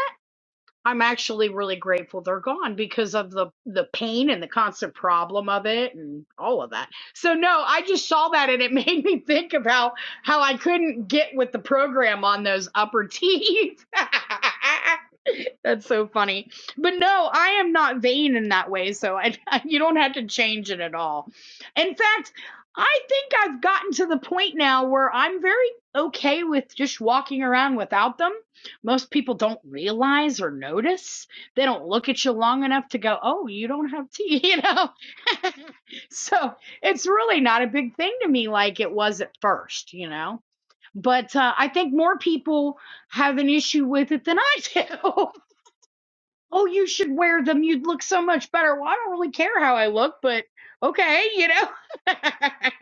I'm actually really grateful they're gone because of the the pain and the constant problem of it and all of that. So no, I just saw that and it made me think of how how I couldn't get with the program on those upper teeth. That's so funny. But no, I am not vain in that way, so I you don't have to change it at all. In fact, I think I've gotten to the point now where I'm very okay with just walking around without them most people don't realize or notice. They don't look at you long enough to go, "Oh, you don't have teeth," you know. so it's really not a big thing to me, like it was at first, you know. But uh, I think more people have an issue with it than I do. oh, you should wear them. You'd look so much better. Well, I don't really care how I look, but okay, you know.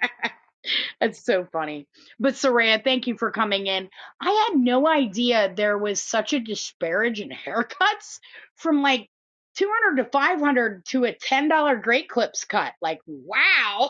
That's so funny. But Saraya, thank you for coming in. I had no idea there was such a disparage in haircuts from like 200 to 500 to a $10 Great Clips cut. Like, wow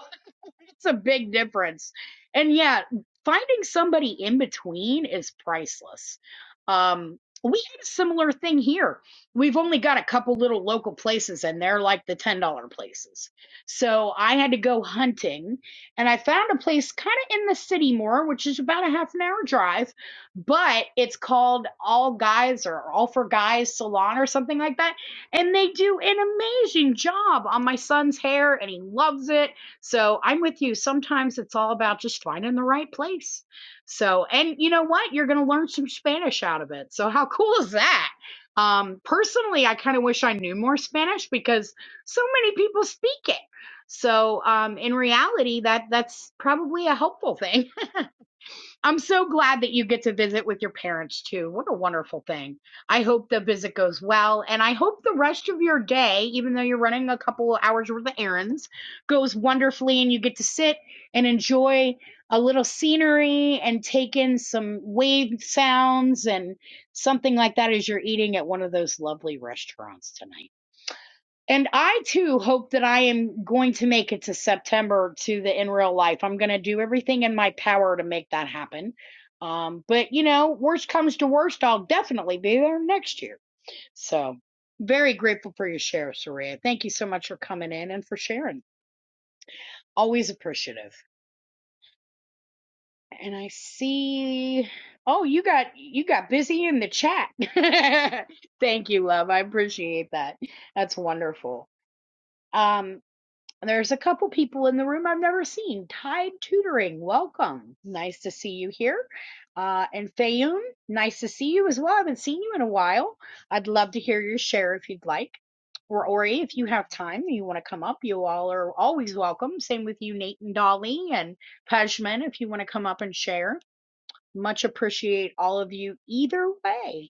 it's a big difference. And yeah, finding somebody in between is priceless. Um, we had a similar thing here. We've only got a couple little local places, and they're like the $10 places. So I had to go hunting, and I found a place kind of in the city more, which is about a half an hour drive, but it's called All Guys or All for Guys Salon or something like that and they do an amazing job on my son's hair and he loves it so I'm with you. Sometimes it's all about just finding the right place. So, and you know what? You're going to learn some Spanish out of it. So, how cool is that? Um, personally, I kind of wish I knew more Spanish because so many people speak it. So, um, in reality, that that's probably a helpful thing I'm so glad that you get to visit with your parents too. What a wonderful thing. I hope the visit goes well. And I hope the rest of your day, even though you're running a couple of hours worth of errands, goes wonderfully and you get to sit and enjoy a little scenery and take in some wave sounds and something like that as you're eating at one of those lovely restaurants tonight. And I too hope that I am going to make it to September to the in real life. I'm going to do everything in my power to make that happen. Um, but you know, worst comes to worst, I'll definitely be there next year. So very grateful for your share, Soraya. Thank you so much for coming in and for sharing. Always appreciative. And I see, oh, you got you got busy in the chat. Thank you, love. I appreciate that. That's wonderful. Um, And there's a couple people in the room I've never seen. Tide Tutoring, welcome. Nice to see you here. Uh, and Fayoum, nice to see you as well. I haven't seen you in a while. I'd love to hear your share if you'd like. Or Ori, if you have time, you want to come up, you all are always welcome. Same with you, Nate and Dolly and Pejman, if you want to come up and share. Much appreciate all of you either way.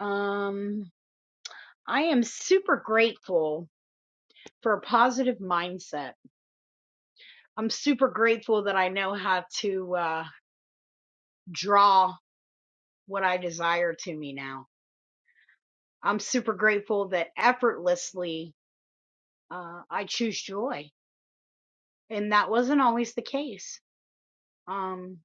Um, I am super grateful for a positive mindset I'm super grateful that I know how to uh, draw what I desire to me now. I'm super grateful that effortlessly uh, I choose joy. And that wasn't always the case. Um,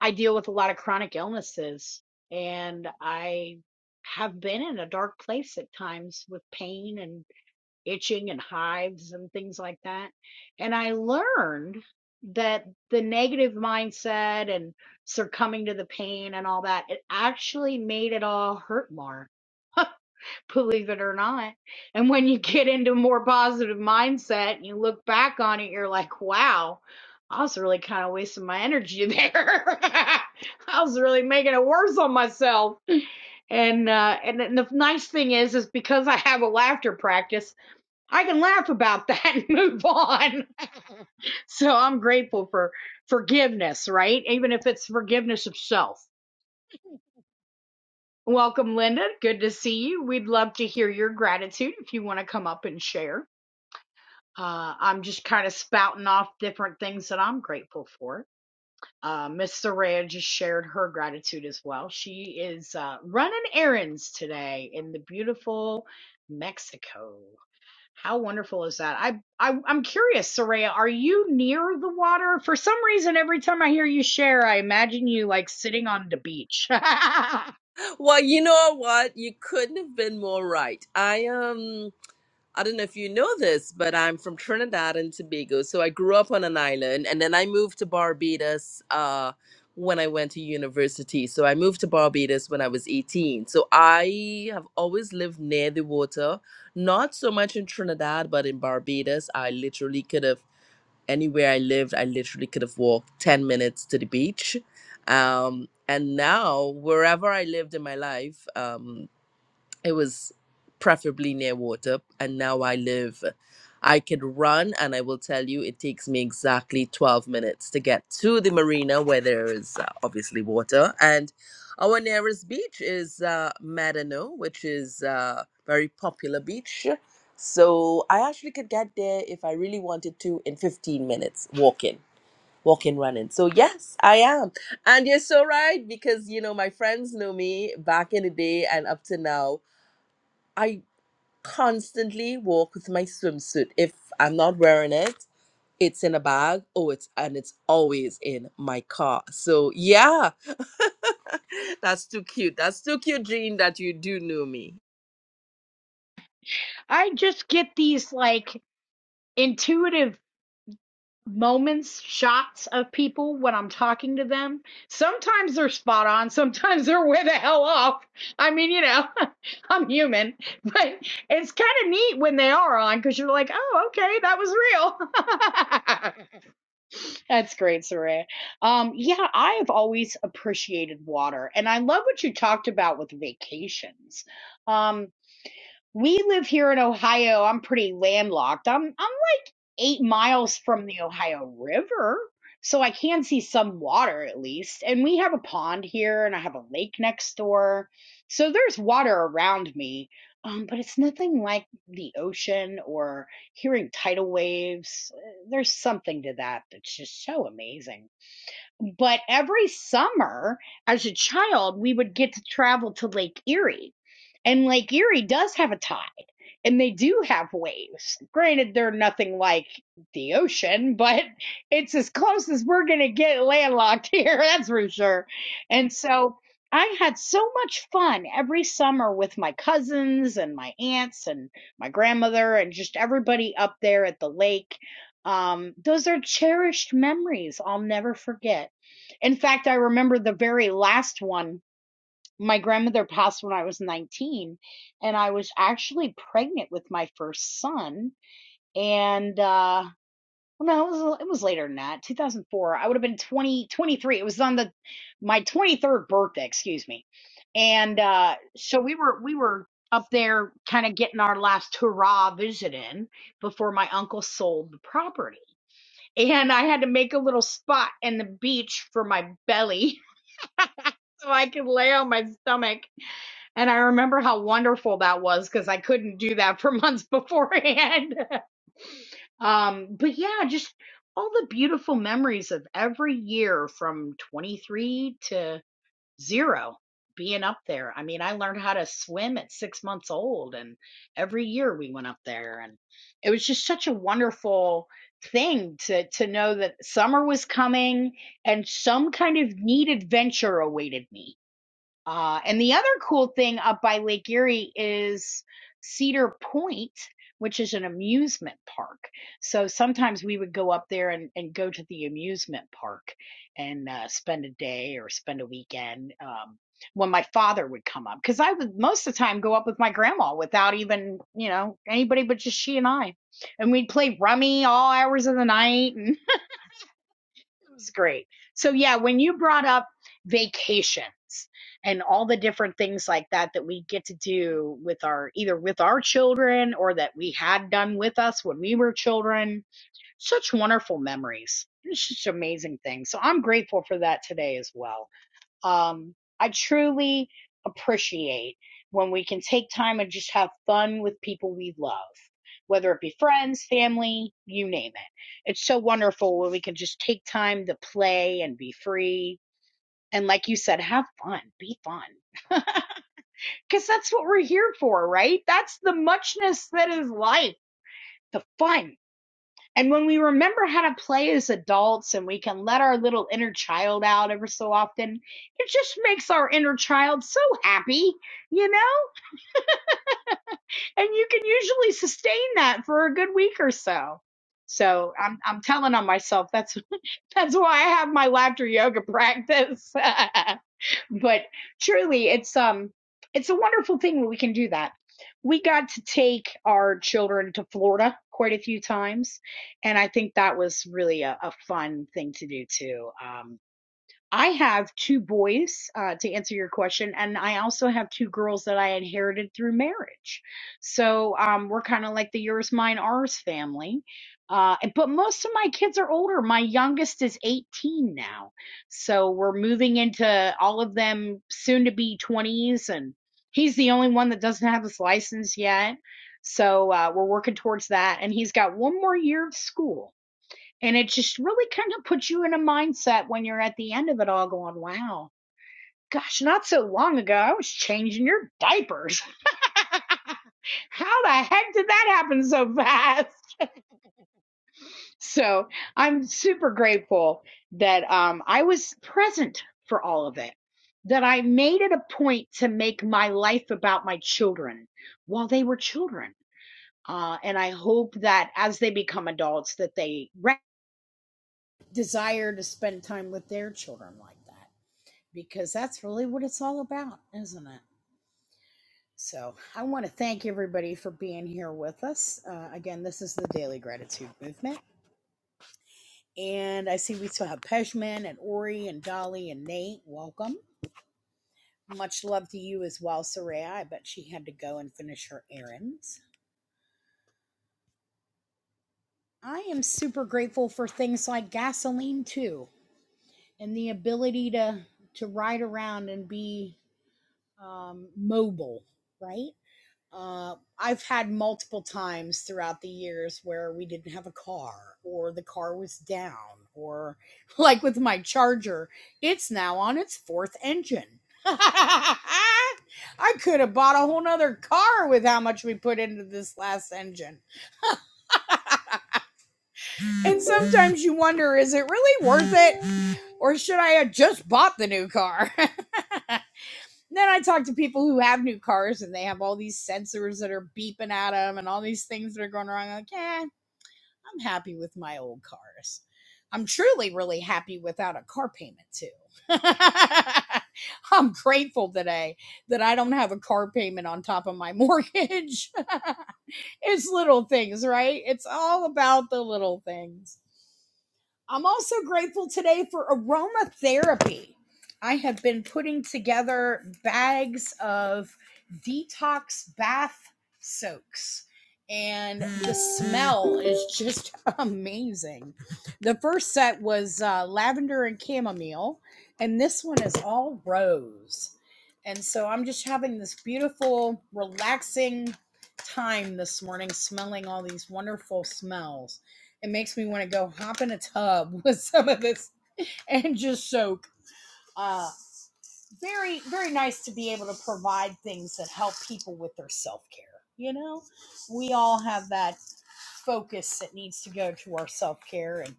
I deal with a lot of chronic illnesses, and I have been in a dark place at times with pain and. itching and hives and things like that. And I learned that the negative mindset and succumbing to the pain and all that, it actually made it all hurt more, believe it or not. And when you get into a more positive mindset and you look back on it, you're like, wow, I was really kind of wasting my energy there. I was really making it worse on myself. And uh, and, and the nice thing is, is because I have a laughter practice. I can laugh about that and move on. so I'm grateful for forgiveness, right? Even if it's forgiveness of self. Welcome, Linda. Good to see you. We'd love to hear your gratitude if you want to come up and share. Uh, I'm just kind of spouting off different things that I'm grateful for. Uh, Miss Soraya just shared her gratitude as well. She is uh, running errands today in the beautiful Mexico. How wonderful is that? I, I I'm curious, Soraya, are you near the water? For some reason, every time I hear you share, I imagine you like sitting on the beach. I
Well, you know what? You couldn't have been more right. I am. I don't know if you know this, but I'm from Trinidad and Tobago. So I grew up on an island and then I moved to Barbados uh, when I went to university. So I moved to Barbados when I was 18. So I have always lived near the water, not so much in Trinidad, but in Barbados. I literally could have, anywhere I lived, I literally could have walked 10 minutes to the beach. Um, and now, wherever I lived in my life, um, it was preferably near water and now i live i could run and i will tell you it takes me exactly 12 minutes to get to the marina where there is uh, obviously water and our nearest beach is uh, Medano, which is a very popular beach so i actually could get there if i really wanted to in 15 minutes walking walking running so yes i am and you're so right because you know my friends know me back in the day and up to now I constantly walk with my swimsuit. If I'm not wearing it, it's in a bag. Oh, it's and it's always in my car. So yeah, that's too cute. That's too cute, Jean. That you do know me.
just get these like intuitive moments, shots of people when I'm talking to them. Sometimes they're spot on, sometimes they're way the hell off. I mean, you know, I'm human, but it's kind of neat when they are on because you're like, oh, okay, that was real. That's great, Saray. Um, yeah, I have always appreciated water, and I love what you talked about with vacations. Um, we live here in Ohio. I'm pretty landlocked. I'm I'm like eight miles from the Ohio River, so I can see some water at least. And we have a pond here, and I have a lake next door, so there's water around me. Um, but it's nothing like the ocean or hearing tidal waves. Uh, There's something to that that's just so amazing. But every summer, as a child, we would get to travel to Lake Erie, and Lake Erie does have a top and they do have waves. Granted, they're nothing like the ocean, but it's as close as we're going to get landlocked here, that's for sure. And so I had so much fun every summer with my cousins and my aunts and my grandmother and just everybody up there at the lake. Um, those are cherished memories I'll never forget. In fact, I remember the very last one my grandmother passed when I was 19, and I was actually pregnant with my first son. And uh, well, no, it was, it was later than that, 2004. I would have been 20, 23. It was on the my 23rd birthday, excuse me. And uh, so we were we were up there, kind of getting our last hurrah visit in before my uncle sold the property, and I had to make a little spot in the beach for my belly so I could lay on my stomach and I remember how wonderful that was because I couldn't do that for months beforehand. um, but yeah, just all the beautiful memories of every year from 23 to zero being up there. I mean, I learned how to swim at six months old, and every year we went up there, and it was just such a wonderful thing to to know that summer was coming and some kind of neat adventure awaited me uh, and the other cool thing up by Lake Erie is Cedar Point, which is an amusement park. So sometimes we would go up there and, and go to the amusement park and uh, spend a day or spend a weekend um, when my father would come up. Because I would most of the time go up with my grandma without even, you know, anybody but just she and I. And we'd play rummy all hours of the night. And was great. So yeah, when you brought up vacations and all the different things like that that we get to do with our either with our children or that we had done with us when we were children, such wonderful memories. It's just amazing things. So I'm grateful for that today as well. Um, I truly appreciate when we can take time and just have fun with people we love, whether it be friends, family, you name it. It's so wonderful when we can just take time to play and be free. And like you said, have fun, be fun. Because that's what we're here for, right? That's the muchness that is life, the fun and when we remember how to play as adults and we can let our little inner child out ever so often, it just makes our inner child so happy, you know? And you can usually sustain that for a good week or so. So I'm I'm telling on myself. That's that's why I have my laughter yoga practice. but truly it's um it's a wonderful thing when we can do that we got to take our children to florida quite a few times and i think that was really a, a fun thing to do too um I have two boys, uh, to answer your question, and I also have two girls that I inherited through marriage. So um, we're kind of like the yours, mine, ours family. Uh, and- but most of my kids are older. My youngest is 18 now. So we're moving into all of them soon to be 20s, and he's the only one that doesn't have his license yet. So uh, we're working towards that. And he's got one more year of school. And it just really kind of puts you in a mindset when you're at the end of it all going, wow, gosh, not so long ago, I was changing your diapers. How the heck did that happen so fast? So I'm super grateful that um, I was present for all of it, that I made it a point to make my life about my children while they were children. Uh, and I hope that as they become adults, that they re- desire to spend time with their children like that because that's really what it's all about, isn't it? So, I want to thank everybody for being here with us. Uh, again, this is the Daily Gratitude Movement. And I see we still have Pejman and Ori and Dolly and Nate. Welcome. Much love to you as well, Soraya. I bet she had to go and finish her errands. I am super grateful for things like gasoline, too, and the ability to, to ride around and be um, mobile, right? Uh, I've had multiple times throughout the years where we didn't have a car, or the car was down, or like with my charger, it's now on its fourth engine. I could have bought a whole nother car with how much we put into this last engine. And sometimes you wonder is it really worth it, or should I have just bought the new car? then I talk to people who have new cars and they have all these sensors that are beeping at them and all these things that are going wrong. I'm like, yeah, I'm happy with my old cars. I'm truly really happy without a car payment too. I'm grateful today that I don't have a car payment on top of my mortgage. it's little things, right? It's all about the little things. I'm also grateful today for aromatherapy. I have been putting together bags of detox bath soaks, and the smell is just amazing. The first set was uh, lavender and chamomile, and this one is all rose. And so I'm just having this beautiful, relaxing time this morning, smelling all these wonderful smells. It makes me want to go hop in a tub with some of this and just soak. Uh, very, very nice to be able to provide things that help people with their self care. You know, we all have that focus that needs to go to our self care, and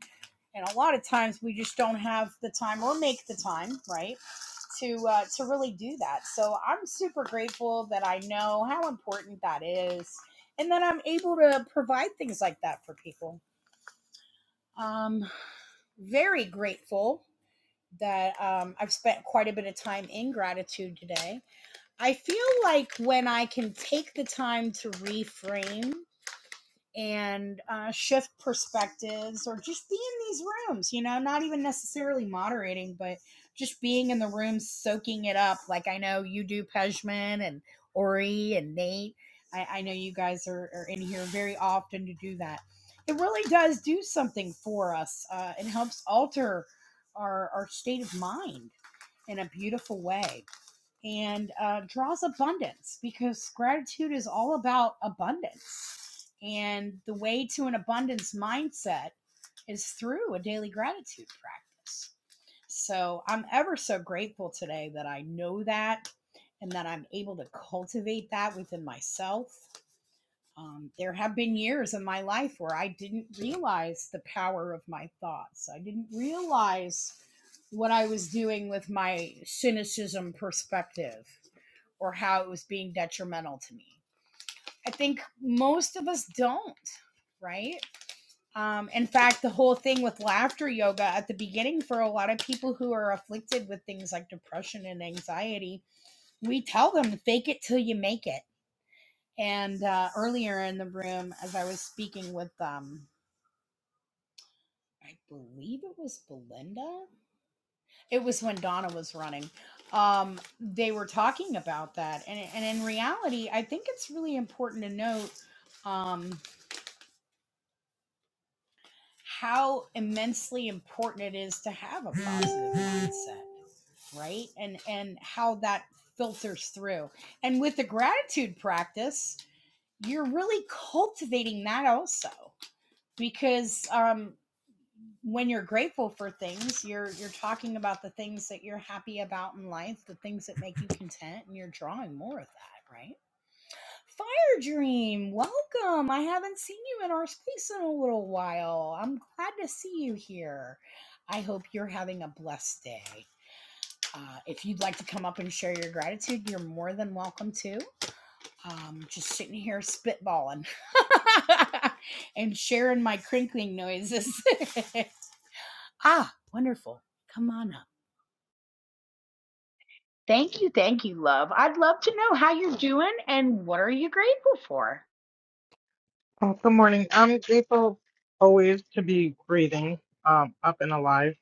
and a lot of times we just don't have the time or make the time, right? to uh, to really do that. So I'm super grateful that I know how important that is, and that I'm able to provide things like that for people. Um, very grateful that um, I've spent quite a bit of time in gratitude today. I feel like when I can take the time to reframe and uh, shift perspectives or just be in these rooms, you know, not even necessarily moderating, but just being in the room, soaking it up. Like I know you do, Pejman and Ori and Nate. I, I know you guys are, are in here very often to do that. It really does do something for us. Uh, it helps alter our, our state of mind in a beautiful way and uh, draws abundance because gratitude is all about abundance. And the way to an abundance mindset is through a daily gratitude practice. So I'm ever so grateful today that I know that and that I'm able to cultivate that within myself. Um, there have been years in my life where I didn't realize the power of my thoughts. I didn't realize what I was doing with my cynicism perspective or how it was being detrimental to me. I think most of us don't, right? Um, in fact, the whole thing with laughter yoga at the beginning for a lot of people who are afflicted with things like depression and anxiety, we tell them fake it till you make it. And uh, earlier in the room, as I was speaking with, um, I believe it was Belinda, It was when Donna was running. Um, they were talking about that, and and in reality, I think it's really important to note um, how immensely important it is to have a positive mindset, right? And and how that filters through. And with the gratitude practice, you're really cultivating that also, because um, when you're grateful for things you're you're talking about the things that you're happy about in life the things that make you content and you're drawing more of that right fire dream welcome i haven't seen you in our space in a little while i'm glad to see you here i hope you're having a blessed day uh, if you'd like to come up and share your gratitude you're more than welcome to um, just sitting here spitballing and sharing my crinkling noises Ah, wonderful. Come on up. Thank you, thank you, love. I'd love to know how you're doing and what are you grateful for?
Oh, good morning. I'm grateful always to be breathing, um, up and alive.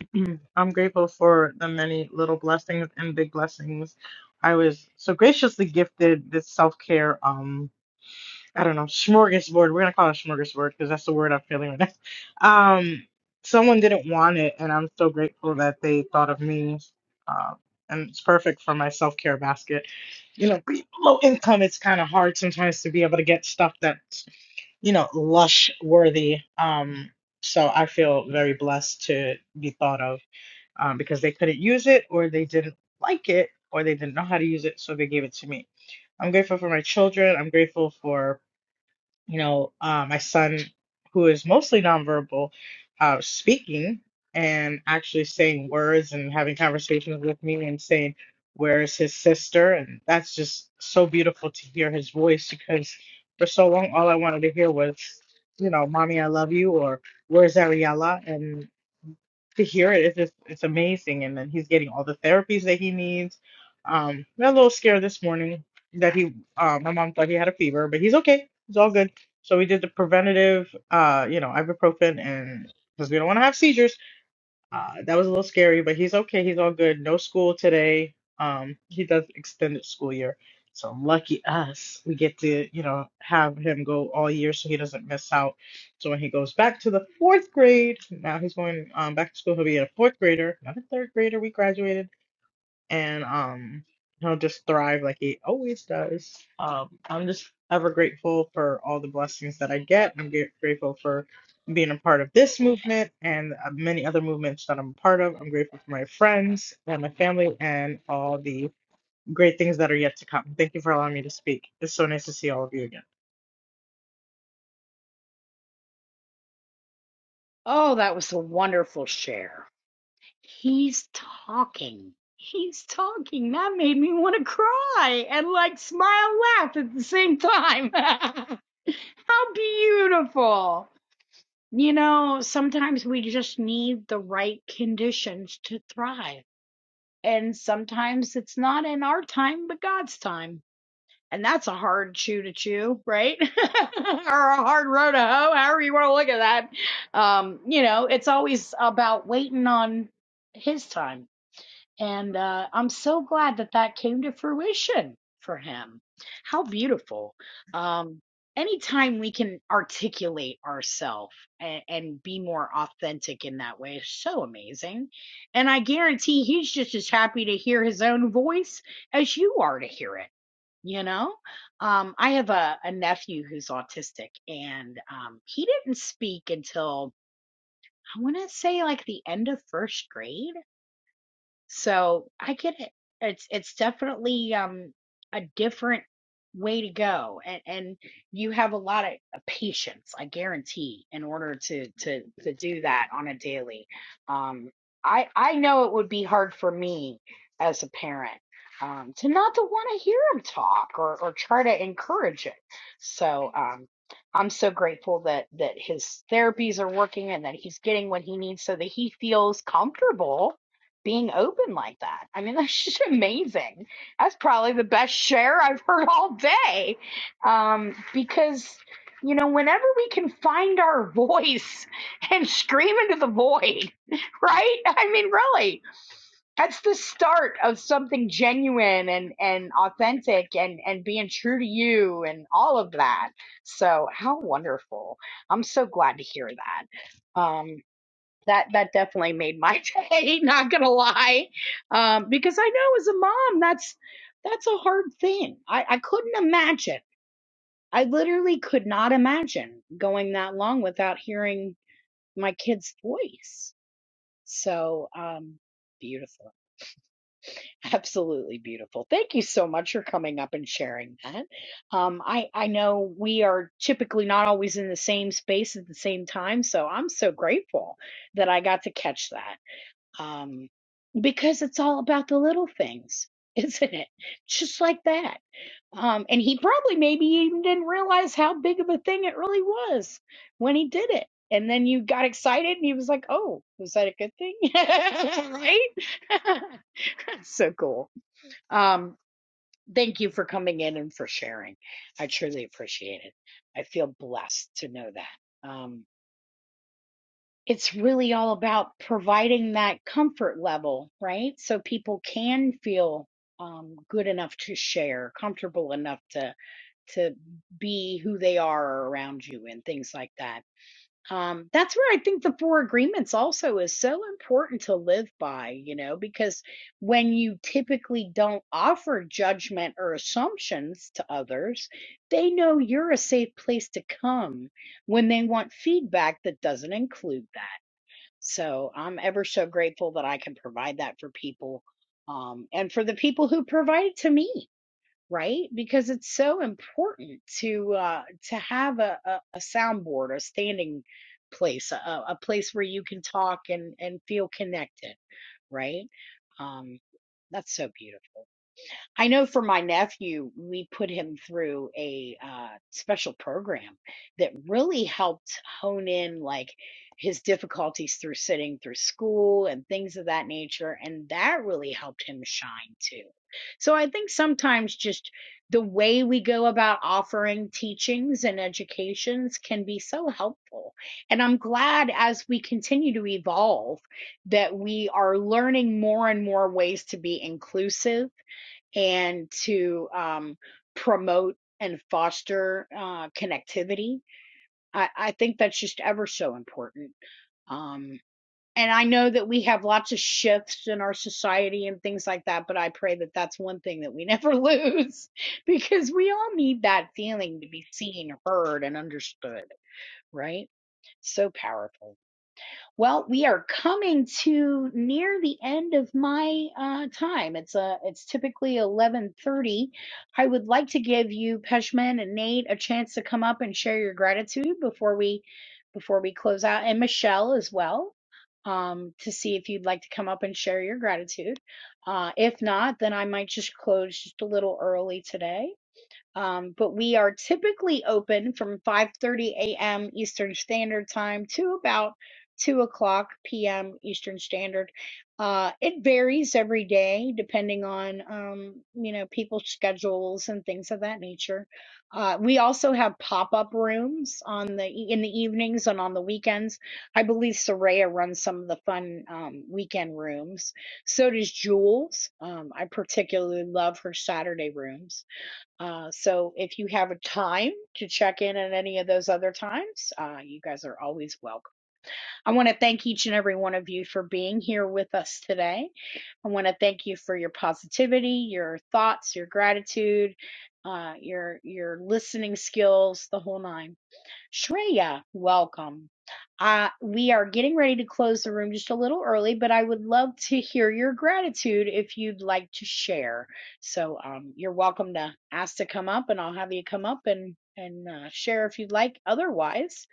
I'm grateful for the many little blessings and big blessings. I was so graciously gifted this self care, um, I don't know, smorgasbord. We're gonna call it a smorgasbord because that's the word I'm feeling right now. Um, someone didn't want it, and I'm so grateful that they thought of me. Uh, and it's perfect for my self care basket. You know, being low income, it's kind of hard sometimes to be able to get stuff that you know, lush worthy. Um, so I feel very blessed to be thought of um, because they couldn't use it or they didn't like it or they didn't know how to use it, so they gave it to me. I'm grateful for my children. I'm grateful for you know, uh, my son, who is mostly nonverbal, uh, speaking and actually saying words and having conversations with me and saying, Where's his sister? And that's just so beautiful to hear his voice because for so long, all I wanted to hear was, you know, Mommy, I love you, or Where's Ariella? to hear it it's just it's amazing and then he's getting all the therapies that he needs um I'm a little scared this morning that he um my mom thought he had a fever but he's okay it's all good so we did the preventative uh you know ibuprofen and because we don't want to have seizures uh, that was a little scary, but he's okay. He's all good. No school today. Um, he does extended school year, so lucky us. We get to, you know, have him go all year so he doesn't miss out. So when he goes back to the fourth grade, now he's going um, back to school. He'll be a fourth grader, not a third grader. We graduated and um he'll just thrive like he always does. Um I'm just ever grateful for all the blessings that I get. I'm ga- grateful for being a part of this movement and uh, many other movements that I'm a part of. I'm grateful for my friends and my family and all the great things that are yet to come. Thank you for allowing me to speak. It's so nice to see all of you again.
Oh, that was a wonderful share. He's talking. He's talking. That made me want to cry and like smile, laugh at the same time. how beautiful. You know, sometimes we just need the right conditions to thrive. And sometimes it's not in our time, but God's time. And that's a hard chew to chew, right? or a hard row to hoe, however you want to look at that. Um, you know, it's always about waiting on his time. And uh, I'm so glad that that came to fruition for him. How beautiful. Um, anytime we can articulate ourselves and, and be more authentic in that way is so amazing. And I guarantee he's just as happy to hear his own voice as you are to hear it you know um i have a, a nephew who's autistic and um he didn't speak until i want to say like the end of first grade so I get it. It's it's definitely um a different way to go and and you have a lot of patience, I guarantee, in order to to to do that on a daily. Um I I know it would be hard for me as a parent um to not to want to hear him talk or or try to encourage it. So um I'm so grateful that that his therapies are working and that he's getting what he needs so that he feels comfortable being open like that. I mean, that's just amazing. That's probably the best share I've heard all day. Um, because, you know, whenever we can find our voice and scream into the void, right? I mean, really, that's the start of something genuine and, and authentic and, and being true to you and all of that. So, how wonderful. I'm so glad to hear that. Um, that that definitely made my day not gonna lie um because i know as a mom that's that's a hard thing i i couldn't imagine i literally could not imagine going that long without hearing my kid's voice so um beautiful absolutely beautiful thank you so much for coming up and sharing that um i i know we are typically not always in the same space at the same time so i'm so grateful that i got to catch that um, because it's all about the little things, isn't it? Just like that. Um, and he probably maybe even didn't realize how big of a thing it really was when he did it. And then you got excited and he was like, oh, was that a good thing? right? so cool. Um, thank you for coming in and for sharing. I truly appreciate it. I feel blessed to know that. Um it's really all about providing that comfort level, right? So people can feel um, good enough to share, comfortable enough to to be who they are around you, and things like that. Um, that's where I think the four agreements also is so important to live by, you know, because when you typically don't offer judgment or assumptions to others, they know you're a safe place to come when they want feedback that doesn't include that. So I'm ever so grateful that I can provide that for people um, and for the people who provide it to me, right? Because it's so important to uh, to have a, a, a soundboard, a standing place, a, a place where you can talk and, and feel connected, right? Um, that's so beautiful. I know for my nephew, we put him through a uh, special program that really helped hone in like his difficulties through sitting through school and things of that nature. And that really helped him shine too. So I think sometimes just the way we go about offering teachings and educations can be so helpful. And I'm glad as we continue to evolve that we are learning more and more ways to be inclusive and to um, promote and foster uh, connectivity. I, I think that's just ever so important. Um, and I know that we have lots of shifts in our society and things like that, but I pray that that's one thing that we never lose because we all need that feeling to be seen, heard, and understood, right? So powerful. Well, we are coming to near the end of my uh, time. It's uh, it's typically eleven thirty. I would like to give you Peshman and Nate a chance to come up and share your gratitude before we before we close out, and Michelle as well. Um, to see if you'd like to come up and share your gratitude. Uh, if not, then I might just close just a little early today. Um, but we are typically open from 5:30 a.m. Eastern Standard Time to about 2 o'clock p.m. Eastern Standard. Uh, it varies every day depending on um, you know people's schedules and things of that nature. Uh, we also have pop-up rooms on the e, in the evenings and on the weekends. I believe Soraya runs some of the fun um, weekend rooms. So does Jules. Um, I particularly love her Saturday rooms uh, so if you have a time to check in at any of those other times, uh, you guys are always welcome. I want to thank each and every one of you for being here with us today. I want to thank you for your positivity, your thoughts, your gratitude, uh, your your listening skills, the whole nine. Shreya, welcome. Uh, we are getting ready to close the room just a little early, but I would love to hear your gratitude if you'd like to share. So um, you're welcome to ask to come up, and I'll have you come up and and uh, share if you'd like. Otherwise,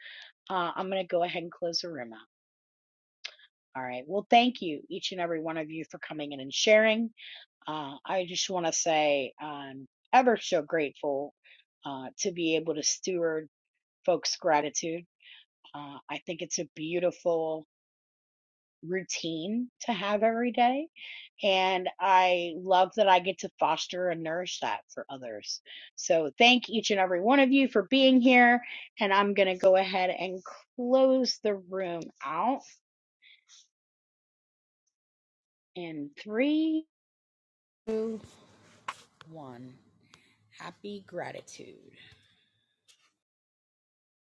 uh, I'm going to go ahead and close the room out. All right. Well, thank you, each and every one of you, for coming in and sharing. Uh, I just want to say I'm ever so grateful uh, to be able to steward folks' gratitude uh, I think it's a beautiful routine to have every day. And I love that I get to foster and nourish that for others. So thank each and every one of you for being here. And I'm going to go ahead and close the room out in three, two, one. Happy gratitude.